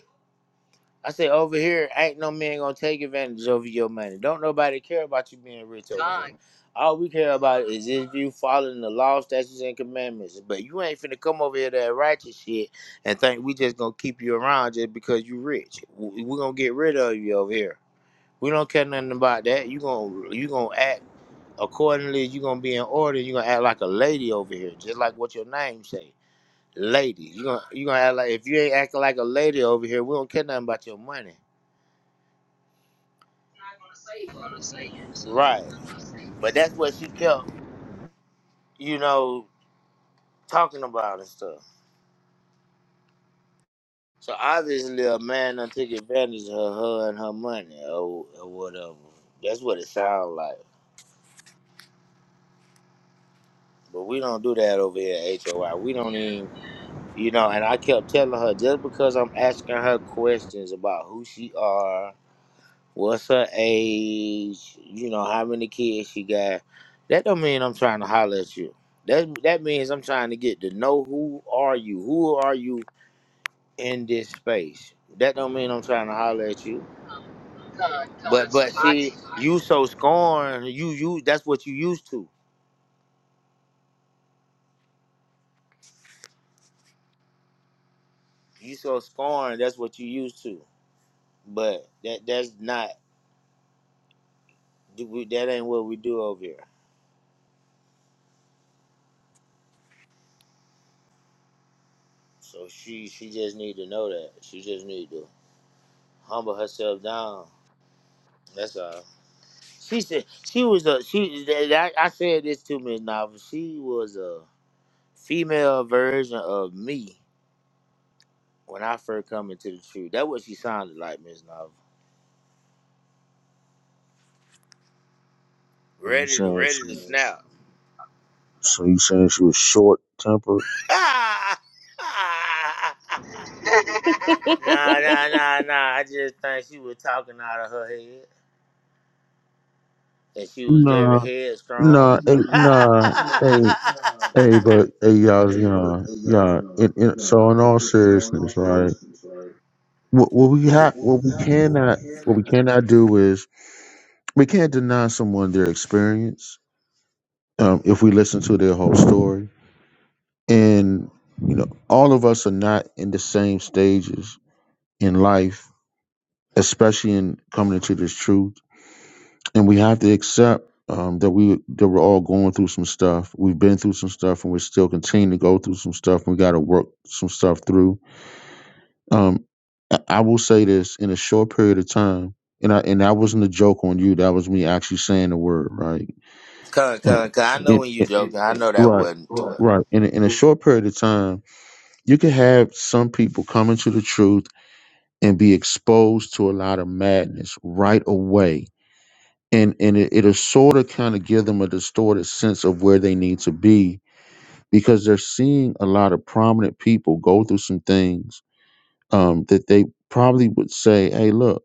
I said over here, ain't no man gonna take advantage over your money. Don't nobody care about you being rich over here. God, All we care about is if you following the law, statutes, and commandments. But you ain't finna come over here to that righteous shit and think we just gonna keep you around just because you rich. W- We gonna get rid of you over here. We don't care nothing about that. You gonna you gonna act accordingly. You gonna be in order. You gonna act like a lady over here, just like what your name say, lady. You gonna you gonna act like if you ain't acting like a lady over here, we don't care nothing about your money. ain't gonna save her. So, Right. But that's what she kept, you know, talking about and stuff. So obviously a man done took advantage of her and her money or, or whatever. That's what it sounds like. But we don't do that over here at HOI. We don't even, you know, and I kept telling her just because I'm asking her questions about who she are, what's her age, you know, how many kids she got, that don't mean I'm trying to holler at you. That, that means I'm trying to get to know who are you? Who are you in this space. That don't mean I'm trying to holler at you. um, God, God, But but see, Salaki. you so scorned, you you that's what you used to. You so scorned, that's what you used to. But that that's not that ain't what we do over here. So she she just need to know that. She just need to humble herself down. That's all. She said she was a she. that- that- I I said this to Miss Novel. She was a female version of me when I first come into the truth. That what she sounded like, Miss Novel. So you ready to saying ready to she? snap. So you saying she was short tempered? nah, know. nah, nah, nah. I just think she was talking out of her head, and she was Nah, very nah, headstrong. eh, nah. Hey, Come, hey, but hey, y'all, nah, yeah. It, it, so in all seriousness, right? What, what we have, what we cannot, what we cannot do is we can't deny someone their experience um, if we listen to their whole story. And you know, all of us are not in the same stages in life, especially in coming into this truth. And we have to accept um, that we that we're all going through some stuff. We've been through some stuff, and we're still continuing to go through some stuff. We got to work some stuff through. Um, I I will say this in a short period of time. And I, and that wasn't a joke on you. That was me actually saying the word, right? Yeah. come, come. I know It- when you it- joking. I know that right, wasn't. right. In a, in a short period of time, you can have some people coming to the truth and be exposed to a lot of madness right away and and it, it'll sort of kind of give them a distorted sense of where they need to be because they're seeing a lot of prominent people go through some things um, that they probably would say hey look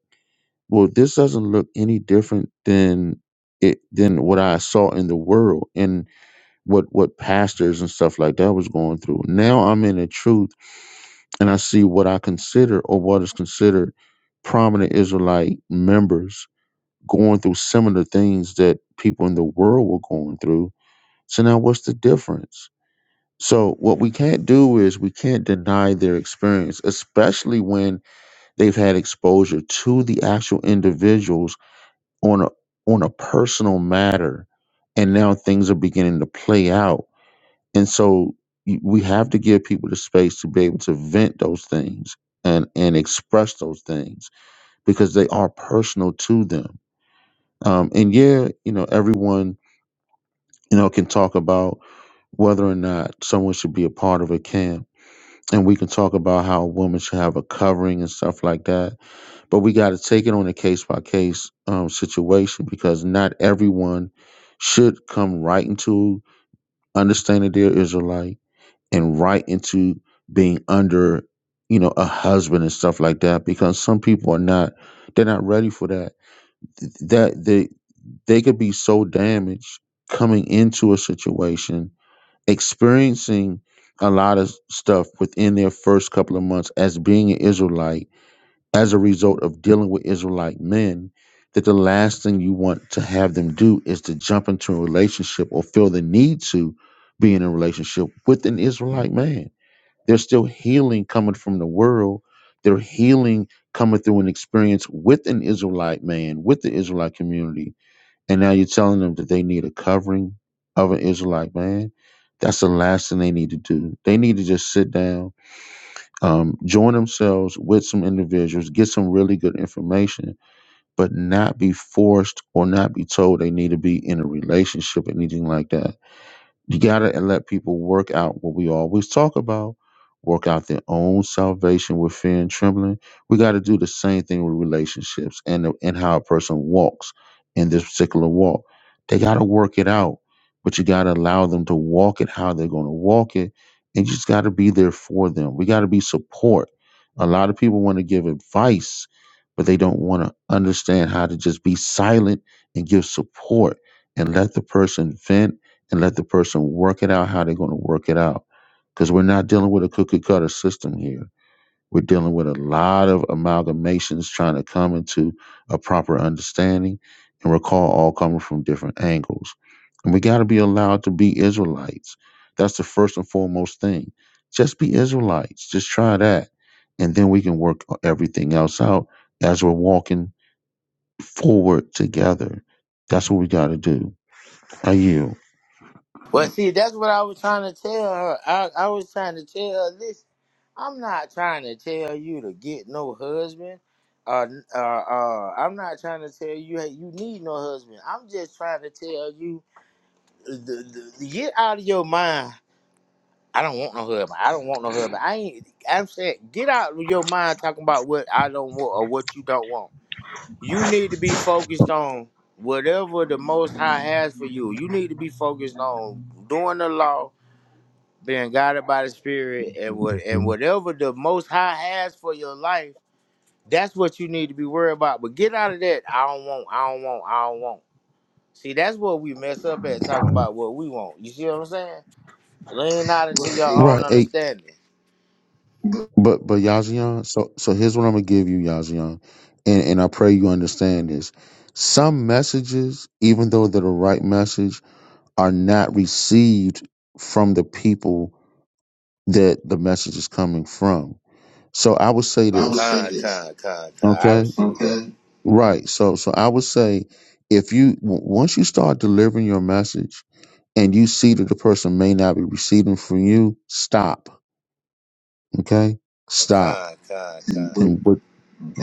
well this doesn't look any different than it than what i saw in the world and what what pastors and stuff like that was going through now i'm in the truth and I see what I consider or what is considered prominent Israelite members going through similar things that people in the world were going through. So now what's the difference? So what we can't do is we can't deny their experience, especially when they've had exposure to the actual individuals on a on a personal matter and now things are beginning to play out and so y- we have to give people the space to be able to vent those things and and express those things because they are personal to them um and yeah you know everyone you know can talk about whether or not someone should be a part of a camp and we can talk about how a woman should have a covering and stuff like that but we got to take it on a case by case um situation because not everyone should come right into understanding they're israelite and right into being under you know a husband and stuff like that because some people are not they're not ready for that Th- that they they could be so damaged coming into a situation experiencing a lot of stuff within their first couple of months as being an israelite as a result of dealing with israelite men that the last thing you want to have them do is to jump into a relationship or feel the need to be in a relationship with an israelite man there's still healing coming from the world. Their healing coming through an experience with an Israelite man, with the Israelite community. And now you're telling them that they need a covering of an Israelite man. That's the last thing they need to do. They need to just sit down, um, join themselves with some individuals, get some really good information, but not be forced or not be told they need to be in a relationship or anything like that you got to let people work out what we always talk about work out their own salvation with fear and trembling. We got to do the same thing with relationships and, the- and how a person walks in this particular walk. They got to work it out, but you got to allow them to walk it how they're going to walk it. And you just got to be there for them. We got to be support. A lot of people want to give advice, but they don't want to understand how to just be silent and give support and let the person vent and let the person work it out how they're going to work it out. Because we're not dealing with a cookie cutter system here. We're dealing with a lot of amalgamations trying to come into a proper understanding and recall all coming from different angles. And we got to be allowed to be Israelites. That's the first and foremost thing. Just be Israelites. Just try that. And then we can work everything else out as we're walking forward together. That's what we got to do. I yield. Well, see, that's what I was trying to tell her. I, I was trying to tell her, listen, I'm not trying to tell you to get no husband. Uh, uh, uh, I'm not trying to tell you hey, you need no husband. I'm just trying to tell you the, the, get out of your mind. I don't want no husband. I don't want no husband. I ain't. I'm saying, get out of your mind talking about what I don't want or what you don't want. You need to be focused on whatever the Most High has for you. You need to be focused on doing the law, being guided by the Spirit, and what and Mhm. whatever the Most High has for your life. That's what you need to be worried about. But get out of that. I don't want. I don't want. I don't want. See, that's what we mess up at talking about what we want. You see what I'm saying? Lean out into Right. your own Right. Hey, understanding. But but Yazian, so so here's what I'm gonna give you, Yazian, and and I pray you understand this. Some messages, even though they're the right message, are not received from the people that the message is coming from. So I would say I would this, Con, this. con, con, con. I okay? receive Okay. Right. So so I would say if you w- once you start delivering your message and you see that the person may not be receiving from you, stop. Okay, stop. Con, con, con. And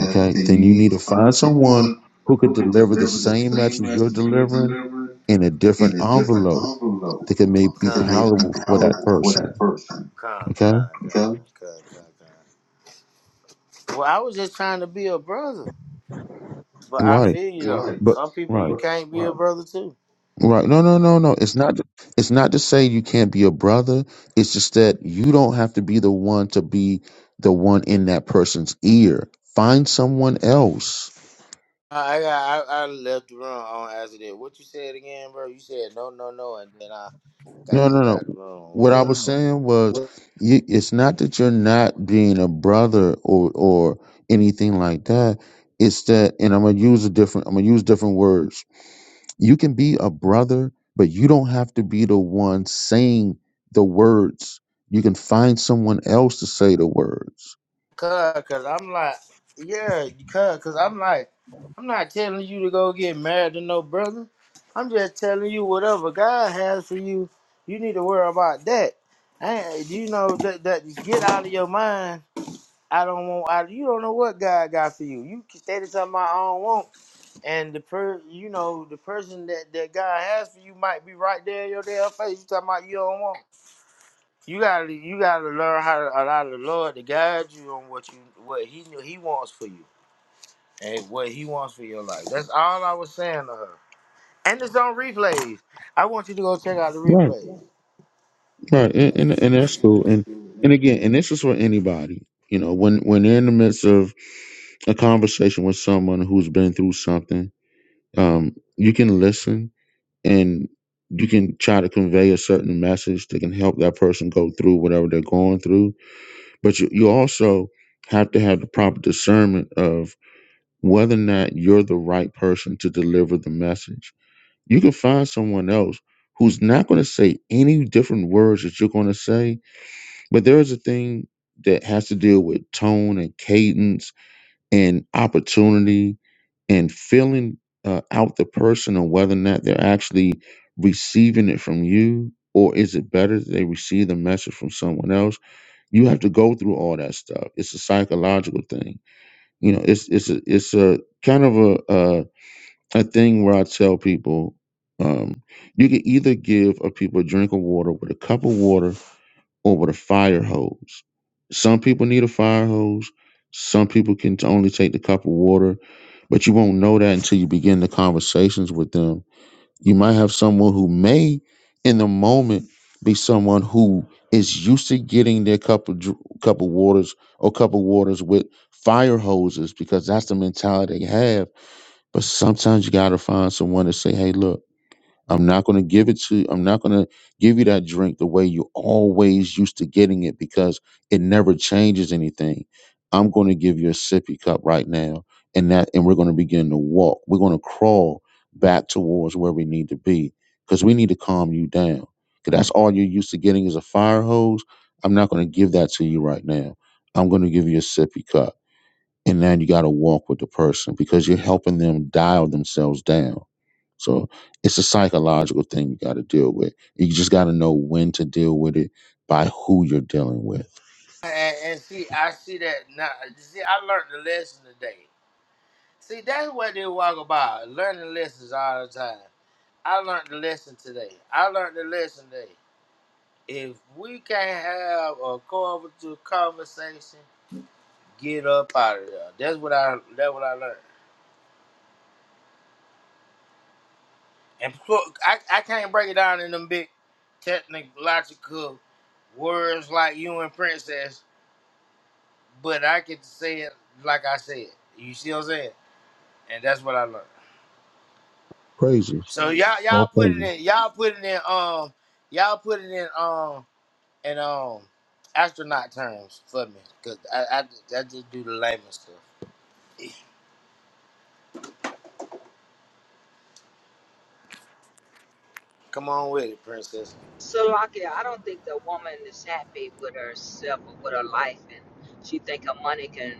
okay. And Then you you need need to to find find someone someone who could who can deliver the deliver the same same message you're message you're delivering delivering in a in different a envelope different level. that can make be Because it may be palatable for that powerful for that person. person. con, Okay. con, con, Okay? con, con, con. Well, I was just trying to be a brother, but I Right. feel you though. Right. But Some people you right. Right. can't be right. a Right. brother too. Right. No, no, no, no. It's not it's not to say you can't be a brother. It's just that you don't have to be the one to be the one in that person's ear. Find someone else I I got- I, I left the room on as it is. What you said again, bro? You said no, no, no, and then I Got No, no, kicked out of no. the room What I was saying was, you, it's not that you're not being a brother or or anything like that. It's that, and I'm gonna use a different. I'm gonna use different words. You can be a brother, but you don't have to be the one saying the words. You can find someone else to say the words. Cause, cause I'm like, yeah, cause, cause I'm like, I'm not telling you to go get married to no brother. I'm just telling you whatever God has for you, you need to worry about that. And you know that that get out of your mind. I don't want. I, you don't know what God got for you. You stated something I don't want, and the per, you know, the person that that God has for you might be right there in your damn face. You talking about you don't want. You gotta you gotta learn how to allow the Lord to guide you on what you what he he wants for you and what he wants for your life. That's all I was saying to her. And it's on replays. I want you to go check out the Right. replays Right, and, and and that's cool. And and again, and this is for anybody. You know, when when they're in the midst of a conversation with someone who's been through something, um, you can listen and you can try to convey a certain message that can help that person go through whatever they're going through. But you, you also have to have the proper discernment of whether or not you're the right person to deliver the message. You can find someone else who's not going to say any different words that you're going to say but there's a thing that has to deal with tone and cadence and opportunity and feeling uh, out the person and whether or not they're actually receiving it from you or is it better that they receive the message from someone else you have to go through all that stuff it's a psychological thing you know it's it's a, it's a kind of a uh, a thing where i tell people um, you can either give a people a drink of water with a cup of water or with a fire hose. Some people need a fire hose. Some people can t- only take the cup of water, but you won't know that until you begin the conversations with them. You might have someone who may, in the moment, be someone who is used to getting their cup of dr- cup of waters or cup of waters with fire hoses because that's the mentality they have. But sometimes you gotta find someone to say, "Hey, look." I'm not going to give it to I'm not going to give you that drink the way you always used to getting it because it never changes anything. I'm going to give you a sippy cup right now and that and we're going to begin to walk. We're going to crawl back towards where we need to be cuz we need to calm you down. Cuz that's all you're used to getting is a fire hose. I'm not going to give that to you right now. I'm going to give you a sippy cup and now you got to walk with the person because you're helping them dial themselves down. So it's a psychological thing you got to deal with. You just got to know when to deal with it by who you're dealing with. and, and see. I see that now. See, I learned the lesson today. See, that's what they walk about learning lessons all the time. I learned the lesson today. I learned the lesson today. If we can't have a cooperative conversation, get up out of there. That's what I. That's what I learned. And so I, I can't break it down in them big technological words like you and princess, but I can say it like I said. You see what I'm saying? And that's what I learned. Praises, So y'all all y'all put it praises. in y'all put it in um y'all put it in um in um astronaut terms for me because I, I I just do the layman stuff. Come on with it, princess. So, Lakia, I don't think the woman is happy with herself or with her life, and she think her money can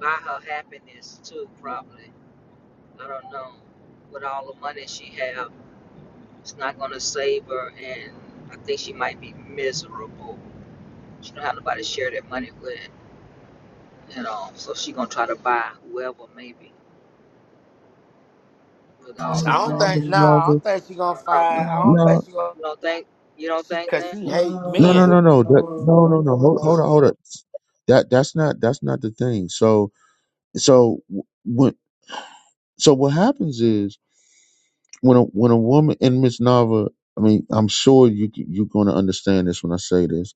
buy her happiness too. Probably, I don't know. With all the money she have, it's not gonna save her, and I think she might be miserable. She don't have nobody to share that money with you know. So she gonna try to buy whoever maybe with I all the don't money. think Thomas nah. I Nava, don't think she gonna I don't know. find. I don't think No, she gonna You don't think? You don't she think because that? she hate no, no, men. no, no. That, no, no, no. Hold, hold on, hold on. That that's not that's not the thing. So so wh- when so what happens is when a when a woman in Miss Nava, I mean, I'm sure you c- you're going to understand this when I say this.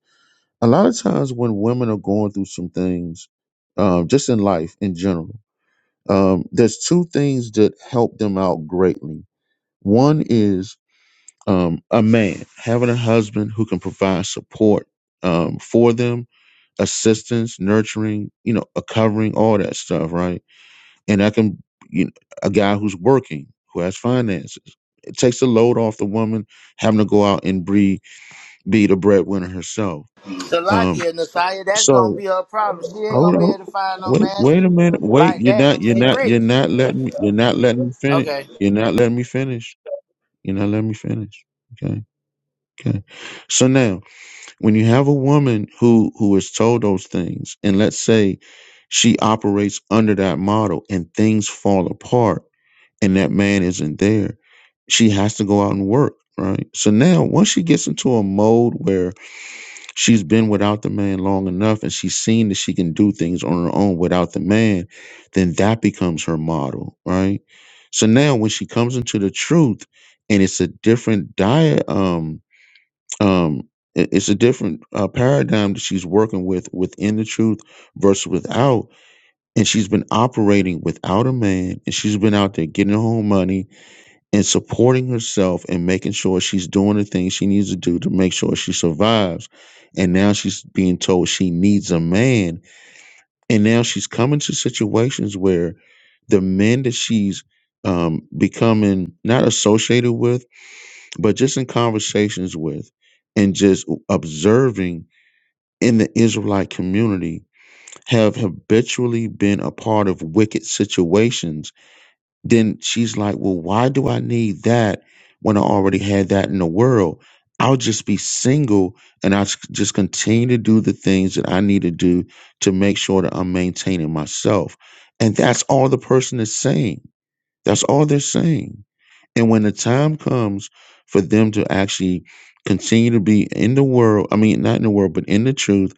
A lot of times when women are going through some things, um, just in life in general, um, there's two things that help them out greatly. One is um, a man having a husband who can provide support um, for them assistance, nurturing, you know, a covering, all that stuff, right? And that can, you know, a guy who's working, who has finances. It takes the load off the woman having to go out and be, be the breadwinner herself. Um, Salakia and Nasiah, that's gonna so be her problem. She ain't hold gonna be on, able to find no wait, man wait she a minute, wait. like You're that. not, you're She not, you're rich. not letting me, you're not letting me finish. Okay. You're not letting me finish. You're not letting me finish. Okay, okay. So now when you have a woman who who is told those things and let's say she operates under that model and things fall apart and that man isn't there she has to go out and work right so now once she gets into a mode where she's been without the man long enough and she's seen that she can do things on her own without the man then that becomes her model right so now when she comes into the truth and it's a different diet um i- it's a different uh, paradigm that she's working with within the truth versus without and she's been operating without a man and she's been out there getting her own money and supporting herself and making sure she's doing the things she needs to do to make sure she survives and now she's being told she needs a man and now she's coming to situations where the men that she's um, becoming not associated with but just in conversations with and just observing in the Israelite community have habitually been a part of wicked situations, then she's like, Well, why do I need that when I already had that in the world? I'll just be single and I'll just continue to do the things that I need to do to make sure that I'm maintaining myself. And that's all the person is saying. That's all they're saying and when the time comes for them to actually continue to be in the world, I mean, not in the world, but in the truth,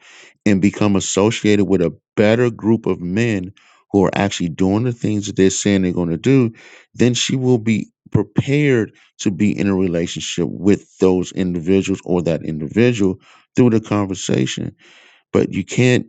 and become associated with a better group of men who are actually doing the things that they're saying they're going to do, then she will be prepared to be in a relationship with those individuals or that individual through the conversation but you can't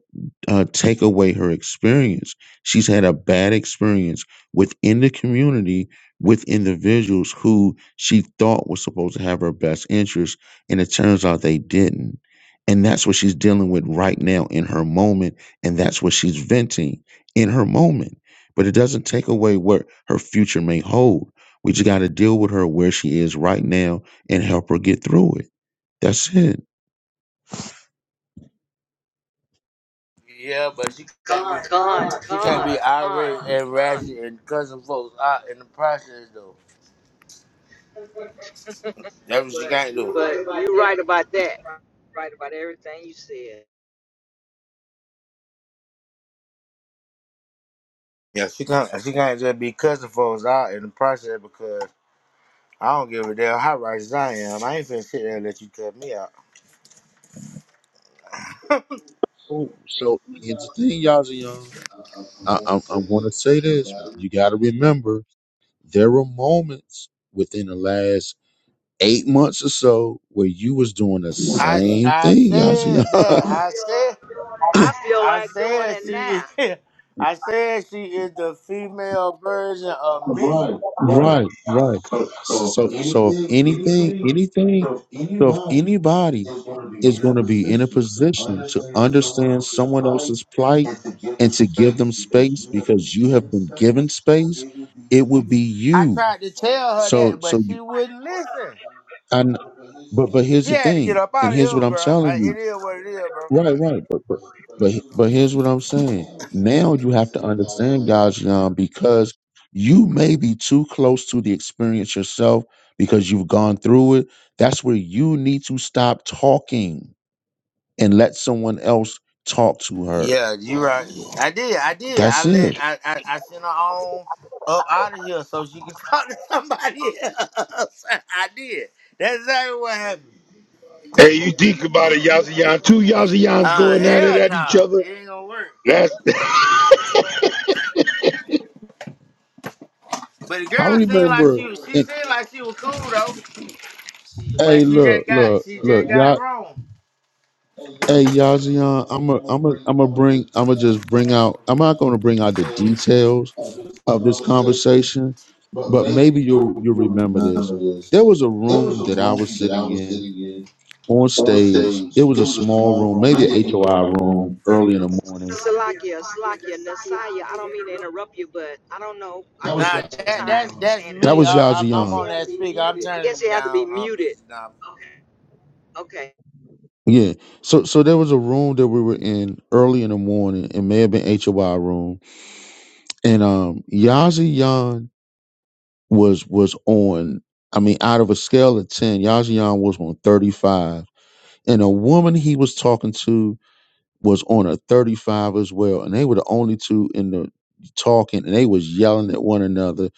uh, take away her experience. She's had a bad experience within the community with individuals who she thought was supposed to have her best interest, and it turns out they didn't. And that's what she's dealing with right now in her moment, and that's what she's venting in her moment. But it doesn't take away what her future may hold. We just got to deal with her where she is right now and help her get through it. That's it. Yeah, but she can't Con, be, she can't con, be con, irate and con. ratchet and cussing folks out in the process though. That's what she can't do. But you right about that. right about everything you said. Yeah, she can't she can't just be cussing folks out in the process because I don't give a damn how righteous I am. I ain't finna sit there and let you cut me out. Oh, so here's the thing, Yazian. I, I, I want to say this. You got to remember there were moments within the last eight months or so where you was doing the I same I thing, Yazian. said that. I I feel I like doing said it she now. I said she is the female version of me. Right, right. right, right. So so So, if so if anything anything, anything, so if so if anybody anybody would be is in a going to position be in a position to understand to someone fight else's plight and to give and them to give space, them space because you have been given space, it would be it would be you. I you. tried to tell her So, that, but so you, she wouldn't listen. But- I, kn- but here's the but but thing. here's She the had to get thing, up and out of here's what here, I'm bro. Out telling you. of here, Right, right. But but but, bro. but here's what I'm saying. Now you have to understand, guys, um, because you may be too close to the experience yourself because you've gone through it. That's where you need to stop talking and let someone else talk to her. Yeah, you right. I did. I did. That's I let. it. I. I, I sent her on up out of here so she could talk to somebody else. I did. That's exactly what happened. Hey, you think about it, Yazayan. Two Yazayans Uh, going at it hell at each no, other. it ain't gonna work. That's But the girl I seemed like she remember. And, seemed like she was cool though, hey, but she look, just got she look, look, just got y'all. wrong. Hey, Yazian, I'm a, I'm a, I'm a bring, I'm a just bring out. I'm not going to bring out the details of this conversation, But but maybe maybe you'll you'll, you'll you'll remember this. remember this There was a room The that I room was that I sitting was in sitting in on on stage. It stage. was a It was a small small room, room, maybe a maybe H O I a room, room early in earlier. the morning. Salakia, Salakia, Nasaya. I don't mean to interrupt you, but I don't know. I That was hear Nah, you definitely two that that's times. um, You're that's saying it That me. over was and I, over. I'm I'm on Yazian. that speaker. I'm I turning guess it you have to be down, um, muted. Mrs. Novel. Okay. Yeah. So so there was a room that we were in early in the morning. It may have been HOI room. And um Yazian was was on I mean, out of a scale of ten, Yazian was on thirty five. And a woman he was talking to was on a 35 as well and they were the only two in the talking and they was yelling at one another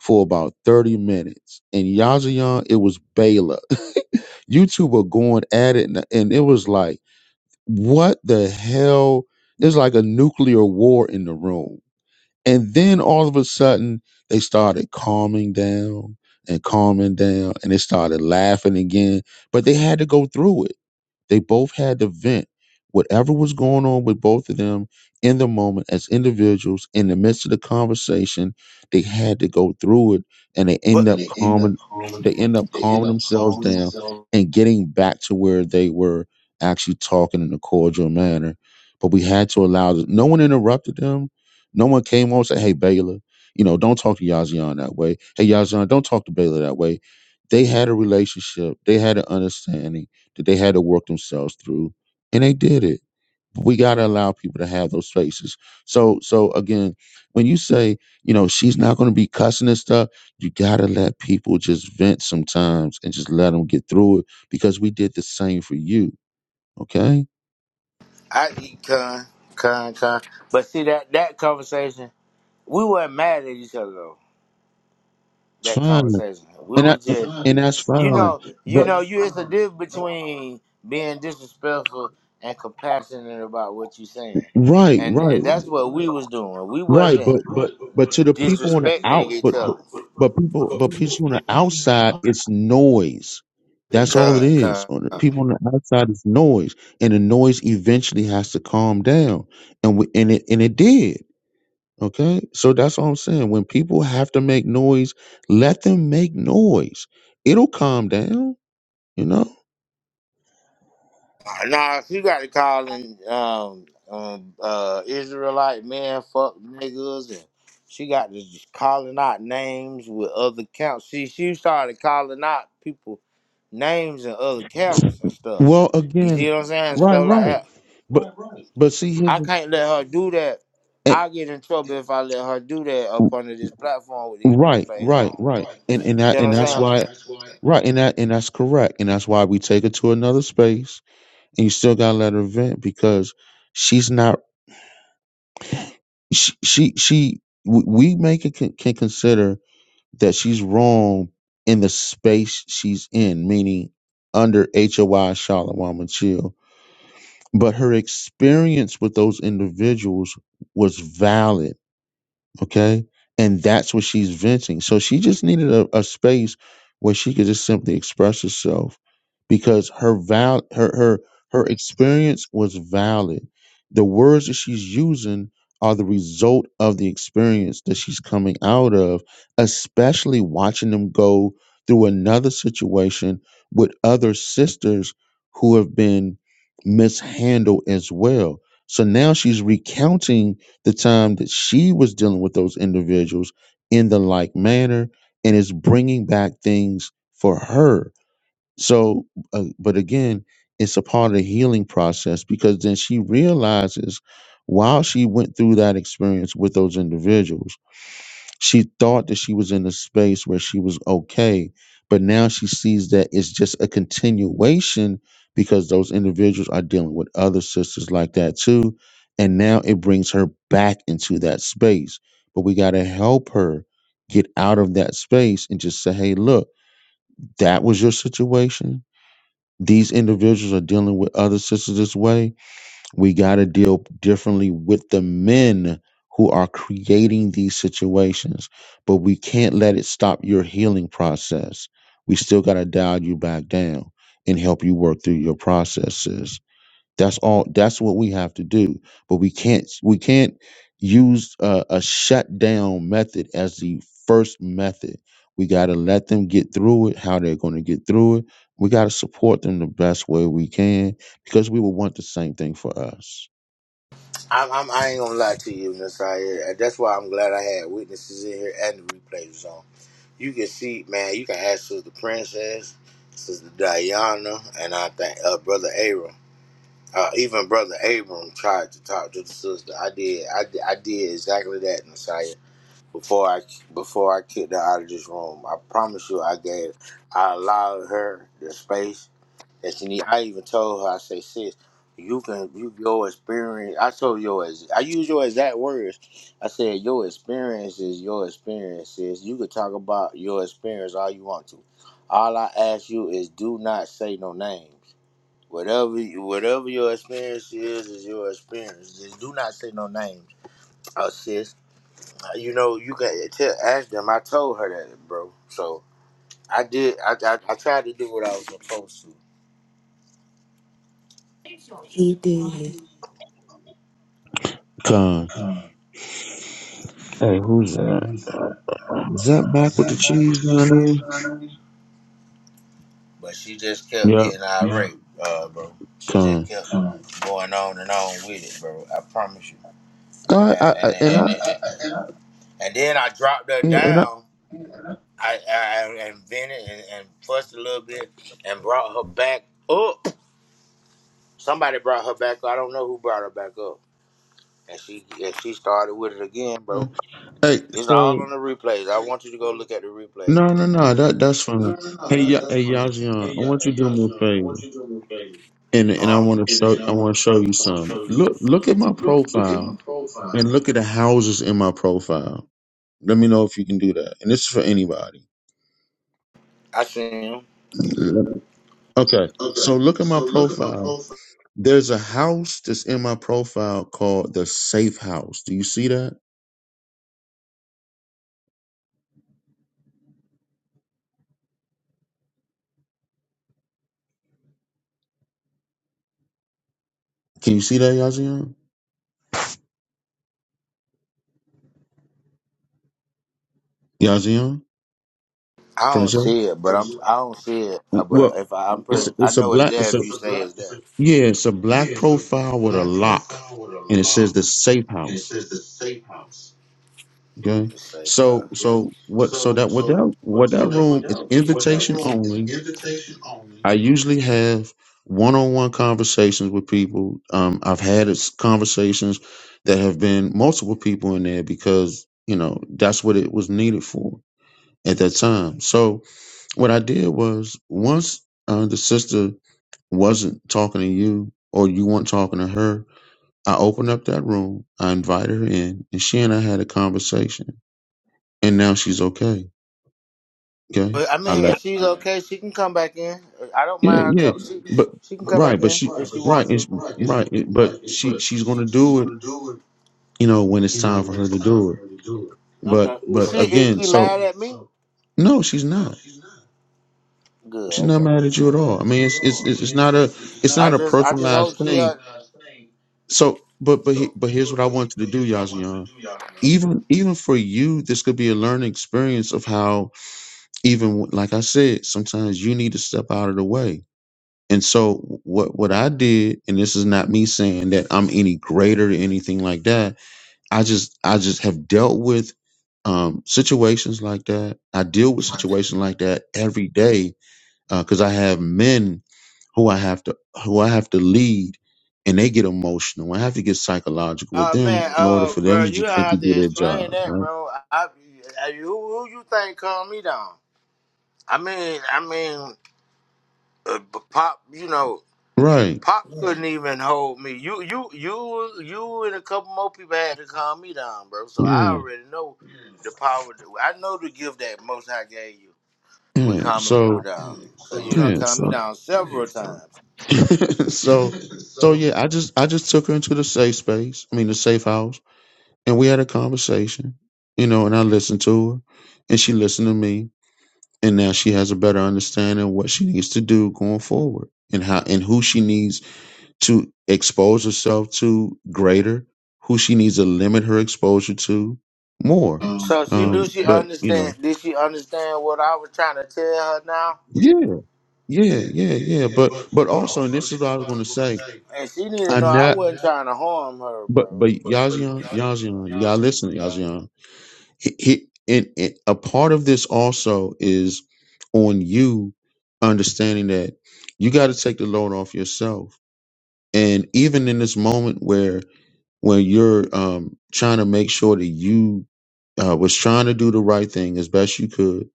for about 30 minutes and yazayan it was Baylor you two were going at it and, and it was like what the hell it's like a nuclear war in the room and then all of a sudden they started calming down and calming down and they started laughing again but they had to go through it they both had to vent whatever was going on with both of them in the moment as individuals in the midst of the conversation. They had to go through it and they But end up calming they end up they end calming up themselves calling down and getting back to where they were actually talking in a cordial manner. But we had to allow the- no one interrupted them. No one came on and said, Hey Baylor, you know, don't talk to Yazian that way. Hey Yazian, don't talk to Baylor that way. They had a relationship. They had an understanding that they had to work themselves through and they did it we got to allow people to have those spaces so so again when you say you know she's not going to be cussing and stuff you got to let people just vent sometimes and just let them get through it because we did the same for you okay I eat con, con, con. But see that that conversation, we weren't mad at each other though. it's That fine conversation, we and were I, just, Right, and that's you right. fine know, you but know, you. It's a difference between being disrespectful, compassionate about what you're saying, right right and Right, that's what right. we was doing. We Right, wasn't but but but to the people on the disrespecting out, each but but, other. but people, but people on the outside, it's noise. That's all it Con, con. is. On the people on the outside, it's noise, and the noise eventually has to calm down, and we, and it and it did. Okay, so that's all I'm saying. When people have to make noise, let them make noise. It'll calm down. You know. Nah, she got to call in um, um, uh, Israelite man, fuck niggas, and she got to just calling out names with other counts. She she started calling out people names and other counts and stuff. Well, You see again, what I'm saying? right, Stuff like right, that. but but see here, I can't let her do that. and, I get in trouble if I let her do that up under this platform with these right, replays. right, right, and and You see that, what and I'm that's saying? why Right, and that and that's correct, and that's why we take her to another space, and you still gotta let her vent because she's not she she, she w- we make it can, can consider that she's wrong in the space she's in, meaning under HOI Shalom and Chill, but her experience with those individuals was valid Okay. And that's what she's venting. So she just needed a, a space where she could just simply express herself because her val her her her experience was valid. The words that she's using are the result of the experience that she's coming out of, especially watching them go through another situation with other sisters who have been mishandled as well. So now she's recounting the time that she was dealing with those individuals in the like manner and is bringing back things for her so uh, but again it's a part of the healing process because then she realizes while she went through that experience with those individuals she thought that she was in a space where she was okay but now she sees that it's just a continuation because those individuals are dealing with other sisters like that too and now it brings her back into that space but we got to help her get out of that space and just say hey look that was your situation these individuals are dealing with other sisters this way we got to deal differently with the men who are creating these situations, but we can't let it stop your healing process. We still got to dial you back down and help you work through your processes that's all. That's what we have to do. But we can't. We can't use a, a shutdown method as the first method. We got to let them get through it. How they're going to get through it. We got to support them the best way we can because we will want the same thing for us. I'm, I'm, I ain't gonna lie to you, Nasir. That's why I'm glad I had witnesses in here and the replays on. You can see, man. You can ask Sister Princess, Sister Diana, and I think uh, Brother Abram. Uh, even Brother Abram tried to talk to the sister. I did. I, did- I did exactly that, Nasir. Before I before I kicked her out of this room, I promise you, I gave. I allowed her the space and she need, I even told her, I say, sis, you can you your experience. I told your ex- I use your exact words. I said your experience is your experience, sis. You could talk about your experience all you want to. All I ask you is do not say no names. Whatever you, whatever your experience is is your experience. Just do not say no names. Oh sis, you know you can tell ask them. I told her that, bro. So I did. I I, I tried to do what I was supposed to. He did. Con. Hey, who's that? Is that back with the cheese mayonnaise? But she just kept Yeah, getting Yeah. irate, yeah. uh, bro. She just Con. kept Uh, going on and on with it, bro. I promise you. I, I, And and I and I and, and, and, and, and then I dropped her yeah, and I. down. I, I invented and, and fussed a little bit and brought her back up. Somebody brought her back up. I don't know who brought her back up. And she and she started with it again, uh, bro. Hey, It's all so on the replays. I want you to go look at the replays, no, no, bro. no. That that's fine. Oh, Hey, that, Ya- that's hey, fine. Yazian, I want you to do me a favor. Okay. and Uh and I huh. want to show And I I want want to show you some. Look to look uh, at my profile profile. and look at the houses in my profile. Let me know if you can do that. And this is for anybody. I seen him. Okay. Okay. So look at my So look, profile. There's a house that's in my profile called the Safe House. Do you see that? Can you see that, Yazian? Yazian? I don't Princess? see it, but I'm I don't see it. uh, But Well, if I, I'm it's pretty, I it's a know it's black there. it's If a you say it's there, yeah, it's a black profile with a lock For the and it says lock, the Safe House. safe house. Okay. it's safe. So house, so what so So that what that what that so that room is invitation only. Huh? I usually have one on one conversations with people. Um I've had it's conversations that have been multiple people in there because, you know, that's what it was needed for at that time. So what I did was once uh, the sister wasn't talking to you or you weren't talking to her, I opened up that room, I invited her in, and she and I had a conversation. And now she's okay Okay, But I I mean, let. if she's okay, she can come back in. I don't Yeah, mind her. yeah, Come, but she can come right, back but in she if she right, wants it's, to. right, it- but she she's gonna do it. You know when it's time for her to do it. Do it. But Okay. Is but she is again, she so mad at me? no, she's not. Good. She's not Okay. mad at you at all. I mean, it's it's it's it's not a it's I not a just I just personalized hope she. thing. Uh, So, but but he- so but here's what I want you to do, Yazian. do y'all know. Even even for you, this could be a learning experience of how even like I said, sometimes you need to step out of the way And so what what I did, and this is not me saying that I'm any greater or anything like that. I just I just have dealt with um, situations like that. I deal with situations like that every day because I have men who I have to who I have to lead, and they get emotional. I have to get psychological with Uh them man, in order uh for bro, them to you gonna just simply have do to their explain job, that, right? bro. I, I- who, who you think calmed me down? I mean, I mean, uh, b- pop, you know, Right. pop couldn't even hold me. You, you, you, you, and a couple more people had to calm me down, bro. So I Yeah. already know the power. I know the gift that Most High gave you with Yeah. calming people So down. So you done yeah. calm me So down several times. so so So yeah, I just I just took her into the safe space, I mean the safe house, and we had a conversation, you know, and I listened to her and she listened to me. And now she has a better understanding of what she needs to do going forward and how and who she needs to expose herself to greater, who she needs to limit her exposure to more. so she do Um, she but you know, understand? Did she understand what I was trying to tell her now? Yeah, yeah, yeah, yeah. yeah, yeah. But but also, and this is what I was gonna say, And she need to know I'm I wasn't trying to harm her, But bro. but Yazian, Yazian, you gotta listen, Yazian. He, he and, and a part of this also is on you understanding that you got to take the load off yourself. And even in this moment where where you're um, trying to make sure that you uh, was trying to do the right thing as best you could,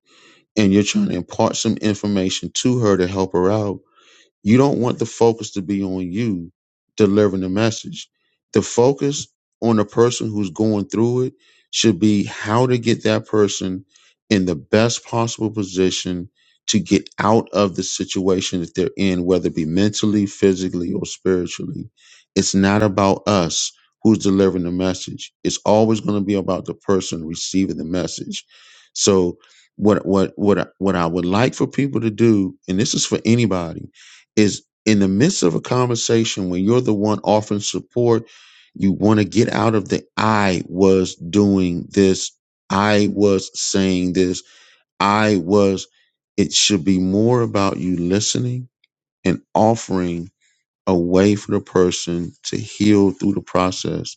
and you're trying to impart some information to her to help her out you don't want the focus to be on you delivering the message. The focus on the person who's going through it should be how to get that person in the best possible position to get out of the situation that they're in, whether it be mentally, physically, or spiritually. It's not about us who's delivering the message. It's always going to be about the person receiving the message. So what what what I- what I would like for people to do, and this is for anybody, is in the midst of a conversation when you're the one offering support, you want to get out of the I was doing this, I was saying this, I was. It should be more about you listening and offering a way for the person to heal through the process.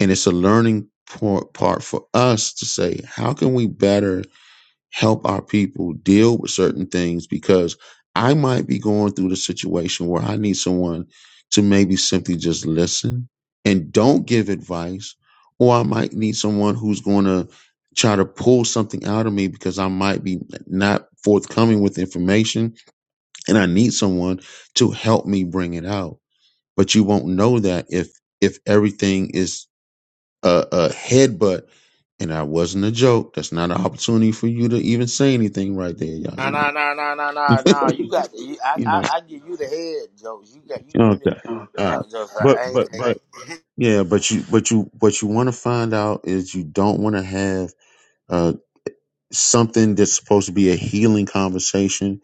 And it's a learning part, part for us to say, how can we better help our people deal with certain things because I might be going through the situation where I need someone to maybe simply just listen and don't give advice, or I might need someone who's going to try to pull something out of me because I might be not forthcoming with information and I need someone to help me bring it out. But you won't know that if if everything is a, a headbutt, and that wasn't a joke. That's not an opportunity for you to even say anything right there, Nah, Yazian. nah, nah, nah, nah, nah, nah. You got, you, I, You I, know, I give you the head jokes. You got, you give me okay, the all right, jokes. jokes. like, but I ain't but take but yeah, but you but you what you want to find out is you don't want to have uh something that's supposed to be a healing conversation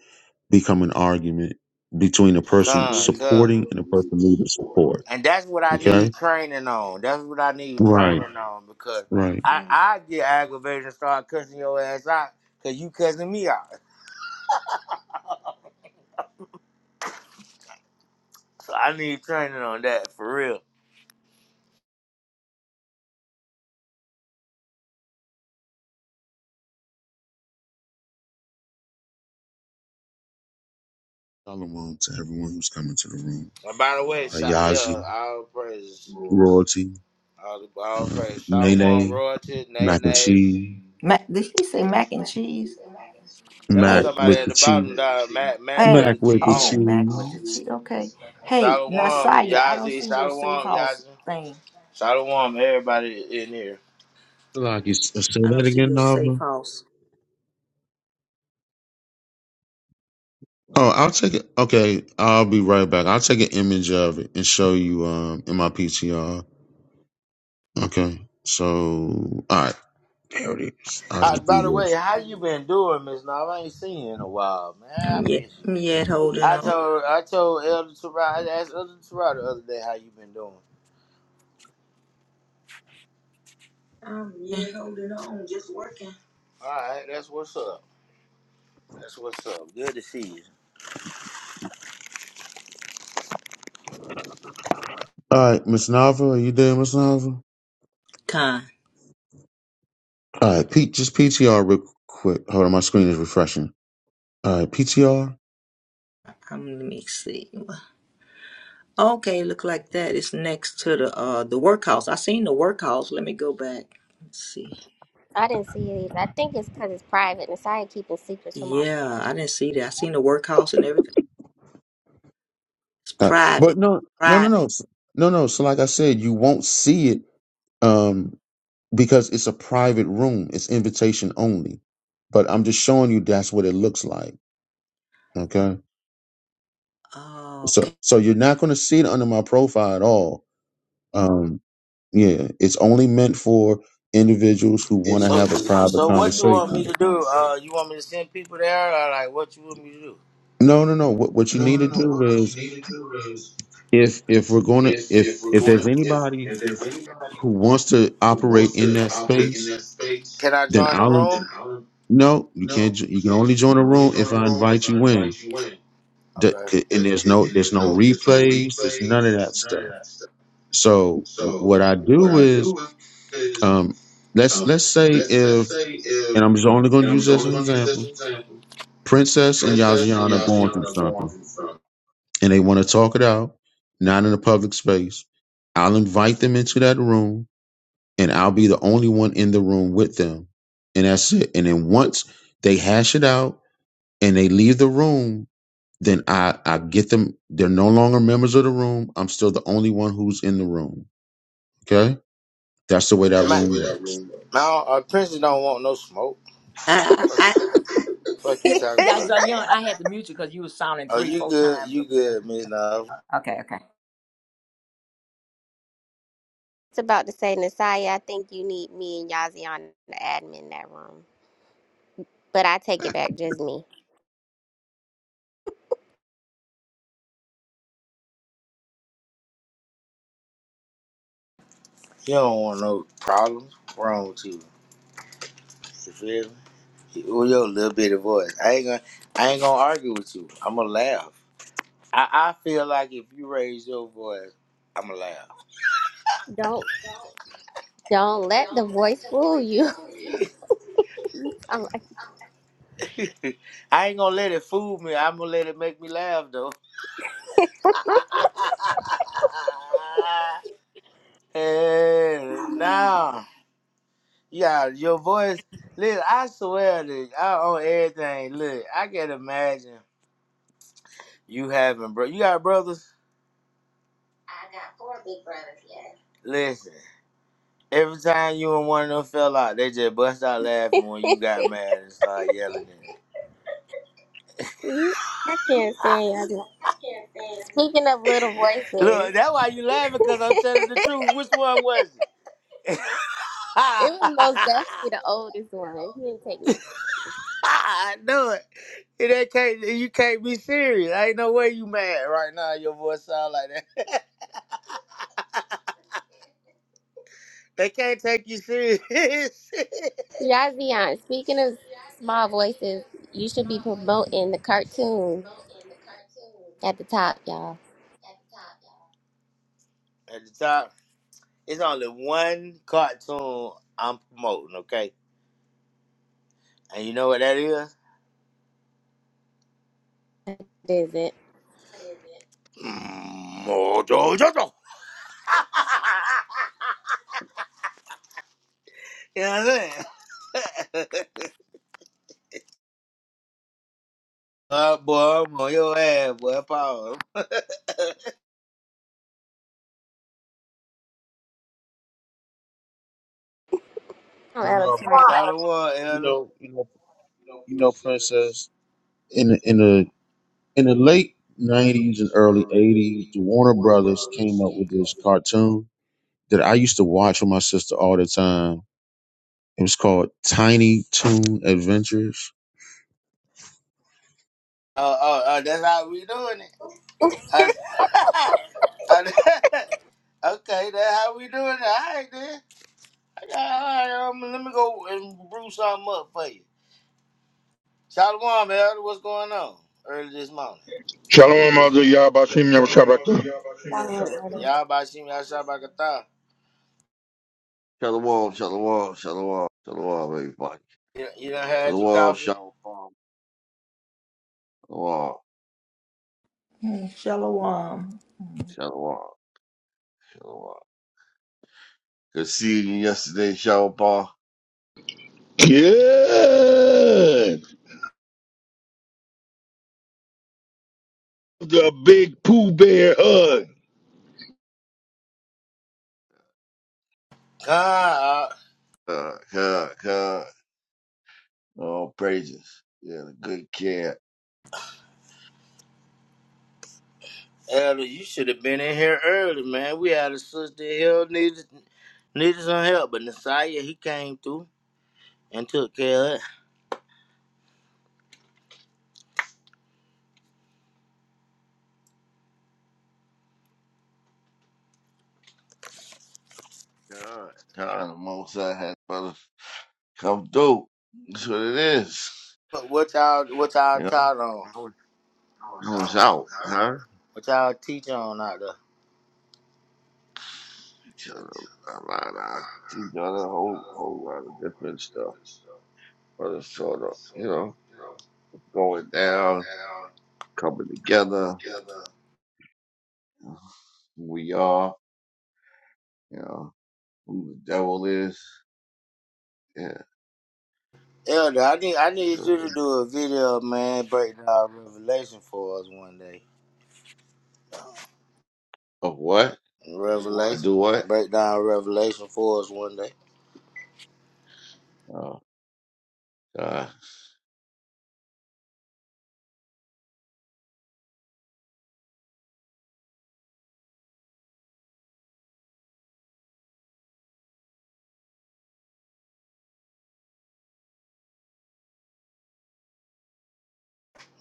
become an argument between a person come, come. supporting and a person needing support. And that's what I need Okay, training on. That's what I need right, training on because right. I, I get aggravated and start cussing your ass out because you cussing me out. So I need training on that for real. Shalom to everyone who's coming to the room. And by the way, Uh, shout, yeah, Yazi, all praise, royalty, all, all uh, praise. Shalom, Nene, royalty, nay, Mac and nay. cheese. Mac, did he say mac and cheese? That was Hey, Mac somebody with at the the cheese. bottom down. Matt, Matt with hey, Mac a with G. the oh, mac with the cheese. cheese. Okay. Hey, Shalom, Nasaya, I don't Yazi, see your safe Shalom, house Yazi. thing. Shalom, everybody in here. Like you s- say I that don't see again, your safe Nava. house. Oh, I'll take it. Okay, I'll be right back. I'll take an image of it and show you um in my PTR. Okay, so all right, there it is. I'll Uh, just do by the way, this. how you been doing, Miss Nava? I ain't seen you in a while, man. I'm I yet, miss I'm yet you. holding I on. told I told Elder Terrell, I asked Elder Terrell the other day how you been doing. All right, that's what's up. That's what's up. Good to see you. All right, Miss Nava, are you there, Miss Nava? Con. All right, Pete, just PTR real quick. Hold on, my screen is refreshing. All right, PTR. I'm, let me see. Okay, look like that. It's next to the uh the workhouse. I seen the workhouse. Let me go back. Let's see. I didn't see it either. I think it's because it's private. Nasiah keeping secrets from all of Yeah, I didn't see that. I seen the workhouse and everything. It's Uh, but private. no, no, no, no, Private. S- no, no. So like I said, you won't see it. Um, because it's a private room. It's invitation only. But I'm just showing you that's what it looks like. Okay. So Okay. so you're not going to see it under my profile at all. Um, yeah, it's only meant for individuals who want to So, have a private so what you want me to conversation. do? Uh, you want me to send people there, or like what you want me to do? No, no, no. What what you need to do is If if if we're going to if if we're if going, there's anybody if anybody who wants to operate wants in to. that in space, that space. Can I then join the I'll room? no, you can't. jo- You can only join a room if I invite you in. D- Okay. c- and there's no there's no replays there's none of that stuff so w- what i do is Is um let's um, let's say if if and i'm just only going to use this as an example for example, princess and Princess and yazian are Yaji going through something from and they want to talk it out not in a public space i'll invite them into that room and i'll be the only one in the room with them and that's it and then once they hash it out and they leave the room then I, I get them. They're no longer members of the room. I'm still the only one who's in the room. Okay. That's the way that Man, room works. no, uh, Princess don't want no smoke. I I, Fuck, fuck you us. talking Yeah, about. Zion, I had to mute you because you was sounding Oh, three, you four good? times You up there. good, Miss Love? Okay, okay. It's about to say, Nasiah, I think you need me and Yazi on the admin in that room. But I take it back, just me. You don't want no problems. Wrong with you? You feel me? with your little bit of voice. I ain't gonna, I ain't gonna argue with you. I'm gonna laugh. I, I feel like if you raise your voice, I'm gonna laugh. Don't don't let the voice fool you. I'm like, I ain't gonna let it fool me. I'm gonna let it make me laugh though. and now, yeah, your voice. Listen, I swear that I own everything. Look, I can imagine you having bro. You got brothers. Listen, every time you and one of them fell out, they just bust out laughing when you got mad and started yelling. "Mm, I can't stand Yazi. Speaking of little Look, voices, that's why you laughing it because I'm telling the truth. Which one was it? was most definitely the oldest one. He didn't take me. I knew it. It ain't can't you can't be serious. ain't no way you mad right now. Your voice sound like that. they can't take you serious. Yazian, speaking of small voices, you should be promoting the cartoon at the top, y'all. At the top, it's only one cartoon I'm promoting. Okay, and you know what that is? What is it? isn't. Mm, Mojo Jojo. you know what I'm saying? uh, boy, I'm on your ass, boy. Power. I'm You out of know, time. Shout out to one, you Elder. know, you know, you know, princess in the, in the the, in the late nineties and early eighties, the Warner brothers came up with this cartoon that I used to watch with my sister all the time. It was called Tiny Toon Adventures. Oh, oh, oh, that's how we doing it. Uh, uh, okay, that's how we doing it. All right, then. I got, all right, um, let me go and brew something up for you. Shalom, Elder. What's going on early this morning? Shalom Aldo Yabashim Yabashabaka. Sign later. Y'all about to see me outside by Qatar. the the the the wall, wall, wall, wall, shut the wall, baby, Shalom, shalom, the wall, everybody. You, you done the had your wall, coffee? shalom, the wall. I Shalom. shut the wall. Good seeing you yesterday, shalom. Good. The big Pooh Bear hug. God, Uh, God, God, all praises. Yeah, the good care. Elder, you should have been in here early, man. We had a sister here needed, needed some help, but Nasiah, he came through and took care of it. God, God, the most I had, brother. Come through. That's what it is. What what y'all, what y'all You know, taught on? I was, I was out, huh? What y'all teach on out there? So, I, I, I, you know, a whole, whole lot of different stuff. But it's sort of, you know, going Going down. coming down, together. Camilla. you know, who We are, you know, who the devil is. Yeah. Elder, I need I need you So, to do a video, man, break down Revelation for us one day. of what? To Revelation, do what? break down Revelation for us one day. Oh, God.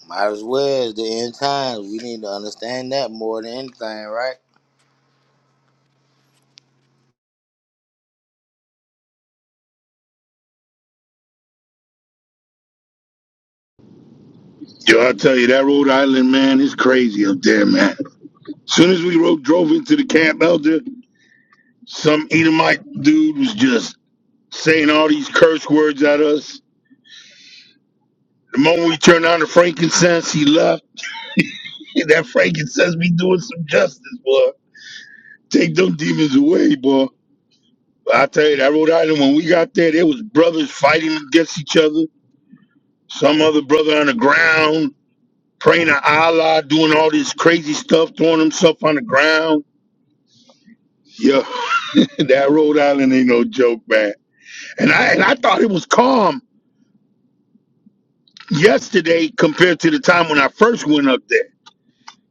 Might as well. It's the end times. We need to understand that more than anything, right? Yo, I tell you, that Rhode Island man is crazy up there, man. Soon as we rode, drove into the camp elder, some Edomite dude was just saying all these curse words at us. The moment we turned on the frankincense, he left. That frankincense be doing some justice, boy. Take them demons away, boy. I tell you, that Rhode Island, when we got there, there was brothers fighting against each other. Some other brother on the ground praying to Allah, doing all this crazy stuff, throwing himself on the ground. Yeah, that Rhode Island ain't no joke, man. And I and I thought it was calm yesterday compared to the time when I first went up there.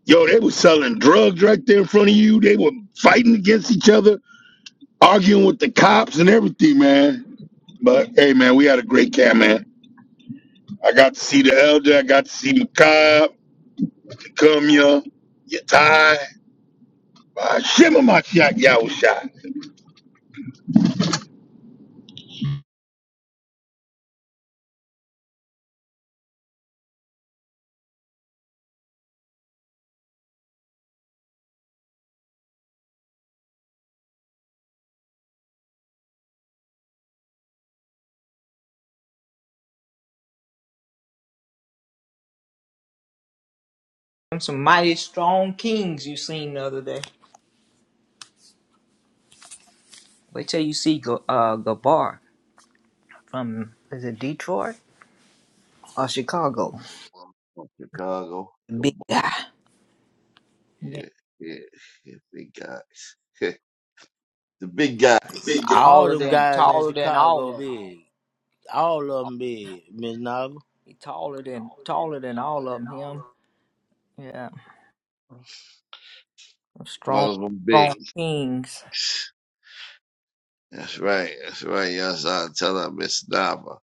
Yo, they was selling drugs right there in front of you. They were fighting against each other, arguing with the cops and everything, man. But hey, man, we had a great camp, man. I got to see the elder. I got to see Makai, Picumia, Yatai. Uh, Shimmer my shot, y'all was shot. Them some mighty strong kings you seen the other day. Wait till you see G- uh, Gabar from is it Detroit or Chicago? From Chicago. The, Big b- guy. yeah, yeah, yeah, big guys. the big guys. Big deal. All taller them than guys in taller than all Chicago of big. All of them. them big, Miss Novel. He taller than taller than all of 'em, Him, yeah, strong, All of them strong big. kings. That's right. That's right. Yes, I tell her Miss Nava.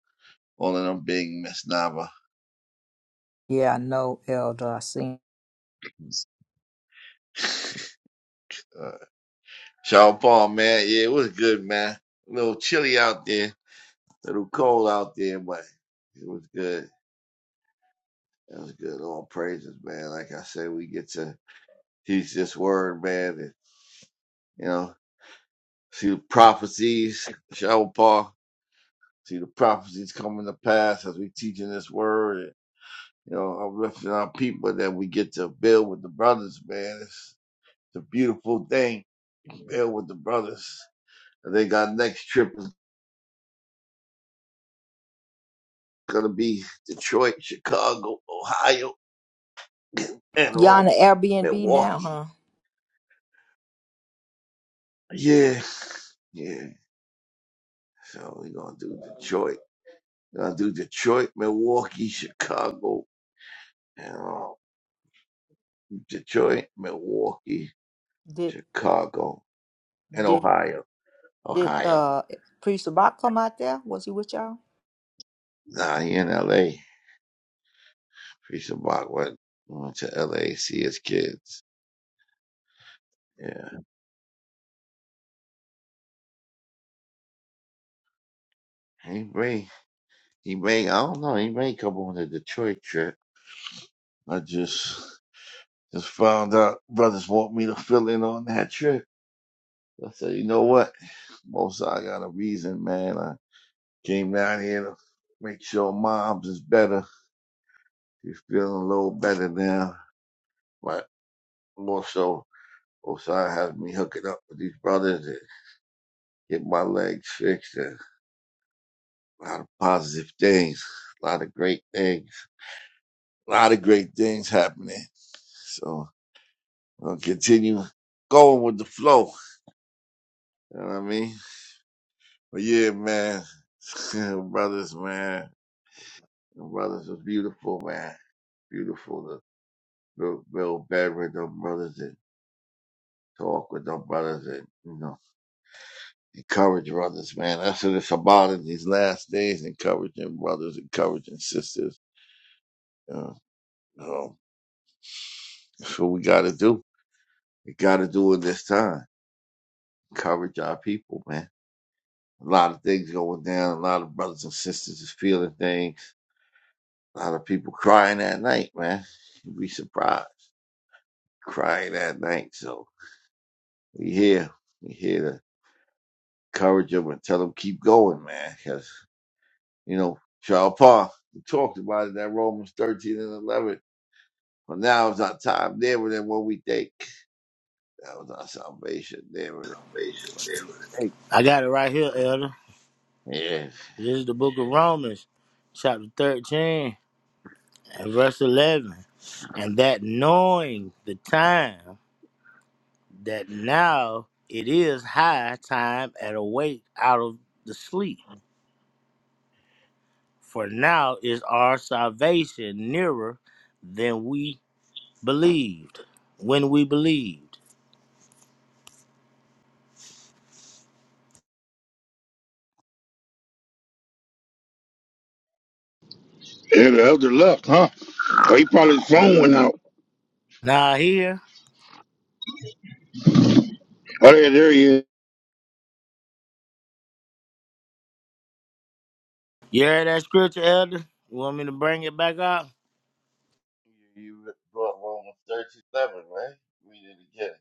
All of them big Miss Nava. Yeah, I know, Elder. I seen Uh, Sean Paul, man. Yeah, it was good, man. A little chilly out there. little cold out there, but it was good. It was good. All praises, man. Like I said, we get to teach this word, man. And, you know, see the prophecies, shower See the prophecies coming to pass as we teaching this word. And, you know, uplifting our people that we get to build with the brothers, man. It's, it's a beautiful thing. Build with the brothers. I think our next trip is gonna be Detroit, Chicago, Ohio, and you on um, the Airbnb now, Milwaukee. huh? Yeah, yeah. So we're gonna do Detroit. We're gonna do Detroit, Milwaukee, Chicago, and uh, Detroit, Milwaukee, Did Chicago, and did Ohio. did Ohio. uh Priest Sabak come out there? Was he with y'all? Nah, he in L.A. Priest of Bach went went to L.A. see his kids. Yeah, he may he may I don't know he may come on the Detroit trip. I just just found out brothers want me to fill in on that trip. I said, you know what? Most I got a reason, man. I Came down here to make sure mom's is better. She's feeling a little better now, but more so, Osai has me hooking up with these brothers and get my legs fixed. And a lot of positive things, a lot of great things, a lot of great things happening. So I'll continue going with the flow. You know what I mean? But yeah, man, brothers, man, the brothers was beautiful, man, beautiful. The, the Bill Bedford, the brothers. that talk with our brothers and you know encourage brothers, man. That's what it's about in these last days: encouraging brothers, encouraging sisters. Uh, um, that's what we got to do. We got to do it this time. Encourage our people, man. A lot of things going down. A lot of brothers and sisters is feeling things. A lot of people crying at night, man. You'd be surprised crying at night. So we here. We here to encourage them and tell them keep going, man. Because You know, Charles Paul talked about it that Romans 13 and 11. For now is our time nearer than what we think. That was our salvation nearer than what we think. I got it right here, Elder. Yeah. This is the Book of Romans, chapter thirteen. and verse 11 and that knowing the time that now it is high time and awake out of the sleep for now is our salvation nearer than we believed when we believed Yeah, the elder left, huh? Oh, he probably his phone went out. now here Oh, yeah, there he is. you heard that scripture elder you want me to bring it back up You, you brought Romans 13 11, right? Read it again.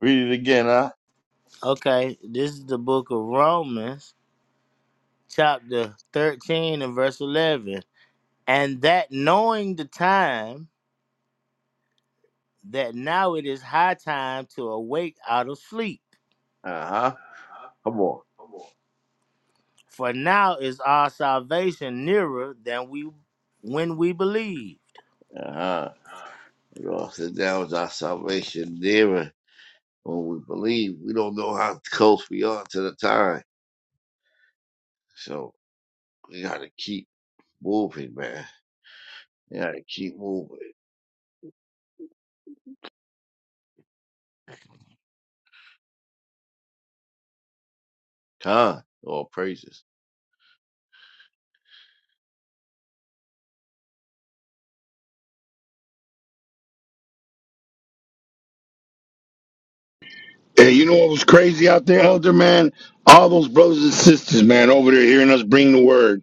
Read it again, huh? okay this is the book of romans chapter 13 and verse 11 and that knowing the time that now it is high time to awake out of sleep. Uh huh. Come on. For now is our salvation nearer than we when we believe. Uh huh. We all said that was our salvation nearer when we believe. We don't know how close we are to the time. So we got to keep moving, man. You gotta keep moving. Con, all praises. And you know what was crazy out there, elder man? All those brothers and sisters, man, over there hearing us bring the word.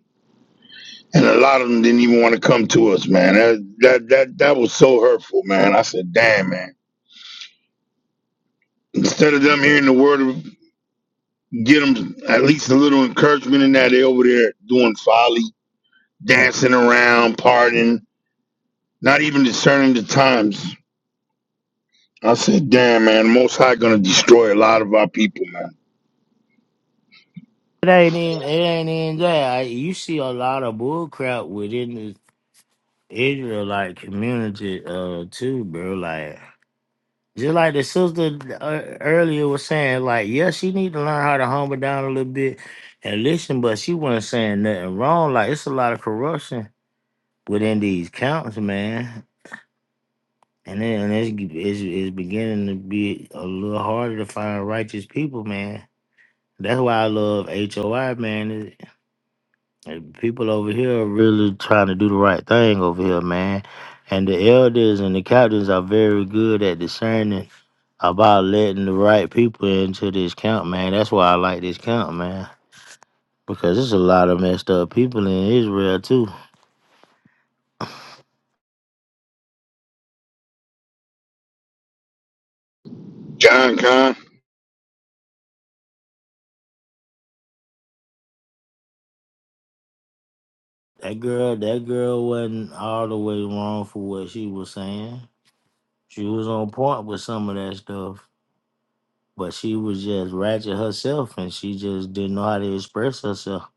And a lot of them didn't even want to come to us, man. That that that, that was so hurtful, man. I said, damn, man. Instead of them hearing the word, get them at least a little encouragement in that they over there doing folly dancing around, partying, not even discerning the times. I said, damn, man, the Most High gonna destroy a lot of our people, man. It ain't even it ain't even that. You see a lot of bull crap within the Israelite community uh too, bro. Like just like the sister uh, earlier was saying, like, yeah, she need to learn how to humble down a little bit and listen, but she wasn't saying nothing wrong. Like it's a lot of corruption within these counts, man. And then and it's, it's it's beginning to be a little harder to find righteous people, man. That's why I love HOI, man. It- it- People over here are really trying to do the right thing over here, man. And the elders and the captains are very good at discerning about letting the right people into this camp, man. That's why I like this camp, man. Because there's a lot of messed up people in Israel too. John, Con, That girl, that girl wasn't all the way wrong for what she was saying. She was on point with some of that stuff, but she was just ratchet herself, and she just didn't know how to express herself.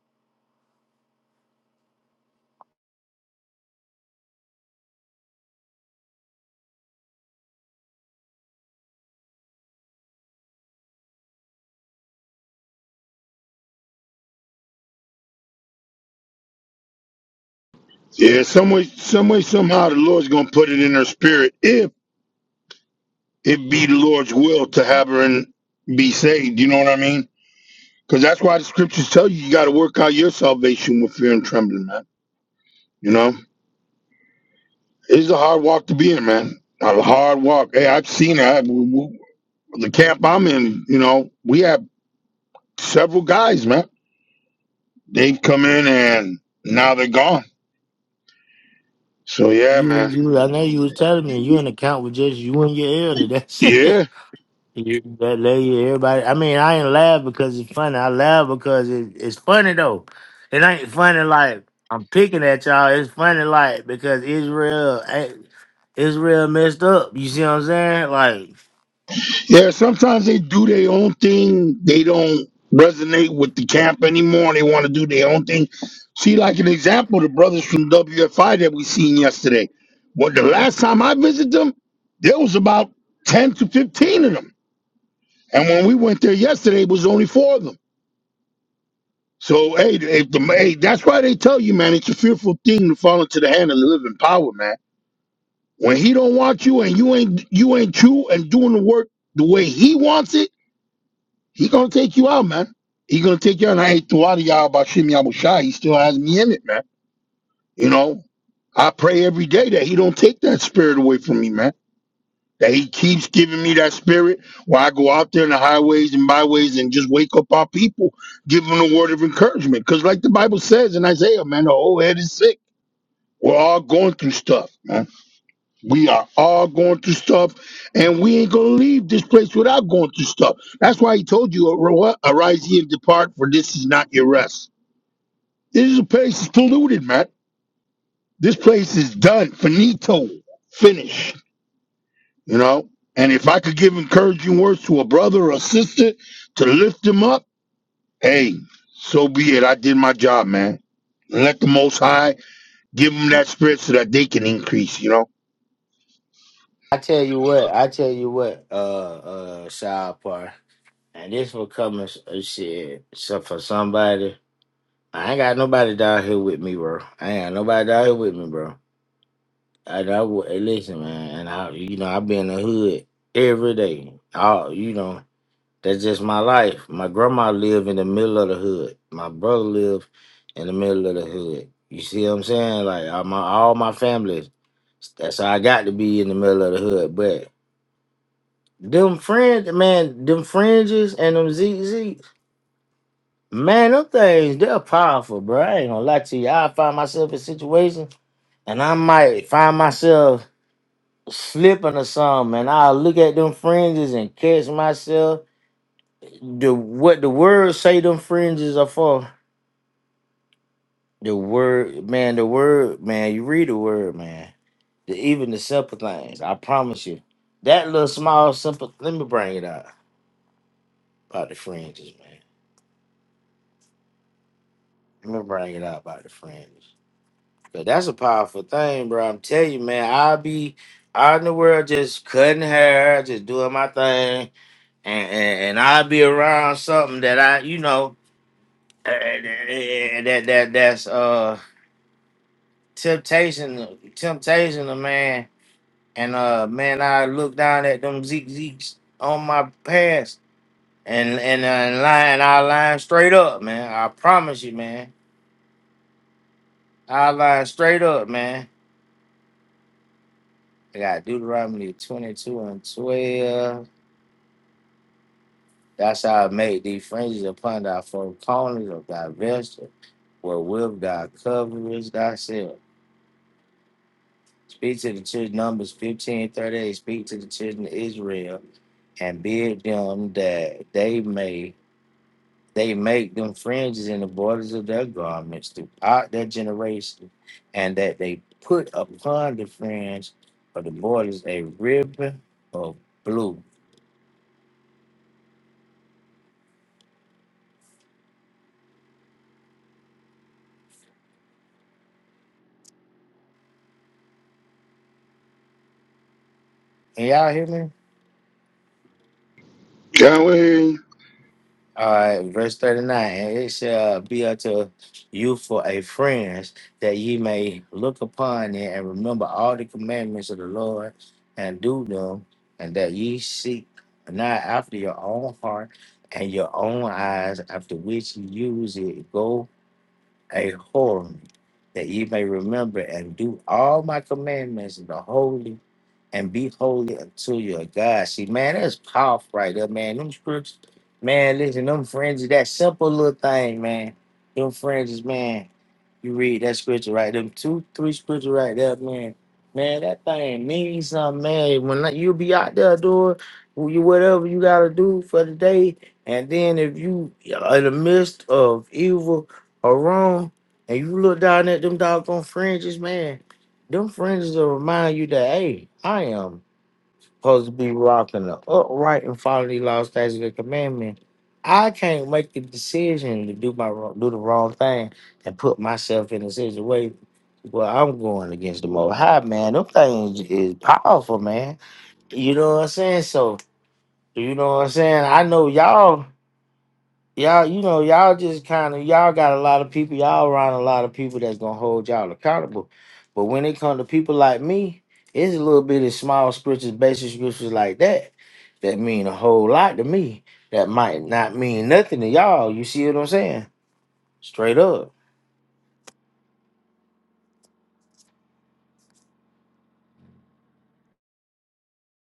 yeah, some way, some way, somehow, the Lord's gonna put it in her spirit if it be the Lord's will to have her and be saved. You know what I mean? Because that's why the scriptures tell you you got to work out your salvation with fear and trembling, man. You know, it's a hard walk to be in, man. A hard walk. Hey, I've seen it. I, w- w- the camp I'm in, you know, we have several guys, man They come in and now they're gone. So yeah, You, man. you, I know you was telling me you in the count with just you and your elder. That's it. Yeah. You, that lady, everybody. I mean, I ain't laugh because it's funny. I laugh because it, it's funny though. It ain't funny like I'm picking at y'all. It's funny like because Israel, ain't- Israel messed up. You see what I'm saying? Like Yeah, sometimes they do their own thing. They don't resonate with the camp anymore. They want to do their own thing. See, like an example, the brothers from WFI that we seen yesterday. Well, the last time I visited them, there was about 10 to 15 of them. And when we went there yesterday, it was only four of them. So hey, if the hey, that's why they tell you, man, it's a fearful thing to fall into the hand of the living power, man. When he don't want you and you ain't you ain't true and doing the work the way he wants it, he gonna take you out, man. He gonna take you out. And I ain't to out of y'all about Shimmy Abu Shai. He still has me in it, man. You know, I pray every day that he don't take that spirit away from me, man. That he keeps giving me that spirit where I go out there in the highways and byways and just wake up our people, give them a word of encouragement. Because like the Bible says in Isaiah, man, the whole head is sick. We're all going through stuff, man. We are all going through stuff, and we ain't gonna leave this place without going through stuff. That's why he told you, "Ar- "Arise ye and depart, for this is not your rest." This place is polluted, man. This place is done, finito, finished. You know. And if I could give encouraging words to a brother or a sister to lift them up, hey, so be it. I did my job, man. Let the Most High give them that spirit so that they can increase. You know. I tell you what, I tell you what, uh, uh, Shahpar. And this will come as a shit. So for somebody, I ain't got nobody down here with me, bro. I ain't got nobody down here with me, bro. And I would listen, man. And I, you know, I be in the hood every day. All you know, that's just my life. My grandma lived in the middle of the hood. My brother lived in the middle of the hood. You see what I'm saying? Like all my all my families. That's how I got to be in the middle of the hood. But them friends, man, them fringes and them ZZs. Man, them things, they're powerful, bro. I ain't gonna lie to you. I find myself in situations and I might find myself slipping or something, and I'll look at them fringes and catch myself. The what the words say them fringes are for. The word, man, the word, man, you read the word, man. The, even the simple things, I promise you. That little small simple let me bring it out about the fringes, man. Let me bring it out about the fringes. But that's a powerful thing, bro. I'm telling you, man. I'll be out in the world just cutting hair, just doing my thing, and and, and I'll be around something that I, you know, eh, eh, eh, that that that's uh temptation, temptation of man. And uh, man, I look down at them Zeke Zeeks on my past, and and uh, and line, I line straight up, man. I promise you, man. I line straight up, man. I got Deuteronomy 22 and 12. That's how I made thee fringes upon thy four corners of thy vesture, wherewith thou coverest thyself. Speak to the children, Numbers 15 thirty eight. Speak to the children of Israel and bid them that they may they make them fringes in the borders of their garments throughout their generation, and that they put upon the fringe of the borders a ribbon of blue. Can y'all hear me? Can't we? All right, verse 39 and it shall be unto you for a friend that ye may look upon it and remember all the commandments of the Lord and do them, and that ye seek not after your own heart and your own eyes, after which you use it, go a horn, that ye may remember and do all my commandments and the holy and be holy unto your God. See, man, that's powerful right there, man. Them scriptures, man, listen, them fringes, that simple little thing, man. Them fringes, man. You read that scripture right, them two, three scriptures right there, man. Man, that thing means something, man. When I- you be out there doing you- whatever you gotta do for the day, and then if you are in the midst of evil, or wrong, and you look down at them doggone fringes, man, them fringes will remind you that, hey, I am supposed to be rocking the upright and following the law, statutes, and commandment. I can't make the decision to do my wrong, do the wrong thing and put myself in a situation where I'm going against the most high, man. Them things is powerful, man. You know what I'm saying? So, you know what I'm saying? I know y'all y'all, you know, y'all just kind of y'all got a lot of people, y'all around a lot of people that's gonna hold y'all accountable. But when it come to people like me, it's a little bit of small scriptures, basic scriptures like that that mean a whole lot to me. That might not mean nothing to y'all. You see what I'm saying? Straight up.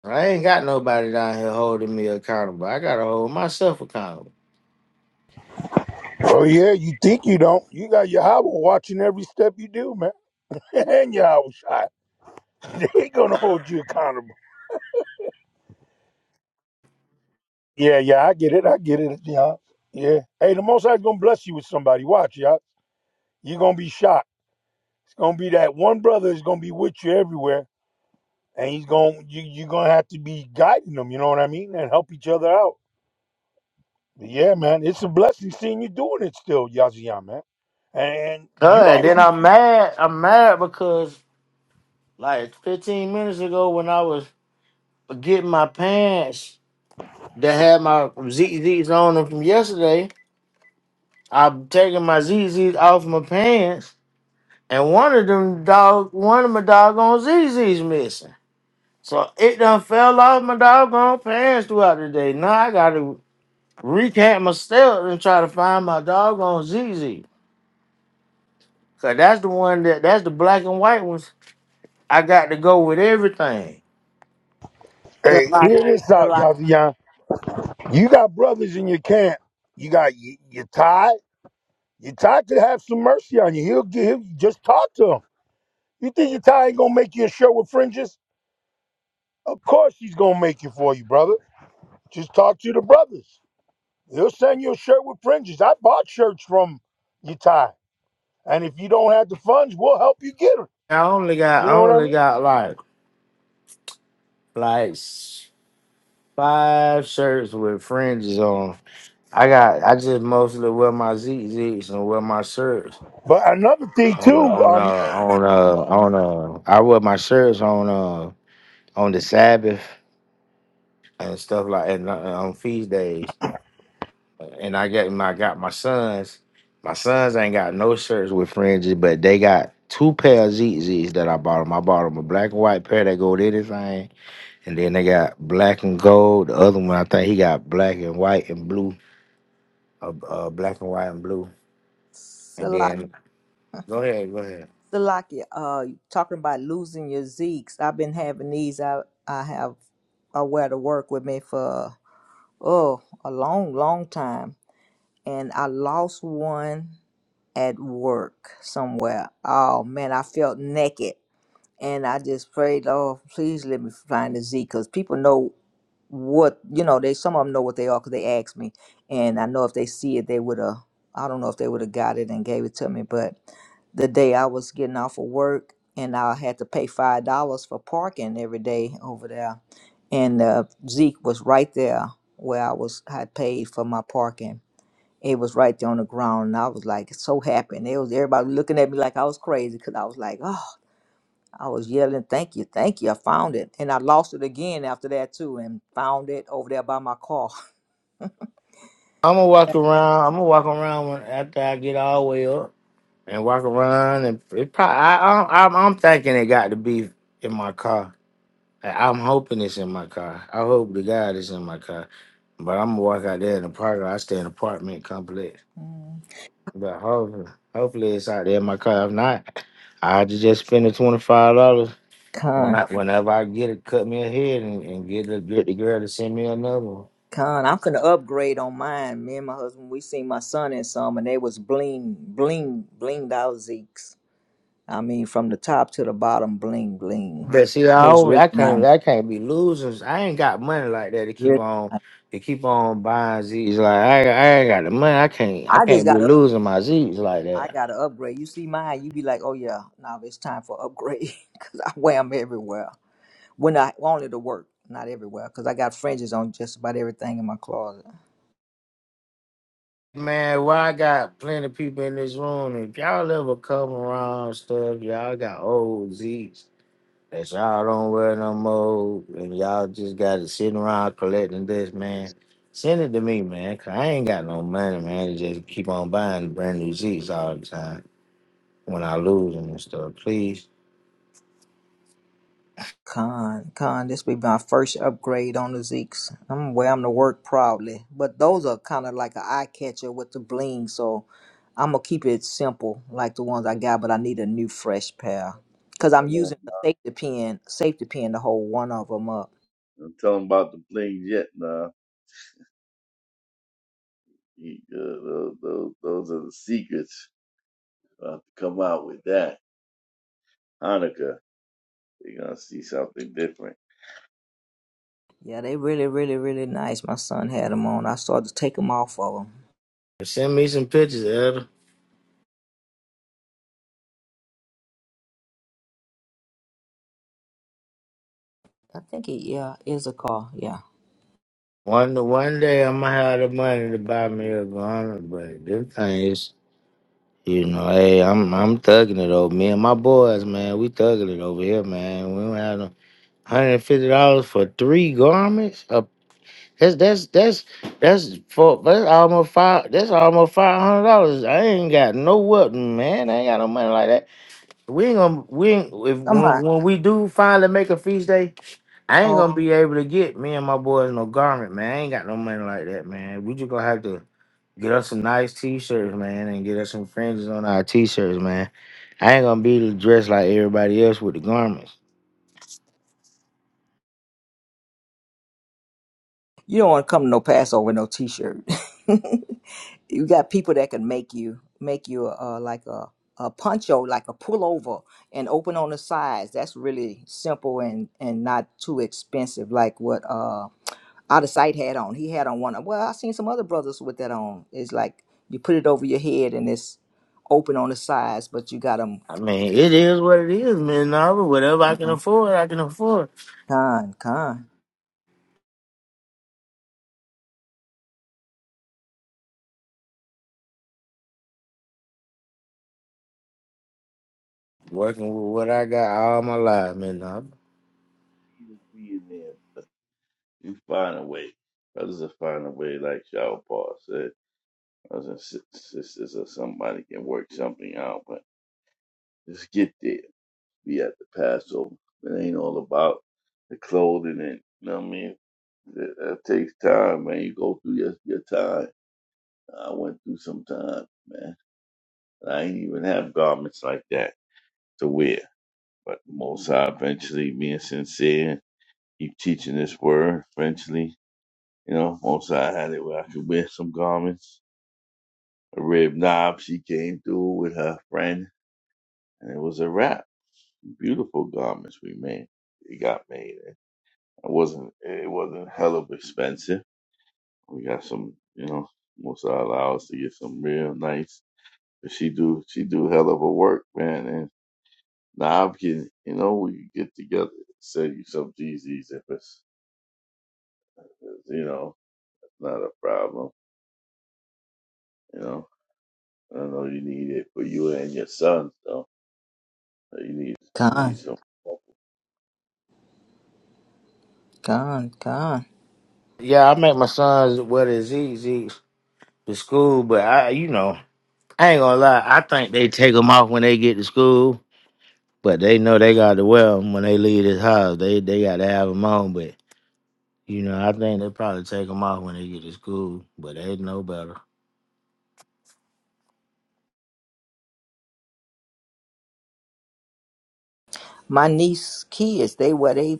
I ain't got nobody down here holding me accountable. I gotta hold myself accountable. Oh yeah, you think you don't. You got Yahweh watching every step you do, man. and Yahweh shot. They ain't gonna hold you accountable. Yeah, yeah, I get it. I get it, yeah. Yeah. Hey, the most High's gonna bless you with somebody. Watch, y'all. You're gonna be shocked. It's gonna be that one brother is gonna be with you everywhere. And he's gonna you you're gonna have to be guiding them, you know what I mean? And help each other out. But yeah, man, it's a blessing seeing you doing it still, Yazian, man. And you Cause ought to then be I'm mad. I'm mad because like 15 minutes ago when I was getting my pants that had my ZZs on them from yesterday. I'm taking my ZZs off my pants, and one of them dog, one of my doggone ZZs missing. So it done fell off my doggone pants throughout the day. Now I gotta recant my steps and try to find my doggone ZZ. Cause that's the one that that's the black and white ones. I got to go with everything. Hey, Salaki, hear this out, Salaki, Yazian. You got brothers in your camp. You got y- your Ty. Your Ty could have some mercy on you. He'll give. He'll, just talk to him. You think your Ty ain't gonna make you a shirt with fringes? Of course he's gonna make it for you, brother. Just talk to the brothers. He'll send you a shirt with fringes. I bought shirts from your Ty, and if you don't have the funds, we'll help you get them. I only You got I know what I only mean? got like like s- five shirts with fringes on I got I just mostly wear my ZZs and wear my shirts But another thing on too, on uh um, on uh on uh I wear my shirts on uh on the Sabbath and stuff like and uh, on feast days. And I get my got my sons. My sons ain't got no shirts with fringes, but they got two pair of ZZs that I bought them. I bought them a black and white pair that go with anything, and then they got black and gold. The other one I think he got black and white and blue, uh, uh black and white and blue, and Salaki, then. Go ahead, go ahead. Salaki. Uh, talking about losing your Zeeks. I've been having these. I I have a wear to work with me for oh a long, long time and I lost one at work somewhere. Oh man, I felt naked. And I just prayed, oh, please let me find the Z because people know what, you know, they some of them know what they are because they asked me. And I know if they see it, they would have, I don't know if they would have got it and gave it to me. But the day I was getting off of work and I had to pay $5 for parking every day over there. And uh, Zeke was right there where I was, had paid for my parking it was right there on the ground, and I was like so happy. And it was everybody looking at me like I was crazy because I was like, oh, I was yelling, thank you, thank you. I found it. And I lost it again after that, too, and found it over there by my car. I'm gonna walk around. I'm gonna walk around when, after I get all the way up and walk around, and it probably. I, I, I'm, I'm thinking it got to be in my car. I- I'm hoping it's in my car. I hope to God it's in my car. But I'm gonna walk out there in the park. I stay in an apartment complex. Mm. But hopefully, hopefully it's out there in my car. If not, I just just spend the twenty five dollars when Con, I whenever I get it. Cut me a head and, and get the get the girl to send me another one. con. I'm finna upgrade on mine. Me and my husband, we seen my son in some, and they was bling, bling, blinged out Zeeks. I mean, from the top to the bottom, bling, bling. But see, I It was always, really I can't nice. I can't be losing. I ain't got money like that to keep Really. on to keep on buying Z's. Like I I ain't got the money. I can't I I just can't be got losing my Z's like I that. gotta upgrade. You see mine, you be like, oh yeah, now it's time for upgrade because I wear them everywhere. When I only to work, not everywhere, because I got fringes on just about everything in my closet. Man, why I got plenty of people in this room. If y'all ever come around stuff, y'all got old Z's that y'all don't wear no more, and y'all just got to sitting around collecting this. Man, send it to me, man. Cause I ain't got no money, man. To just keep on buying brand new Z's all the time. when I lose them and stuff. Please Con, con, this be my first upgrade on the Zeeks. I'm gonna wear them to work proudly, but those are kind of like an eye catcher with the bling, so I'm gonna keep it simple, like the ones I got. But I need a new fresh pair because I'm Come on, using a now. safety pin, safety pin to hold one of them up. Don't tell them about the things yet, nah. You, uh, those, those are the secrets. We'll Have to come out with that Hanukkah. They're gonna see something different. Yeah, they really, really, really nice. My son had them on. I started to take them off of him. send me some pictures, Elder. I think it, yeah, is a car. Yeah. One one day I am going to have the money to buy me You a gun, but this thing is, you know, hey, I'm I'm thugging it over. Me and my boys, man, we thugging it over here, man. We don't have no hundred and fifty dollars for three garments. Uh, that's that's that's that's for that's almost five. That's almost five hundred dollars. I ain't got no weapon, man. I ain't got no money like that. We ain't gonna we ain't, if I'm when like, when we do finally make a feast day, I ain't oh, gonna be able to get me and my boys no garment, man. I ain't got no money like that, man. We just gonna have to get us some nice t-shirts, man, and get us some fringes on our t-shirts, man. I ain't gonna be dressed like everybody else with the garments. you don't want to come to no Passover with no T-shirt. you got people that can make you make you uh, like a a poncho, like a pullover, and open on the sides. That's really simple and and not too expensive. Like what uh out of sight had on. He had on one. Well, I seen some other brothers with that on. It's like you put it over your head and it's open on the sides, but you got them. I mean, it is what it is, man. Narva. Whatever I can Con, afford, I can afford. con, Working with what I got all my life, man. Narva. Be in there, but you find a way. Brothers will find a way, like Shower Paul said. Brothers and sis- sisters or somebody can work something out, but just get there. be at the Passover. It ain't all about the clothing and you know what I mean. That, that takes time, man. You go through your, your time. I went through some time, man. And I ain't even have garments like that to wear. But the Most High eventually being sincere, keep teaching this word. Eventually, you know, Most High had it where I could wear some garments. A rib knob, she came through with her friend, and it was a wrap. Beautiful garments we made. It got made. eh? It wasn't it wasn't hella expensive. We got some, you know, most of our us to get some real nice. But she do she do hell of a work, man. And now I'm getting, you know, we get together, send you some GZs if it's, you know, not a problem. You know, I know you need it for you and your son, so you need you need con, some. con, con. Yeah, I make my sons wear the Zeke Zeeks to school, but I, you know. I ain't gonna lie. I think they take them off when they get to school, but they know they got to wear them when they leave this house. They they got to have them on, but you know, I think they probably take them off when they get to school, but they know better. My niece kids, they wear they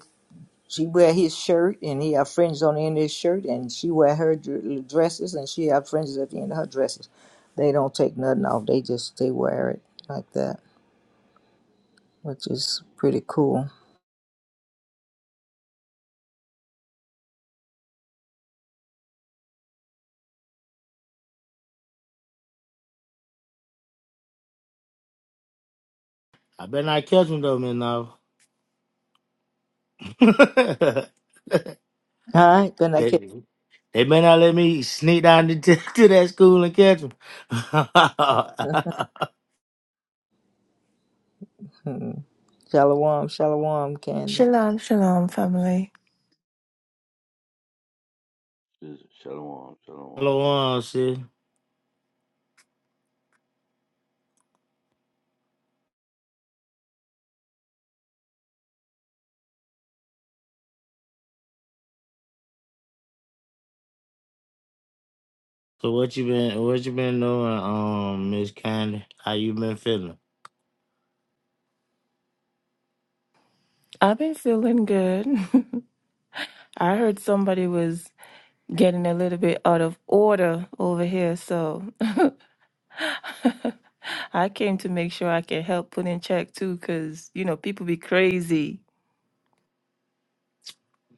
she wear his shirt and he have fringes on the end of his shirt and she wear her dr- dresses and she have fringes at the end of her dresses. They don't take nothing off. They just they wear it like that, which is pretty cool. I better not catch them though, man. Now All right, then I can they they better not let me sneak down to, to, to that school and catch them. hmm. shallow warm, shallow warm candy. Shalom, shalom, family. Shalom, shalom. Hello, on shit. So what you been what you been doing, um, Miss Candy? How you been feeling? I've been feeling good. I heard somebody was getting a little bit out of order over here, so I came to make sure I can help put in check too, because you know people be crazy.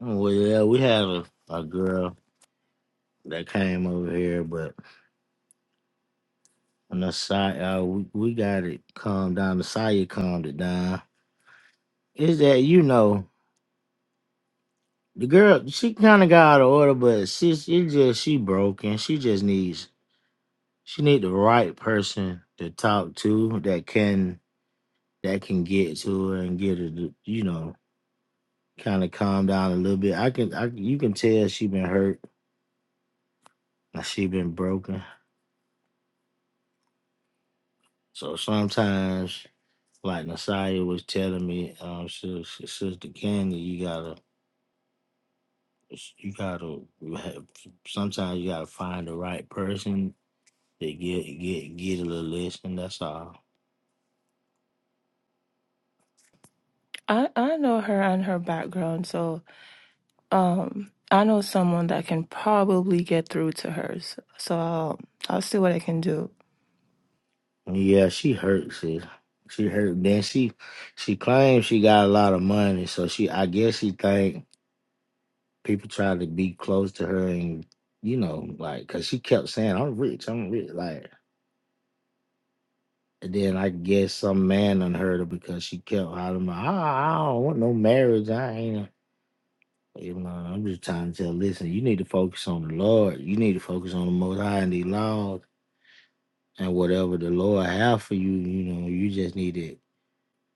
Well, yeah, we had a, a girl that came over here, but when the side, uh, we, we got it calmed down. The Saya calmed it down. Is that you know the girl? She kind of got out of order, but she she just she broken. She just needs she need the right person to talk to that can that can get to her and get her to you know kind of calm down a little bit. I can I you can tell she been hurt. and She been broken. So sometimes. like Nasaya was telling me, um, sis, sister Candy, you gotta, you gotta have. Sometimes you gotta find the right person to get get get a little listen. That's all. I I know her and her background, so um I know someone that can probably get through to her. So, so I'll I'll see what I can do. Yeah, she hurt, sis. She hurt. Then she she claims she got a lot of money, so she I guess she think people try to be close to her and you know like because she kept saying I'm rich, I'm rich, like. And then I guess some man unheard her because she kept hollering, like, I, I don't want no marriage. I ain't. You know, I'm just trying to tell, listen, you need to focus on the Lord. You need to focus on the Most High and the laws and whatever the Lord have for you. You know, you just need to,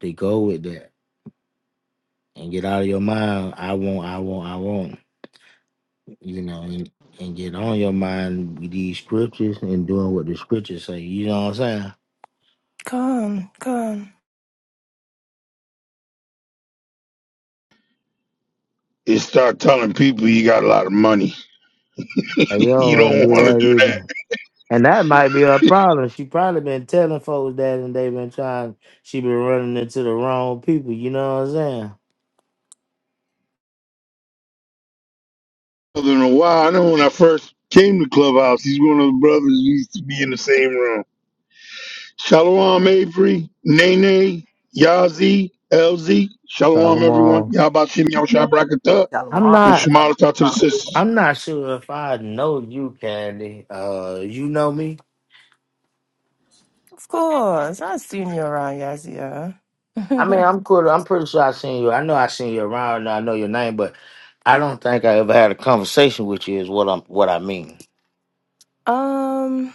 to go with that and get out of your mind. I won't, I won't, I won't. You know, and, and get on your mind with these scriptures and doing what the scriptures say. You know what I'm saying? Come, come. Is start telling people you got a lot of money. And you you don't want to don't do want to do that that. either. And that might be her problem. She probably been telling folks that and they been trying she been running into the wrong people, you know what I'm saying? brother in a while. I know when I first came to Clubhouse, he's one of the brothers who used to be in the same room. Shalom Avery, Nene, Yazi, LZ. So Shalom come everyone. on. Y'all about Shimmy Shabrakata Shallow I'm warm. and not Shemala talk to the sisters. I'm not sure if I know you, Candy. Uh you know me? Of course, I've seen you around, Yazia. I mean I'm cool. I'm pretty sure I seen you. I know I seen you around and I know your name, but I don't think I ever had a conversation with you is what I'm what I mean. Um,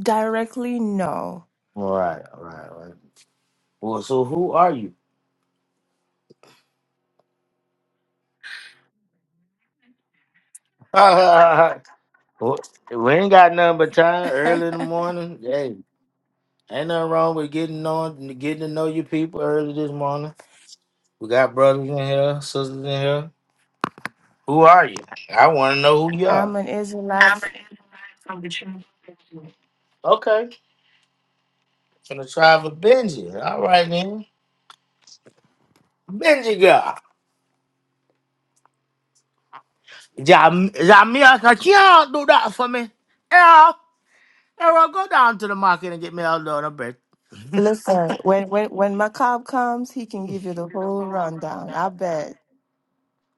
directly, no. All right, all right, all right. Well, so who are you? Well, we ain't got nothing but time early in the morning. yeah, Ain't nothing wrong with getting on, getting to know your people early this morning. We got brothers in here, sisters in here. Who are you? I want to know who you I'm are. an Israelite. f- Okay, from the tribe of Benji. All right then, Benji girl. Jam- Jamia, can you do that for me? Yeah, yeah. well, Go down to the market and get me a load of bread. Listen, when when when Macab comes, he can give you the whole rundown. I bet.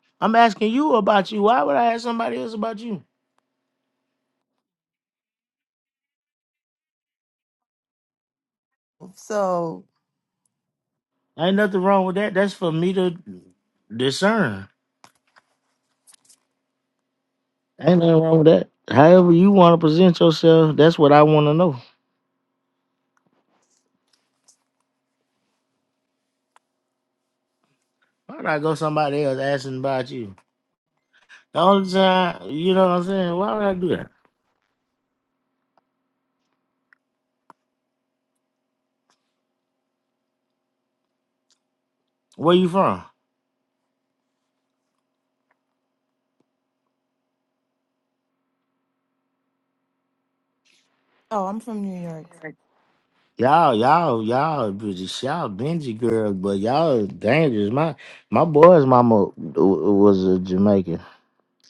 I'm asking you about you. Why would I ask somebody else about you? So, Ain't nothing wrong with that. That's for me to discern. Ain't nothing wrong with that. However you want to present yourself, that's what I want to know. Why would I go somebody else asking about you? The only time, you know what I'm saying? Why would I do that? Where you from? oh, I'm from New York. Y'all, y'all, y'all, British, y'all, Benji girls, but y'all dangerous. My my boy's mama w- was a Jamaican.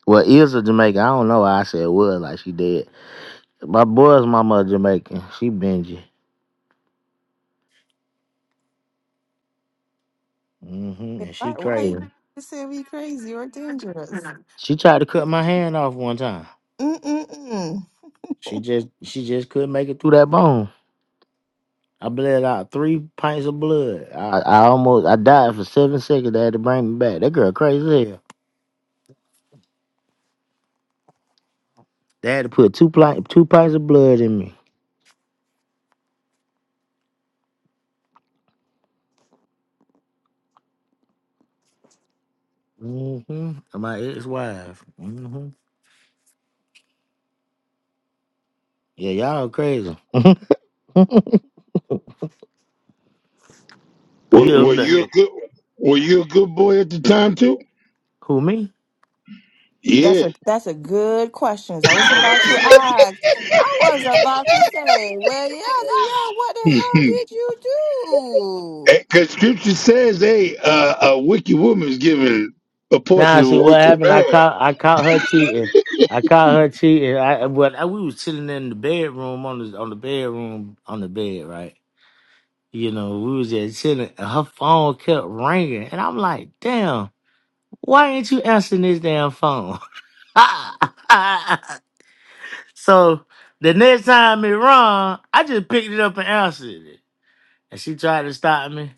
Well, is a Jamaican. I don't know why I said was like she dead. My boy's mama a Jamaican. She Benji. hmm And Why she why you crazy. say we crazy or dangerous? She tried to cut my hand off one time. Mm-mm-mm. She just she just couldn't make it through that bone. I bled out three pints of blood. I, I almost I died for seven seconds. They had to bring me back. That girl crazy as hell. They had to put two pli- two pints of blood in me. Mm-hmm. My ex wife. Mm-hmm. Yeah, y'all crazy. Were, you ever were you a been- good were you a good boy at the time too? who me? That's Yeah. a that's a good question. I was about to ask. I was about to say, well, yeah, yeah, what the hell did you do? Because scripture says, hey, uh, a wicked woman is given a portion Nah, of see a what wicked happened. I man. caught I caught her cheating. I caught her cheating. I when I, we was chilling in the bedroom on the on the bedroom on the bed right. You know, we was just chilling, and her phone kept ringing, and I'm like, "Damn, why ain't you answering this damn phone?" so the next time it rung, I just picked it up and answered it, and she tried to stop me,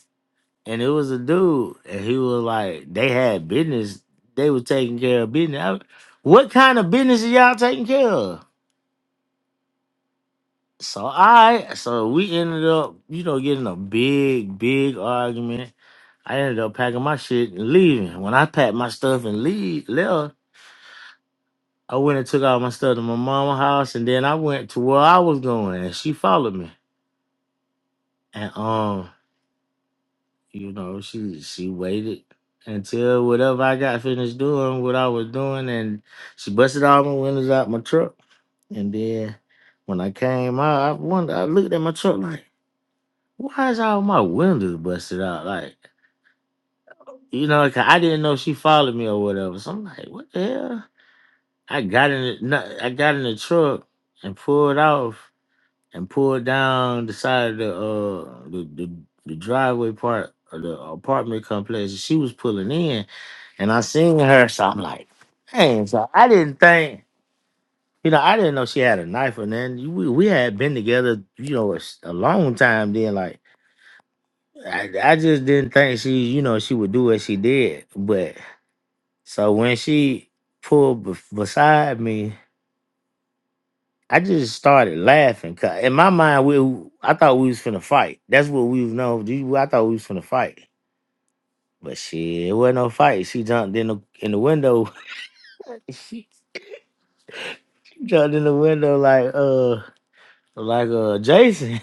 and it was a dude, and he was like, "They had business, they was taking care of business." I- what kind of business are y'all taking care of? So I, so we ended up, you know, getting a big, big argument I ended up packing my shit and leaving. When I packed my stuff and leave left, I went and took all my stuff to my mama's house and then I went to where I was going and she followed me. And um, you know, she she waited until whatever I got finished doing, what I was doing, and she busted all my windows out my truck. And then when I came out, I wondered, I looked at my truck like, why is all my windows busted out? Like, you know, 'cause I didn't know she followed me or whatever. So I'm like, what the hell? I got in the, no, I got in the truck and pulled off and pulled down the side of the uh the, the, the driveway part of the apartment complex. She was pulling in and I seen her, so I'm like, dang, so I didn't think you know, I didn't know she had a knife or nothing. We, we had been together, you know, a, s- a long time then. Like, I, I just didn't think she, you know, she would do what she did. But so when she pulled bef- beside me, I just started laughing, cause in my mind, we I thought we was finna fight. That's what we was known. do- I thought we was finna fight. But shit, it wasn't no fight. She jumped in the in the window. she jumped in the window like uh like uh Jason.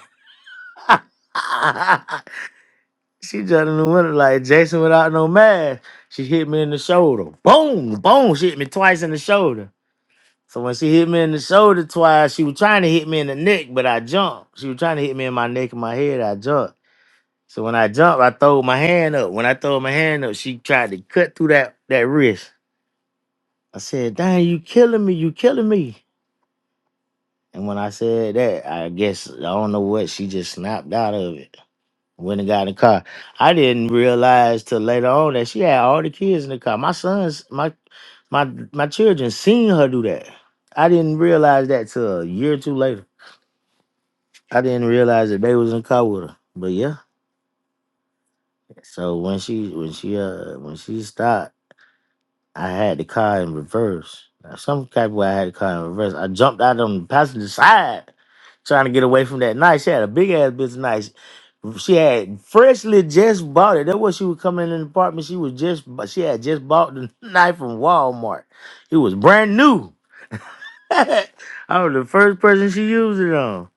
she jumped in the window like Jason without no mask. She hit me in the shoulder. Boom, boom. She hit me twice in the shoulder. So when she hit me in the shoulder twice, she was trying to hit me in the neck, but I jumped. She was trying to hit me in my neck and my head. I jumped. So when I jumped, I throw my hand up. When I throw my hand up, she tried to cut through that that wrist. I said, "Dang, you killing me! You killing me!" And when I said that, I guess I don't know what she just snapped out of it. Went and got in the car. I didn't realize till later on that she had all the kids in the car. My sons, my my my children seen her do that. I didn't realize that till a year or two later. I didn't realize that they was in the car with her. But yeah. So when she when she uh when she stopped. I had the car in reverse. Now, Some type of way I had the car in reverse. I jumped out on the passenger side trying to get away from that knife. She had a big ass bitch knife. She had freshly just bought it. That was she was coming in the apartment. She was just bu- she had just bought the knife from Walmart. It was brand new. I was the first person she used it on.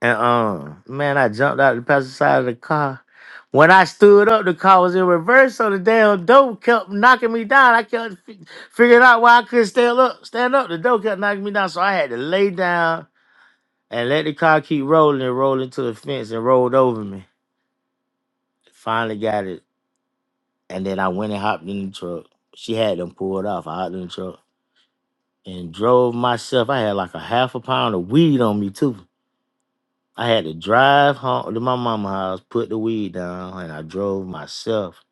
And um, man, I jumped out the passenger side of the car. When I stood up, the car was in reverse, so the damn door kept knocking me down. I kept f- figuring out why I couldn't stand up. Stand up, the door kept knocking me down, so I had to lay down and let the car keep rolling and roll into the fence and rolled over me. Finally got it, and then I went and hopped in the truck. She had them pulled off. I hopped in the truck and drove myself. I had like a half a pound of weed on me too. I had to drive home to my mama's house, put the weed down, and I drove myself.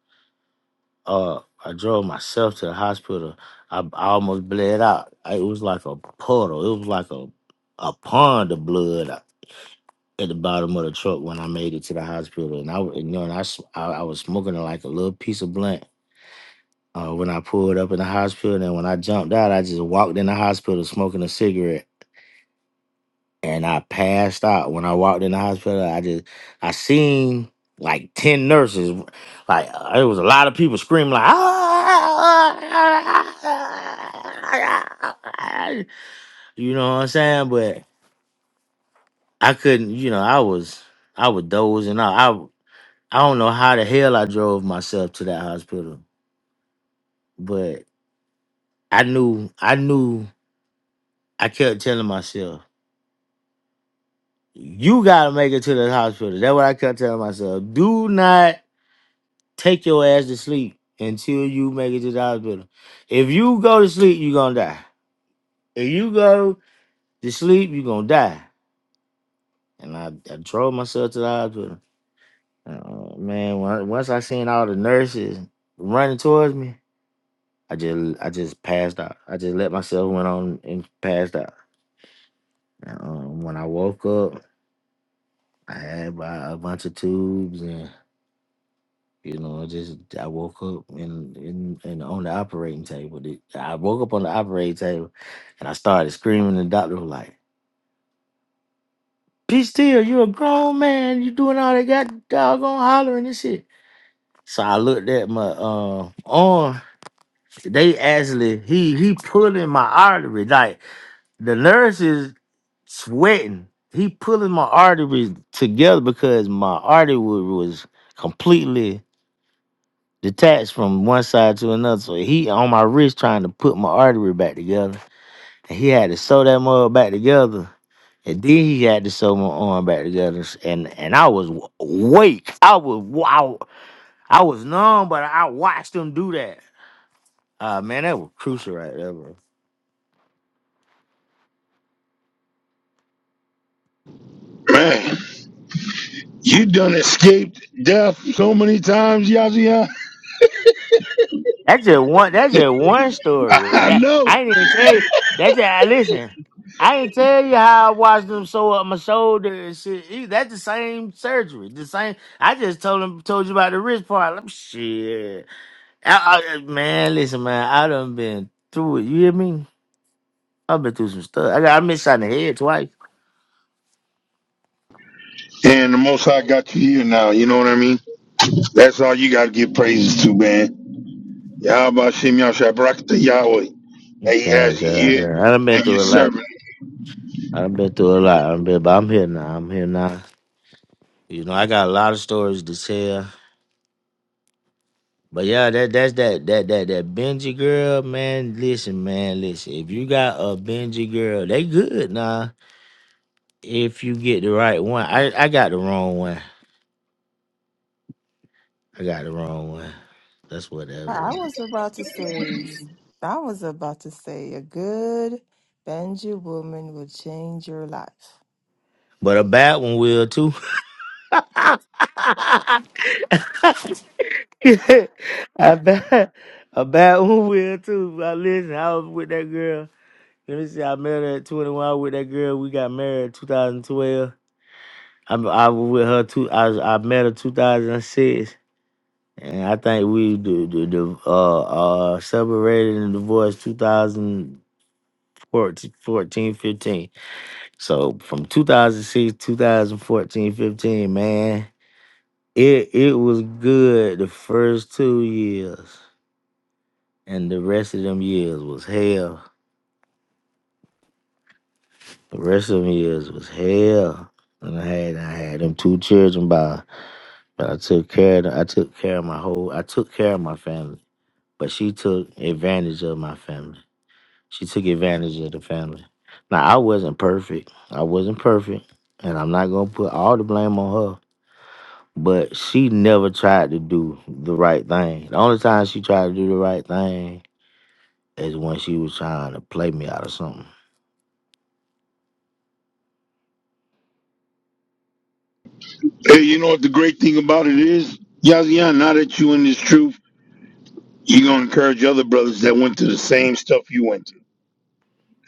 Uh, I drove myself to the hospital. I, I almost bled out. I- it was like a puddle. It was like a a pond of blood uh, at the bottom of the truck when I made it to the hospital. And I, w- you know, and I, s- I, I was smoking like a little piece of blunt. Uh, when I pulled up in the hospital, and when I jumped out, I just walked in the hospital smoking a cigarette. and I passed out. When I walked in the hospital, I just I seen like ten nurses, like uh, it was a lot of people screaming like, "Ah!" you know what I'm saying? But I couldn't, you know, I was I was dozing out. I I don't know how the hell I drove myself to that hospital, but I knew I knew I kept telling myself. You gotta make it to the hospital. That's what I kept telling myself. Do not Take your ass to sleep until you make it to the hospital. If you go to sleep, you're gonna die. If you go to sleep, you're gonna die. And I, I drove myself to the hospital. Uh, man, when I- once I seen all the nurses running towards me, I just I just passed out. I just let myself went on and passed out. Um, when I woke up, I had about a bunch of tubes and. You know, I just I woke up and and, and on the operating table. The- I woke up on the operating table and I started screaming. The doctor was like, "Be still! You're a grown man. You doing all that got doggone hollering and shit." So I looked at my uh, arm. They actually he he pulling my artery. Like the nurse is sweating. He pulling my arteries together because my artery was completely detached from one side to another. So he on my wrist trying to put my artery back together. And he had to sew that mug back together. And then he had to sew my arm back together. S- And and I was w- awake. I was wow. I was numb, but I watched him do that. Uh man, that was crucial right there, bro. Man, you done escaped death so many times, Yazi. That's just one. That's just one story. I That know. I ain't even tell you. That's just I listen. I ain't tell you how I watched them sew up my shoulder and shit. E- That's the same surgery. The same. I just told him told you about the wrist part. Like, shit. I, I, man, listen, man. I done been through it. You hear me? I've been through some stuff. I got I been shot in the head twice. And the Most High got you here now. You know what I mean? That's all you got to give praises to, man. Yahweh Shem Yahshabrak to Yahweh. that He God, has you God, here God. I done been and you're through a lot. serving. I done been through a lot. I done been, but I'm here now. I'm here now. You know, I got a lot of stories to tell. But yeah, that that's that that that that Benji girl, man. Listen, man, listen. If you got a Benji girl, they good nah. If you get the right one, I I got the wrong one. I got the wrong one. That's what that I was. was about to say, I was about to say, a good Banjo woman will change your life. But a bad one will too. I bet a bad one will too. I listen, I was with that girl. You know, see, I met her at 21. I was with that girl. We got married in 2012. I I was with her two. I was, I met her 2006, and I think we the the, the uh uh separated and divorced 2014 So from 2006 2014, 15, man, it it was good the first two years, and the rest of them years was hell. The rest of them years was hell. And I had I had them two children by but I took care of them. I took care of my whole I took care of my family. But she took advantage of my family. She took advantage of the family. Now I wasn't perfect. I wasn't perfect. And I'm not gonna put all the blame on her. But she never tried to do the right thing. The only time she tried to do the right thing is when she was trying to play me out of something. Hey, you know what the great thing about it is? Yazian, now that you in this truth, you're going to encourage other brothers that went through the same stuff you went through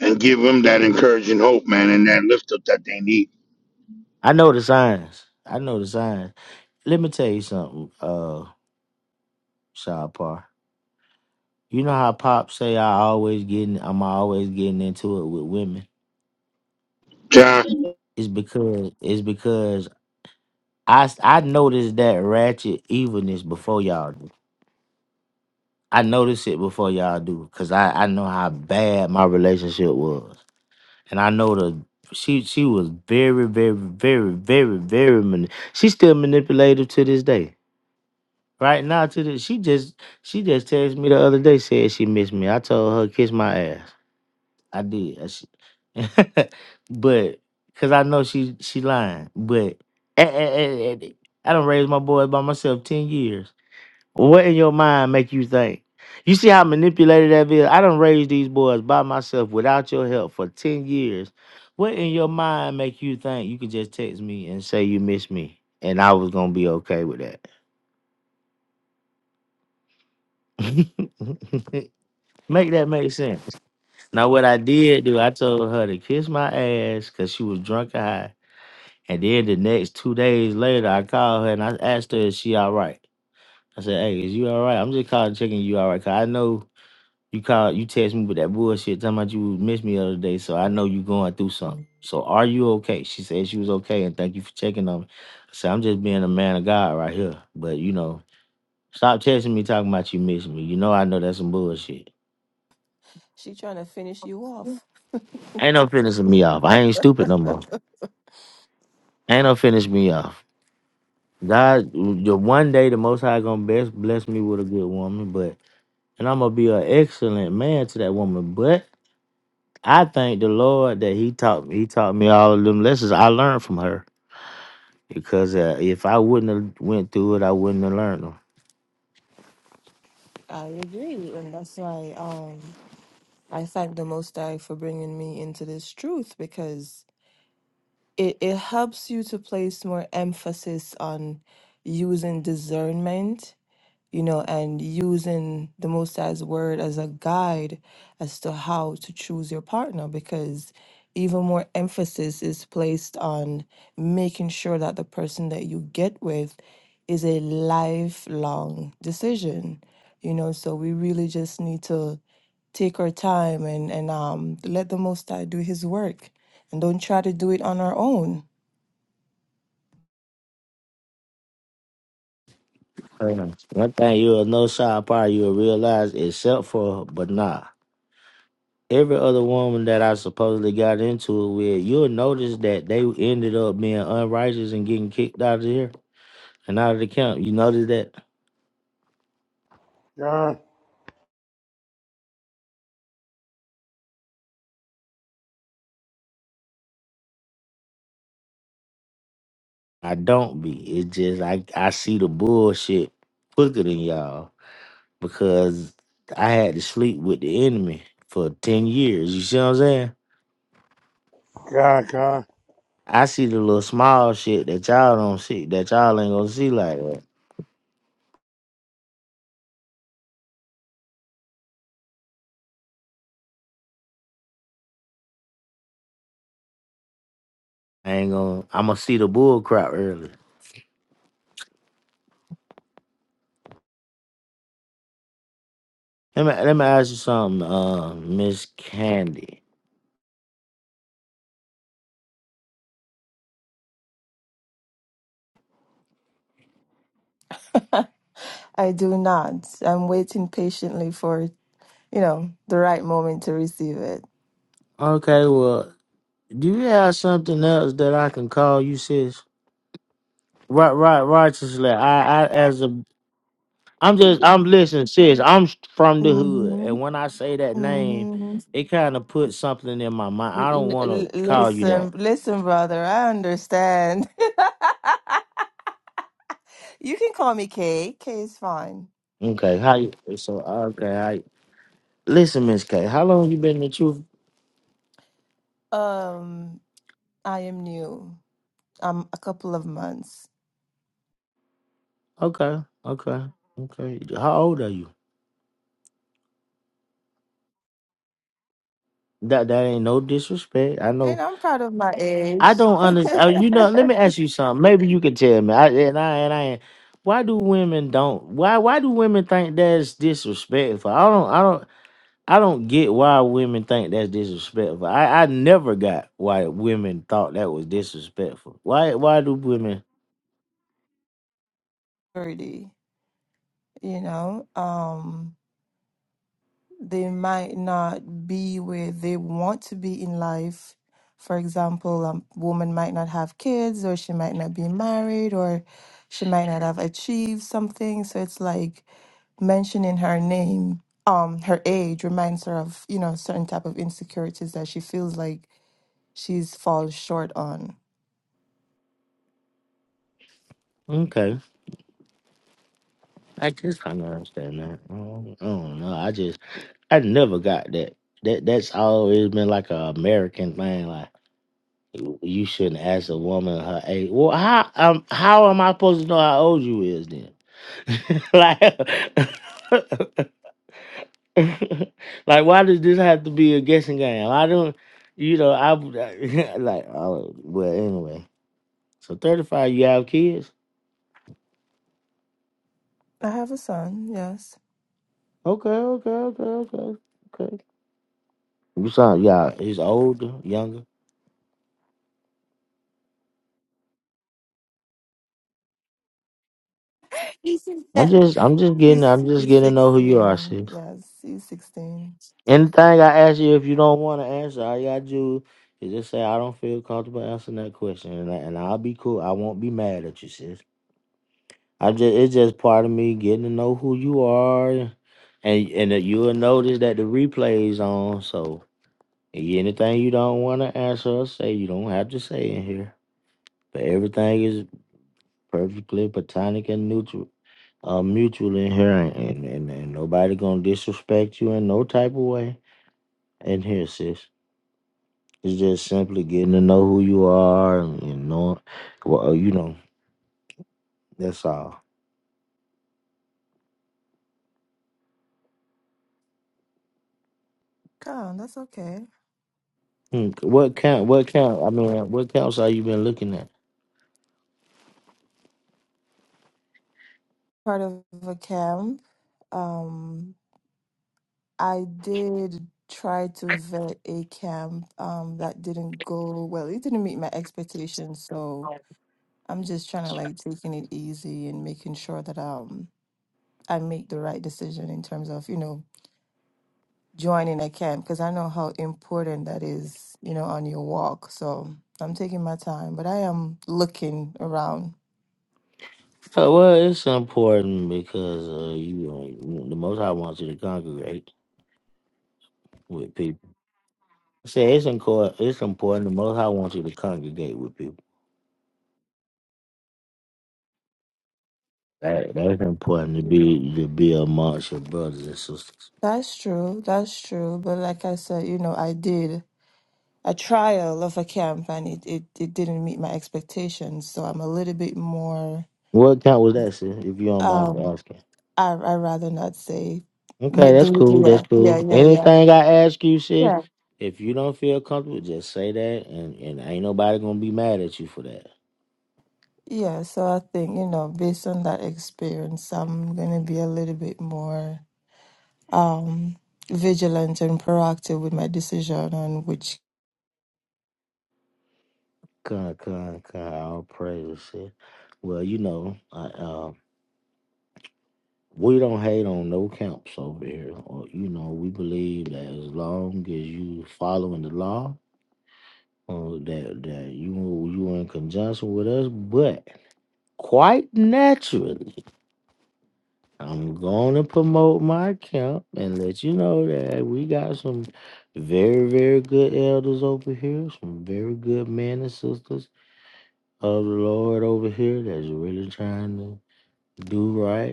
and give them that encouraging hope, man, and that lift up that they need. I know the signs. I know the signs. Let me tell you something, uh, Shahpar. You know how Pop say I always getting I'm always getting into it with women? John, It's because it's because I s- I noticed that ratchet evilness before y'all do. I noticed it before y'all do, cause I I know how bad my relationship was, and I know the she she was very very very very very mani- she's still manipulative to this day. Right now to this she just she just texted me the other day said she missed me. I told her kiss my ass. I did. I should. but because I know she she lying. But eh, eh, eh, eh, I don't raise my boys by myself ten years. What in your mind make you think? You see how manipulated that is. I don't raise these boys by myself without your help for ten years. What in your mind make you think you could just text me and say you miss me and I was gonna be okay with that? make that make sense. Now what I did do, I told her to kiss my ass because she was drunk and high And then the next two days later, I called her and I asked her, "Is she all right?" I said, "Hey, is you all right? I'm just calling checking you all right, cause I know you called, you text me with that bullshit talking about you missed me the other day, so I know you going through something. So are you okay?" She said she was okay, and thank you for checking on me. I said, "I'm just being a man of God right here, but you know, stop texting me talking about you missing me. You know, I know that's some bullshit. She trying to finish you off. Ain't no finishing me off. I ain't stupid no more. Ain't no finish me off." God, the one day the Most High gonna best bless me with a good woman, but and I'm gonna be an excellent man to that woman. But I thank the Lord that He taught me. He taught me all of them lessons I learned from her because uh, if I wouldn't have went through it, I wouldn't have learned them. I agree, and that's why um I thank the Most High for bringing me into this truth because it it helps you to place more emphasis on using discernment you know, and using the Most High's word as a guide as to how to choose your partner because even more emphasis is placed on making sure that the person that you get with is a lifelong decision, you know, so we really just need to take our time and, and um, let the Most High do his work and don't try to do it on our own. Uh, One thing you'll know, Sean, probably you'll realize, except for but nah. Every other woman that I supposedly got into it with, you'll notice that they ended up being unrighteous and getting kicked out of here and out of the camp. You notice that? God, I don't be. It just I I see the bullshit quicker than y'all because I had to sleep with the enemy for ten years. You see what I'm saying? God, God. I see the little small shit that y'all don't see, that y'all ain't gonna see like that. I ain't gonna. I'm gonna see the bull crap early. Let me let me ask you something, uh, Miss Candy. I do not. I'm waiting patiently for you know, the right moment to receive it. Okay, well, do you have something else that I can call you, sis? Right, right, righteously. I, I, as a I'm just I'm listening, sis. I'm s- from the hood, hmm and when I say that name, hmm it kind of puts something in my mind. I don't want to call you that. listen, listen, brother, I understand. you can call me Kay. Kay is fine. Okay, how you? So okay, I listen, Miss K. How long you been in the truth? Um, I am new. I'm a couple of months, Okay, okay, okay. How old are you? That that ain't no disrespect. I and know. I'm proud of my age, I don't understand. You know. Let me ask you something. Maybe you can tell me. I, and I and I. Why do women don't? Why why do women think that's disrespectful? I don't. I don't. I don't get why women think that's disrespectful. I, I never got why women thought that was disrespectful. Why why do women thirty. You know, um. they might not be where they want to be in life. For example, a woman might not have kids, or she might not be married, or she might not have achieved something. So it's like mentioning her name, um, her age reminds her of you know certain type of insecurities that she feels like she's falls short on. okay. I just kinda understand that. I don't, I don't know. I just I never got that. That that's always been like a American thing, like you you shouldn't ask a woman her age. Well, how um how am I supposed to know how old you is then? like like, why does this have to be a guessing game? I don't, you know, I like, oh, well, anyway. So thirty five, you have kids? I have a son. Yes, Okay, okay, okay, okay, okay. You sound, yeah, he's older, younger. he's I'm just, I'm just getting, he's, I'm just he's getting to know who you are, sixteen. sis. Yes, he's sixteen. Anything I ask you, if you don't want to answer, all you gotta do is just say I don't feel comfortable answering that question, and, I, and I'll be cool. I won't be mad at you, sis. I just it's just part of me getting to know who you are, and and that you'll notice that the replays on. So anything you don't want to answer or say, you don't have to say in here. But everything is perfectly platonic and neutral, uh, mutual in here, and, and and and nobody gonna disrespect you in no type of way in here, sis. It's just simply getting to know who you are and, and knowing, well, you know, that's all. God, that's okay. Hmm, What count? What count? I mean, what counts are you been looking at? part of a camp. Um, I did try to vet a camp um, that didn't go well. It didn't meet my expectations, so I'm just trying to like taking it easy and making sure that um I make the right decision in terms of you know joining a camp because I know how important that is, you know, on your walk. So I'm taking my time, but I am looking around. Uh, well, it's important because uh, you, uh, the Most High wants you to congregate with people. Say it's important. It's important. The Most High wants you to congregate with people. That, that's important to be to be amongst your brothers and sisters. That's true. That's true. But like I said, you know, I did. a trial of a camp and it, it, it didn't meet my expectations. So I'm a little bit more, What count was that, sis? If you don't mind me um, asking. I, I rather not say. Okay, But that's the- cool. That's Yeah, yeah, cool. yeah, yeah. Anything I ask you, sis, Yeah. if you don't feel comfortable, just say that, and and ain't nobody gonna be mad at you for that. Yeah. So I think, you know, based on that experience, I'm going to be a little bit more um, vigilant and proactive with my decision on which Con, con, con. All praises, sis. Well, you know, I, um, we don't hate on no camps over here. Or, you know, we believe that as long as you following the law, uh, that that you you in conjunction with us. But quite naturally, I'm going to promote my camp and let you know that we got some very very good elders over here, some very good men and sisters of the Lord over here that's really trying to do right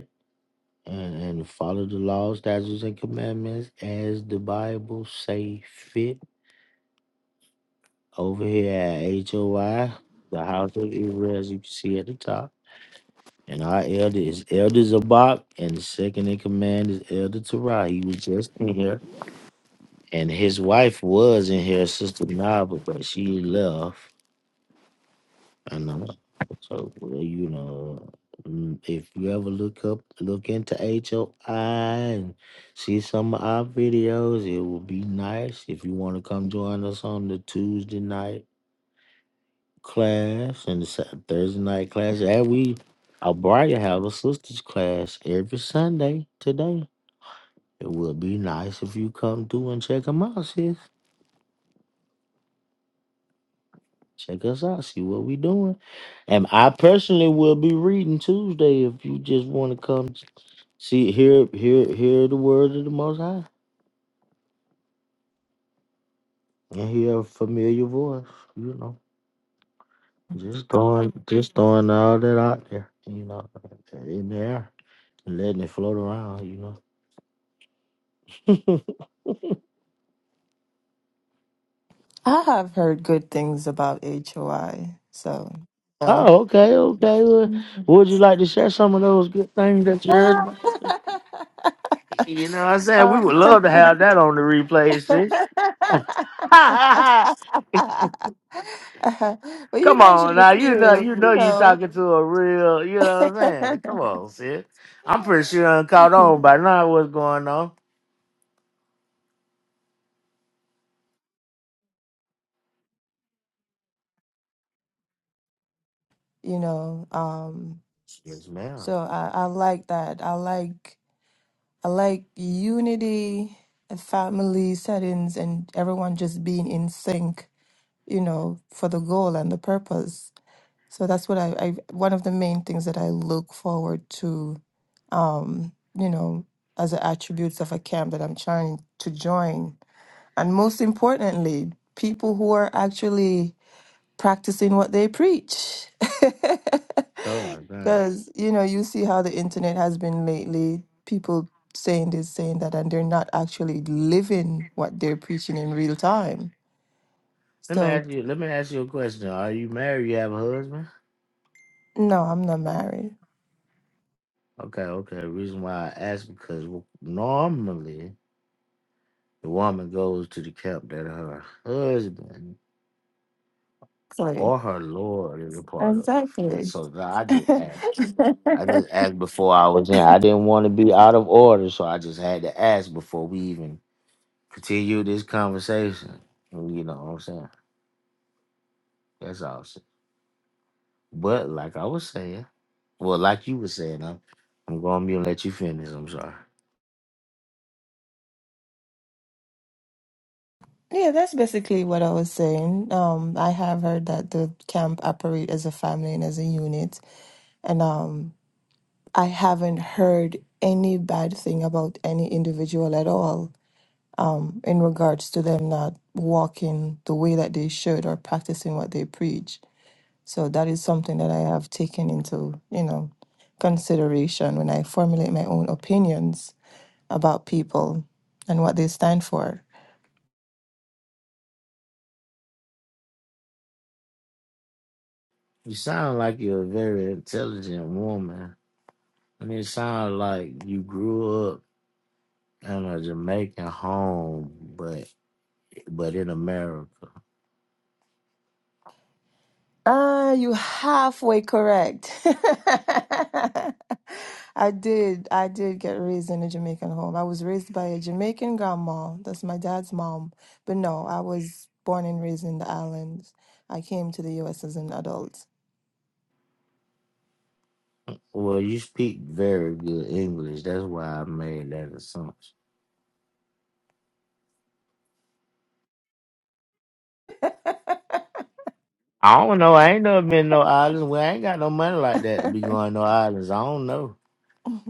and, and follow the laws, statutes, and commandments as the Bible say fit. Over here at HOI, the House of Israel, as you can see at the top. And our elder is Elder Zabak, and the second in command is Elder Terah. He was just in here, and his wife was in here, Sister Nava, but she left. And uh, so well, you know, mm, if you ever look up, look into HOI and see some of our videos, it would be nice if you want to come join us on the Tuesday night class and the Sat- Thursday night class. And we, our Brian have a sisters class every Sunday today. It would be nice if you come through and check them out, sis. Check us out, see what we doing. And I personally will be reading Tuesday if you just want to come See, hear, hear, hear the word of the Most High, and hear a familiar voice. You know, just throwing, just throwing all that out there. You know, in the air, letting it float around. You know. I have heard good things about HOI. So, you know. oh, okay, okay. Well, Mhm. would you like to share some of those good things that you heard? About? You know, what I'm saying we would love to have that on the replay, sis. well, you Come on mentioned a now, you know few, you know you you know. talking to a real, you know what I'm yeah. saying? Come on, sis. I'm pretty sure I'm caught on by now what's going on. you know um Yes, ma'am. so I, I like that i like i like unity family settings and everyone just being in sync you know, for the goal and the purpose. So that's what I, I one of the main things that I look forward to, um, you know, as the attributes of a camp that I'm trying to join. And most importantly, people who are actually practicing what they preach. God, God. Because, you know, you see how the internet has been lately. People saying this, saying that, and they're not actually living what they're preaching in real time. Let me So ask you let me ask you a question. Are you married? You have a husband? No, I'm not married. Okay, okay. The reason why I ask because w- normally the woman goes to the camp that her husband Sorry. or her lord is a part of. But Exactly. so I just asked. I just asked before I was in. I didn't want to be out of order, so I just had to ask before we even continue this conversation. You know what I'm saying? That's all. I'm saying. But like I was saying, well, like you were saying, I'm, I'm going to let you finish. I'm sorry. Yeah, that's basically what I was saying. Um, I have heard that the camp operate as a family and as a unit, and um, I haven't heard any bad thing about any individual at all, um, in regards to them not walking the way that they should or practicing what they preach. So that is something that I have taken into, you know, consideration when I formulate my own opinions about people and what they stand for. You sound like you're a very intelligent woman. And it sounds like you grew up in a Jamaican home, but but in America. Ah, you halfway correct. I did. I did get raised in a Jamaican home. I was raised by a Jamaican grandma. That's my dad's mom. But no, I was born and raised in the islands. I came to the US as an adult. Well, you speak very good English. That's why I made that assumption. I don't know. I ain't never been no island. We ain't got no money like that to be going no islands. I don't know.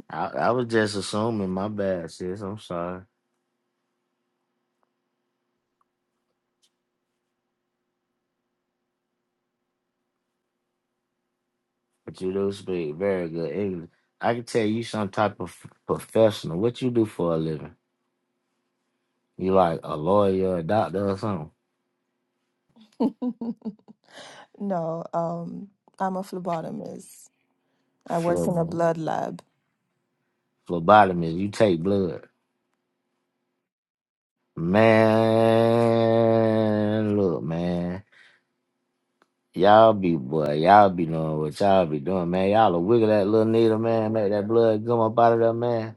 I, I was just assuming. My bad, sis. I'm sorry, but you do speak very good English. I can tell you some type of professional. What you do for a living? You like a lawyer, a doctor, or something? no, um, I'm a phlebotomist. I work in a Phlo- blood lab. Phlebotomist. You take blood. Man, look, man. Y'all be boy, y'all be doing what y'all be doing, man. Y'all will wiggle that little needle, man. Make that blood come up out of that man.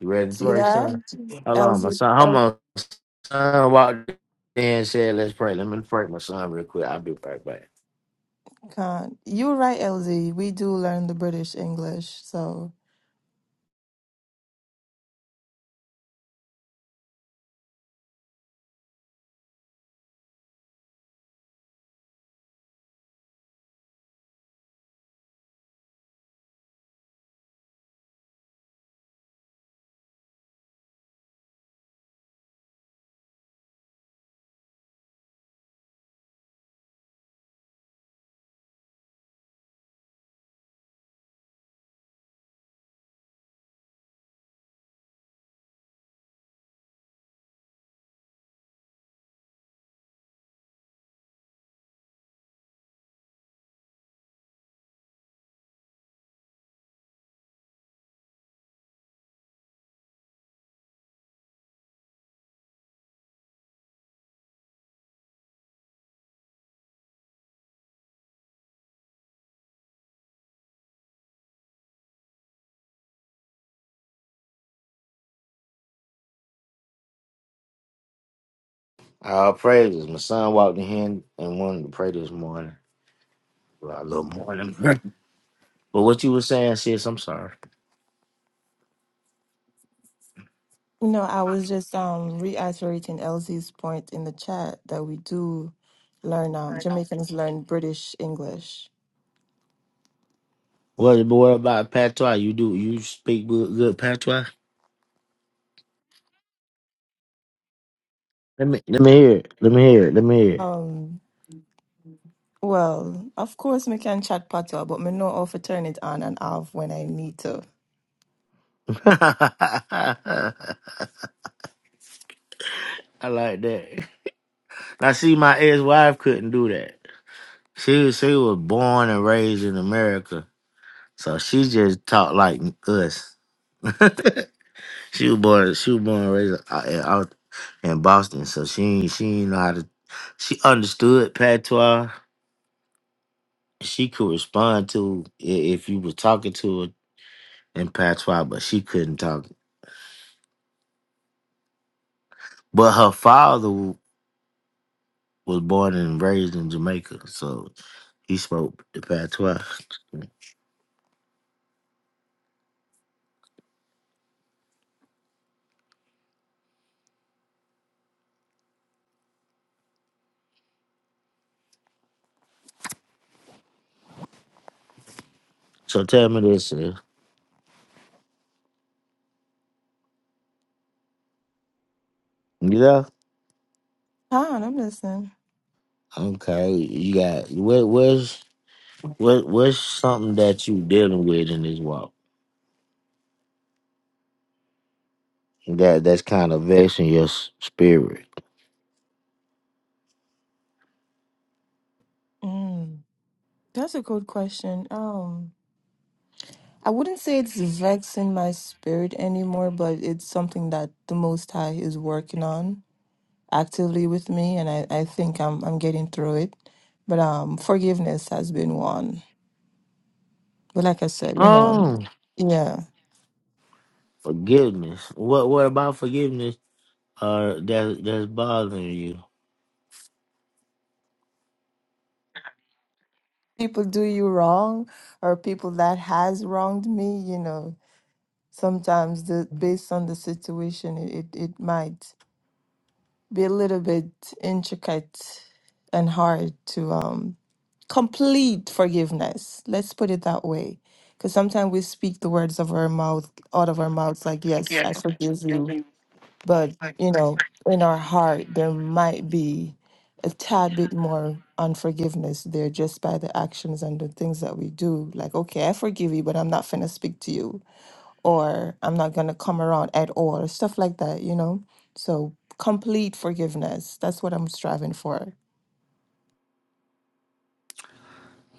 You ready to See pray, that? son? Hold on, my son. Hold on. my Son walked in and said, Let's pray. Let me pray, my son, real quick. I'll be right back. God, you were right, LZ. We do learn the British English. So, All praises. My son walked in and wanted to pray this morning. Well, a little morning. but what you were saying, sis, I'm sorry. you know, I was just um reiterating LZ's point in the chat that we do learn um Jamaicans learn British English. What boy about patois? You do you speak good, good patois? Let me let me hear it. Let me hear it. Let me hear Um well, of course me can chat patois, but me know how to turn it on and off when I need to. it. I like that. I see my ex wife couldn't do that. She she was born and raised in America So she just talked like us. she was born, she was born and raised out out in Boston, so she ain't, she ain't know how to. She understood patois. She could respond to i- if you were talking to her in patois, but she couldn't talk. But her father w- was born and raised in Jamaica, so he spoke the patois. So tell me this, uh, you know? Ah, I'm listening. Okay, you got where? Where's What what's something that you dealing with in this walk that that's kind of vexing your s- spirit? Mm. That's a good question. Um, I wouldn't say it's vexing my spirit anymore, but it's something that the Most High is working on actively with me, and I, I think I'm I'm getting through it. But um, forgiveness has been one. But like I said, you know, Oh, yeah, forgiveness. What what about forgiveness? Uh, that that's bothering you. people do you wrong, or people that has wronged me. You know, sometimes the based on the situation, it it, it might be a little bit intricate and hard to um complete forgiveness. Let's put it that way. Because sometimes we speak the words of our mouth out of our mouths like, yes, I forgive you. But, you know, in our heart, there might be a tad bit more unforgiveness there just by the actions and the things that we do. Like, okay, I forgive you, but I'm not finna speak to you, or I'm not gonna come around at all, stuff like that, you know? So, complete forgiveness. That's what I'm striving for.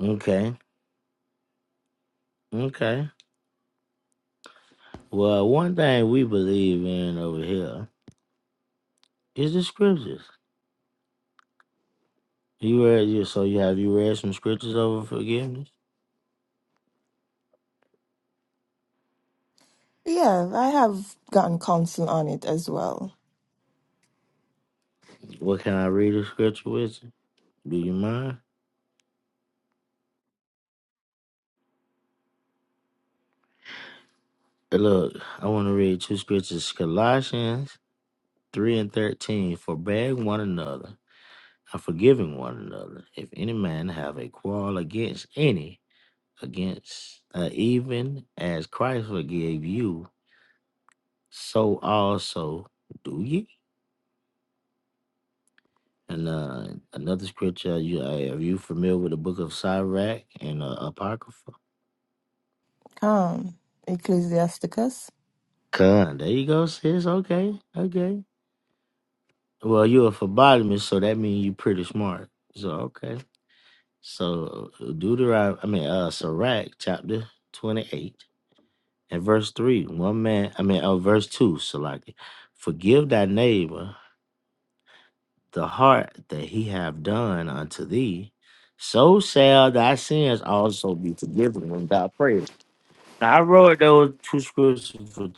Okay, okay. Well, one thing we believe in over here is the scriptures. You read you so you have you read some scriptures over forgiveness? Yeah, I have gotten counsel on it as well. What can I read a scripture with? you? Do you mind? Uh, Look, I want to read two scriptures Colossians 3 and 13. For one another and forgiving one another, if any man have a quarrel against any, against uh, even as Christ forgave you, so also do ye. And uh, another scripture, are you, uh, are you familiar with the book of Sirach and uh, Apocrypha? Um, Ecclesiasticus. Con, there you go, sis. Okay, okay. Well, you're a phlebotomist, so that means you're pretty smart. So okay. So Deuteronomy, I mean, uh, Sirach chapter twenty-eight and verse three. One man, I mean, oh, verse two. Salaki, forgive thy neighbor the heart that he have done unto thee. So shall thy sins also be forgiven when thou prayest. Now I wrote those two scriptures for Jesus.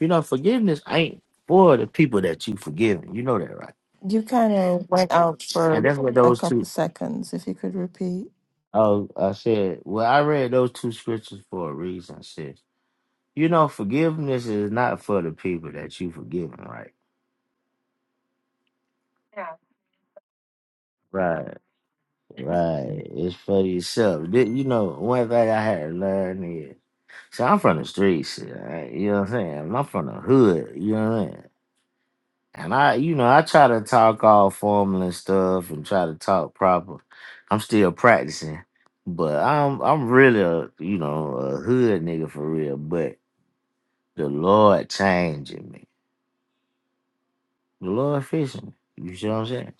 You know, forgiveness ain't for the people that you forgiven. You know that, right? You kind of went out And for that's what a those two couple seconds. If you could repeat. Oh, I said, well, I read those two scriptures for a reason. Sis, you know, forgiveness is not for the people that you forgiven, right? Right, right. It's for yourself. Did- You know, one thing I had to learn is, see, I'm from the streets, sis, right? you know what I'm saying? I'm from the hood, you know what I'm saying? And I, you know, I try to talk all formal and stuff and try to talk proper. I'm still practicing, but I'm, I'm really a, you know, a hood nigga for real, but. The Lord changing me. The Lord fixing me. You see what I'm saying?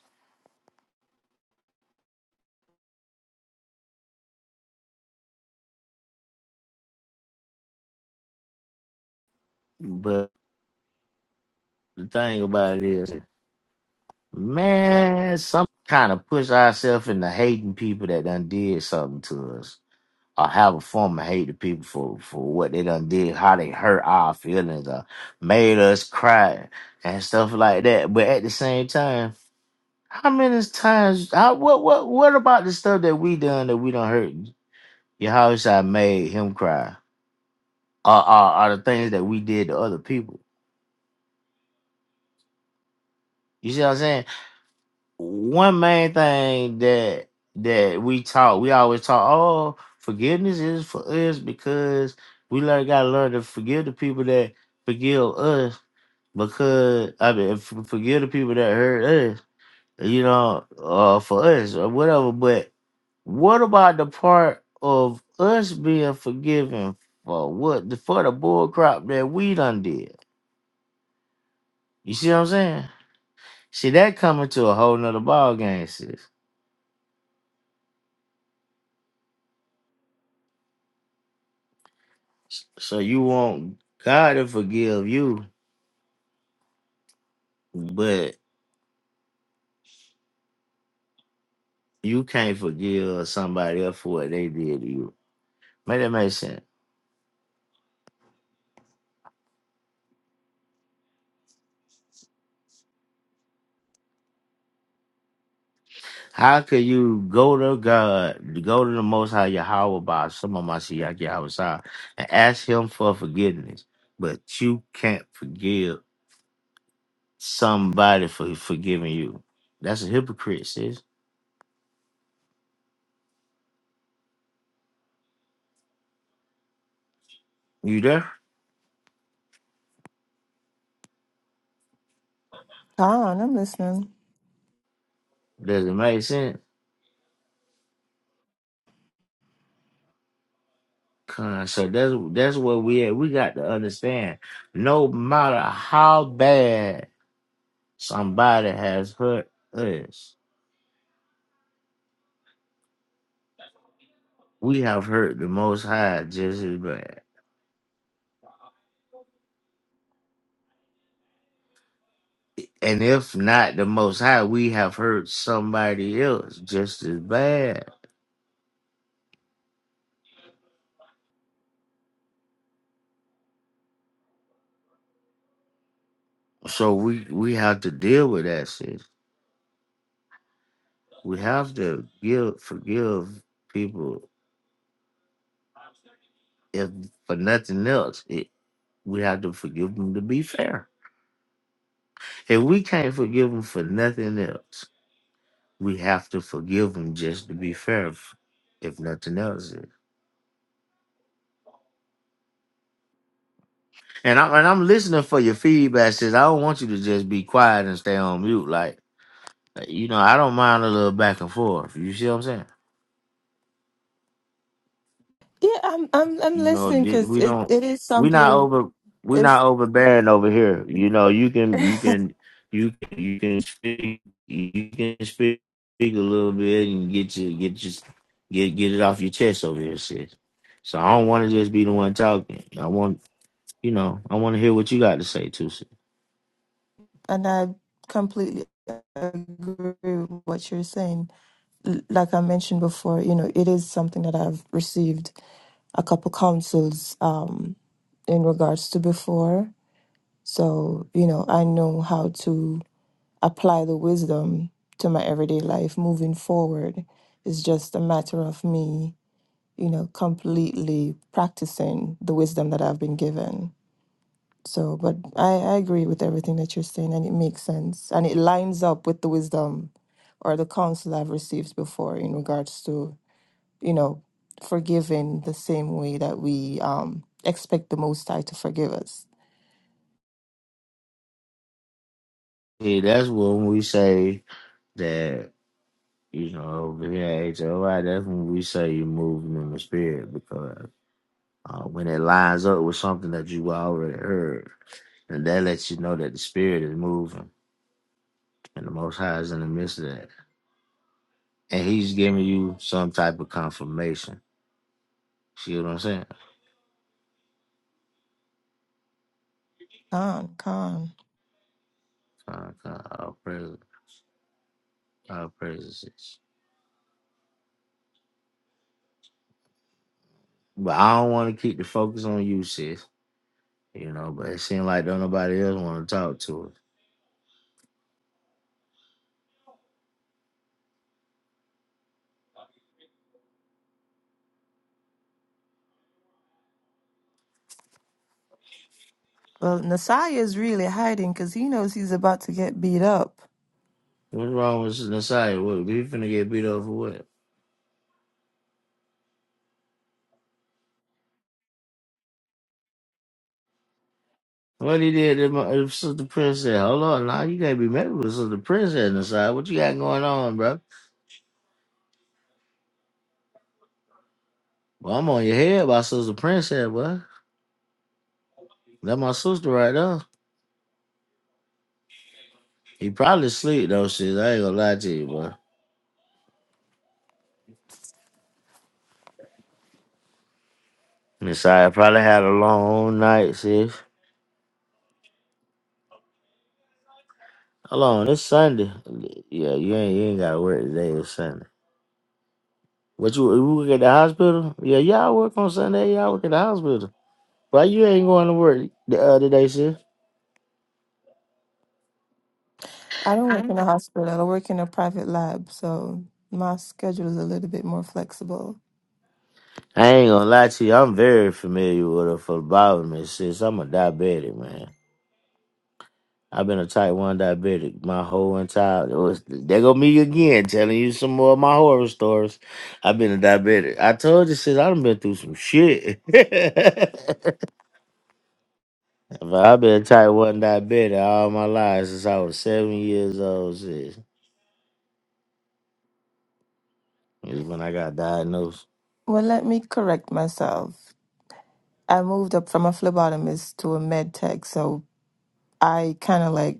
But the thing about it is, man, some kind of push ourselves into hating people that done did something to us. Or have a form of hate to people for, for what they done did, how they hurt our feelings or made us cry and stuff like that. But at the same time, how many times how, what what what about the stuff that we done that we done hurt your house? I made him cry? are, are, are the things that we did to other people. You see what I'm saying? One main thing that that we taught, we always taught, oh, forgiveness is for us because we learn gotta learn to forgive the people that forgive us because I mean f- forgive the people that hurt us, you know, uh for us or whatever. But what about the part of us being forgiven for what for the bull crop that we done did? You see what I'm saying? See, that coming to a whole nother ball game, sis. So you want God to forgive you, but you can't forgive somebody else for what they did to you. Make that make sense. How could you go to God, go to the Most High Yahweh by some of my Shiyaki Yahweh and ask Him for forgiveness, but you can't forgive somebody for forgiving you? That's a hypocrite, sis. You there? Khan, I'm listening. Does it make sense? Con, So that's that's where we at. We got to understand. No matter how bad somebody has hurt us, we have hurt the Most High just as bad. And if not the Most High, we have hurt somebody else just as bad. So we we have to deal with that shit. We have to give forgive people if for nothing else. It, we have to forgive them to be fair. If we can't forgive them for nothing else we have to forgive them just to be fair, if, if nothing else. And I am and I'm listening for your feedback. Says I don't want you to just be quiet and stay on mute. Like you know, I don't mind a little back and forth. You see what I'm saying? Yeah, I'm I'm I'm You know, listening di- because we it, don't. it is We're not something. over. We're It's not overbearing over here. You know, you can you and can you can, you can speak you can speak, speak a little bit and get your get your get get it off your chest over here, sis. So I don't want to just be the one talking. I want you know, I want to hear what you got to say, Tusi. I completely agree with what you're saying. L- Like I mentioned before, you know, it is something that I've received a couple counsels um in regards to before. So, you know, I know how to apply the wisdom to my everyday life moving forward. It's just a matter of me, you know, completely practicing the wisdom that I've been given. So, but I, I agree with everything that you're saying, and it makes sense. And it lines up with the wisdom or the counsel I've received before in regards to, you know, forgiving the same way that we um, expect the Most High to forgive us. Yeah, that's when we say that, you know, over here at HOI, that's when we say you're moving in the spirit because uh, when it lines up with something that you already heard, and that lets you know that the spirit is moving and the Most High is in the midst of that. And He's giving you some type of confirmation. See what I'm saying? Con, con. Uh, uh, Our pres- our presences. But I don't want to keep the focus on you, sis. You know, but it seems like don't nobody else want to talk to us. Well, Nasai is really hiding because he knows he's about to get beat up. What's wrong with Nasai? What we finna get beat up for what? What he did to my if Sister Prince said, Hold on, nah, you can't be mad with Sister Princess Nasai. What you got going on, bro? Well, I'm on your head by Sister Princess, boy. That my sister right there. He probably sleep though, sis. I ain't gonna lie to you, boy. Nasai probably had a long night, sis. Hold on, it's Sunday. Yeah, you ain't you ain't gotta work today, it's Sunday. What you, you work at the hospital? Yeah, y'all work on Sunday, y'all work at the hospital. Why you ain't going to work uh, today, sis? I don't work in a hospital. I work in a private lab, so my schedule is a little bit more flexible. I ain't gonna lie to you, I'm very familiar with her for bothering me since I'm a diabetic, man. I've been a type 1 diabetic my whole entire It was there go me again telling you some more of my horror stories. I've been a diabetic. I told you since I've been through some shit. but I've been a type 1 diabetic all my life since I was seven years old. Sis. Is when I got diagnosed. Well, let me correct myself. I moved up from a phlebotomist to a med tech, so I kind of like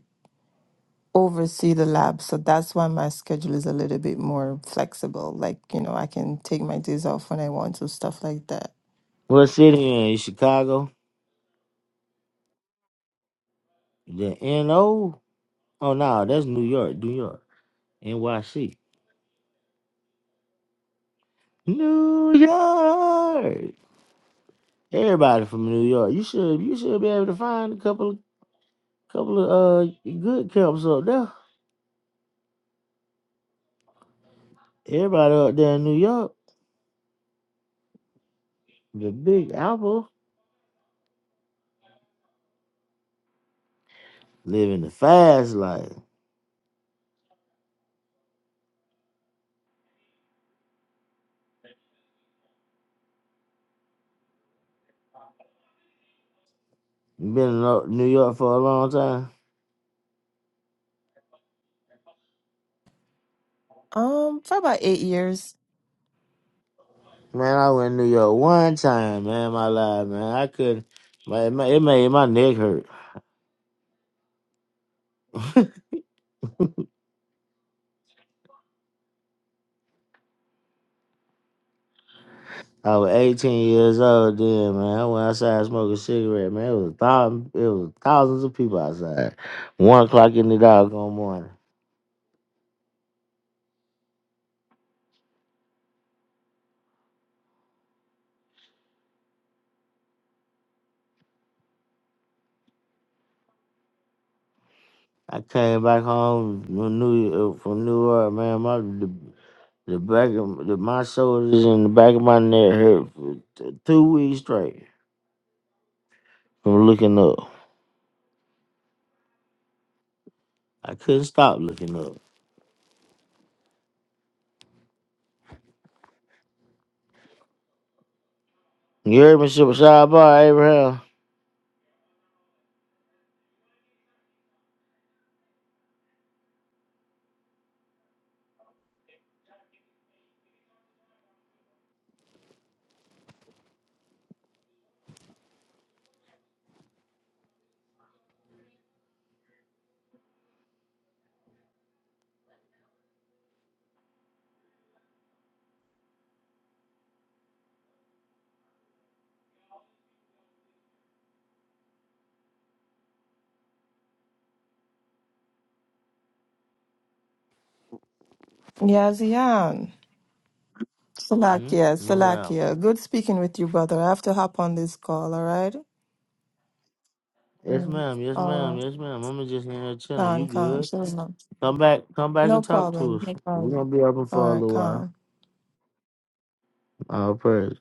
oversee the lab. So that's why my schedule is a little bit more flexible. Like, you know, I can take my days off when I want to, stuff like that. What city you in? You Chicago? The NO? Oh no, that's New York, New York. NYC. New York. Everybody from New York. You should you should be able to find a couple couple of uh good camps up there. Everybody up there in New York, the Big Apple, living the fast life. You Been in Lo- New York for a long time. Um, for about eight years. Man, I went to New York one time, man, my life, man. I couldn't. My, it ma- it made my neck hurt. I was 18 years old then, man. I went outside smoking a cigarette, man. It was, thou- it was thousands of people outside. One o'clock in the doggone morning. I came back home from New uh, from New York, man. My the, the back of the, my shoulders and the back of my neck hurt for t- two weeks straight from looking up. I couldn't stop looking up. You heard me, Shabbat Bar Abraham? Yeah, Zion. Hmm? Salakia, What's up? Salakia. Good speaking with you, brother. I have to hop on this call, all right? Yes, Mm. ma'am. Yes, All ma'am. right. Yes, ma'am. I'm just in here chilling. You Khan, Khan. good? Shalom. Come back, come back No and talk to problem. us. No We're gonna problem. be open for All a right, little Khan. while. All praise.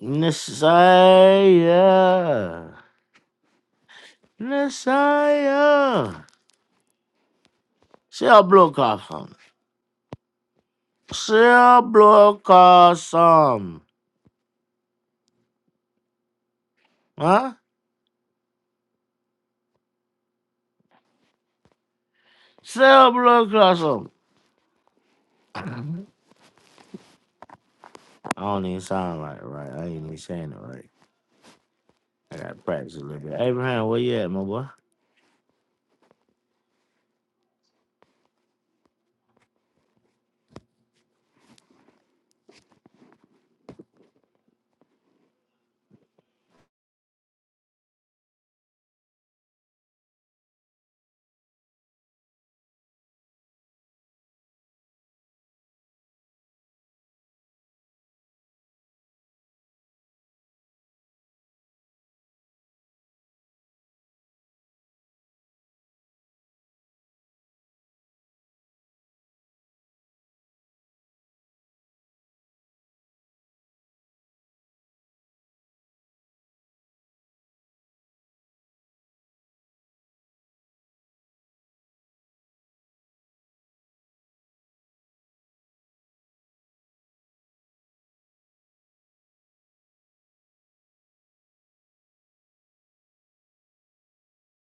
Messiah. Messiah. Shall blow off some. Shall blow off some. Huh? Shall blow off some. I don't even sound like it right. I ain't even saying it right. I gotta practice a little bit. Abraham, where you at, my boy?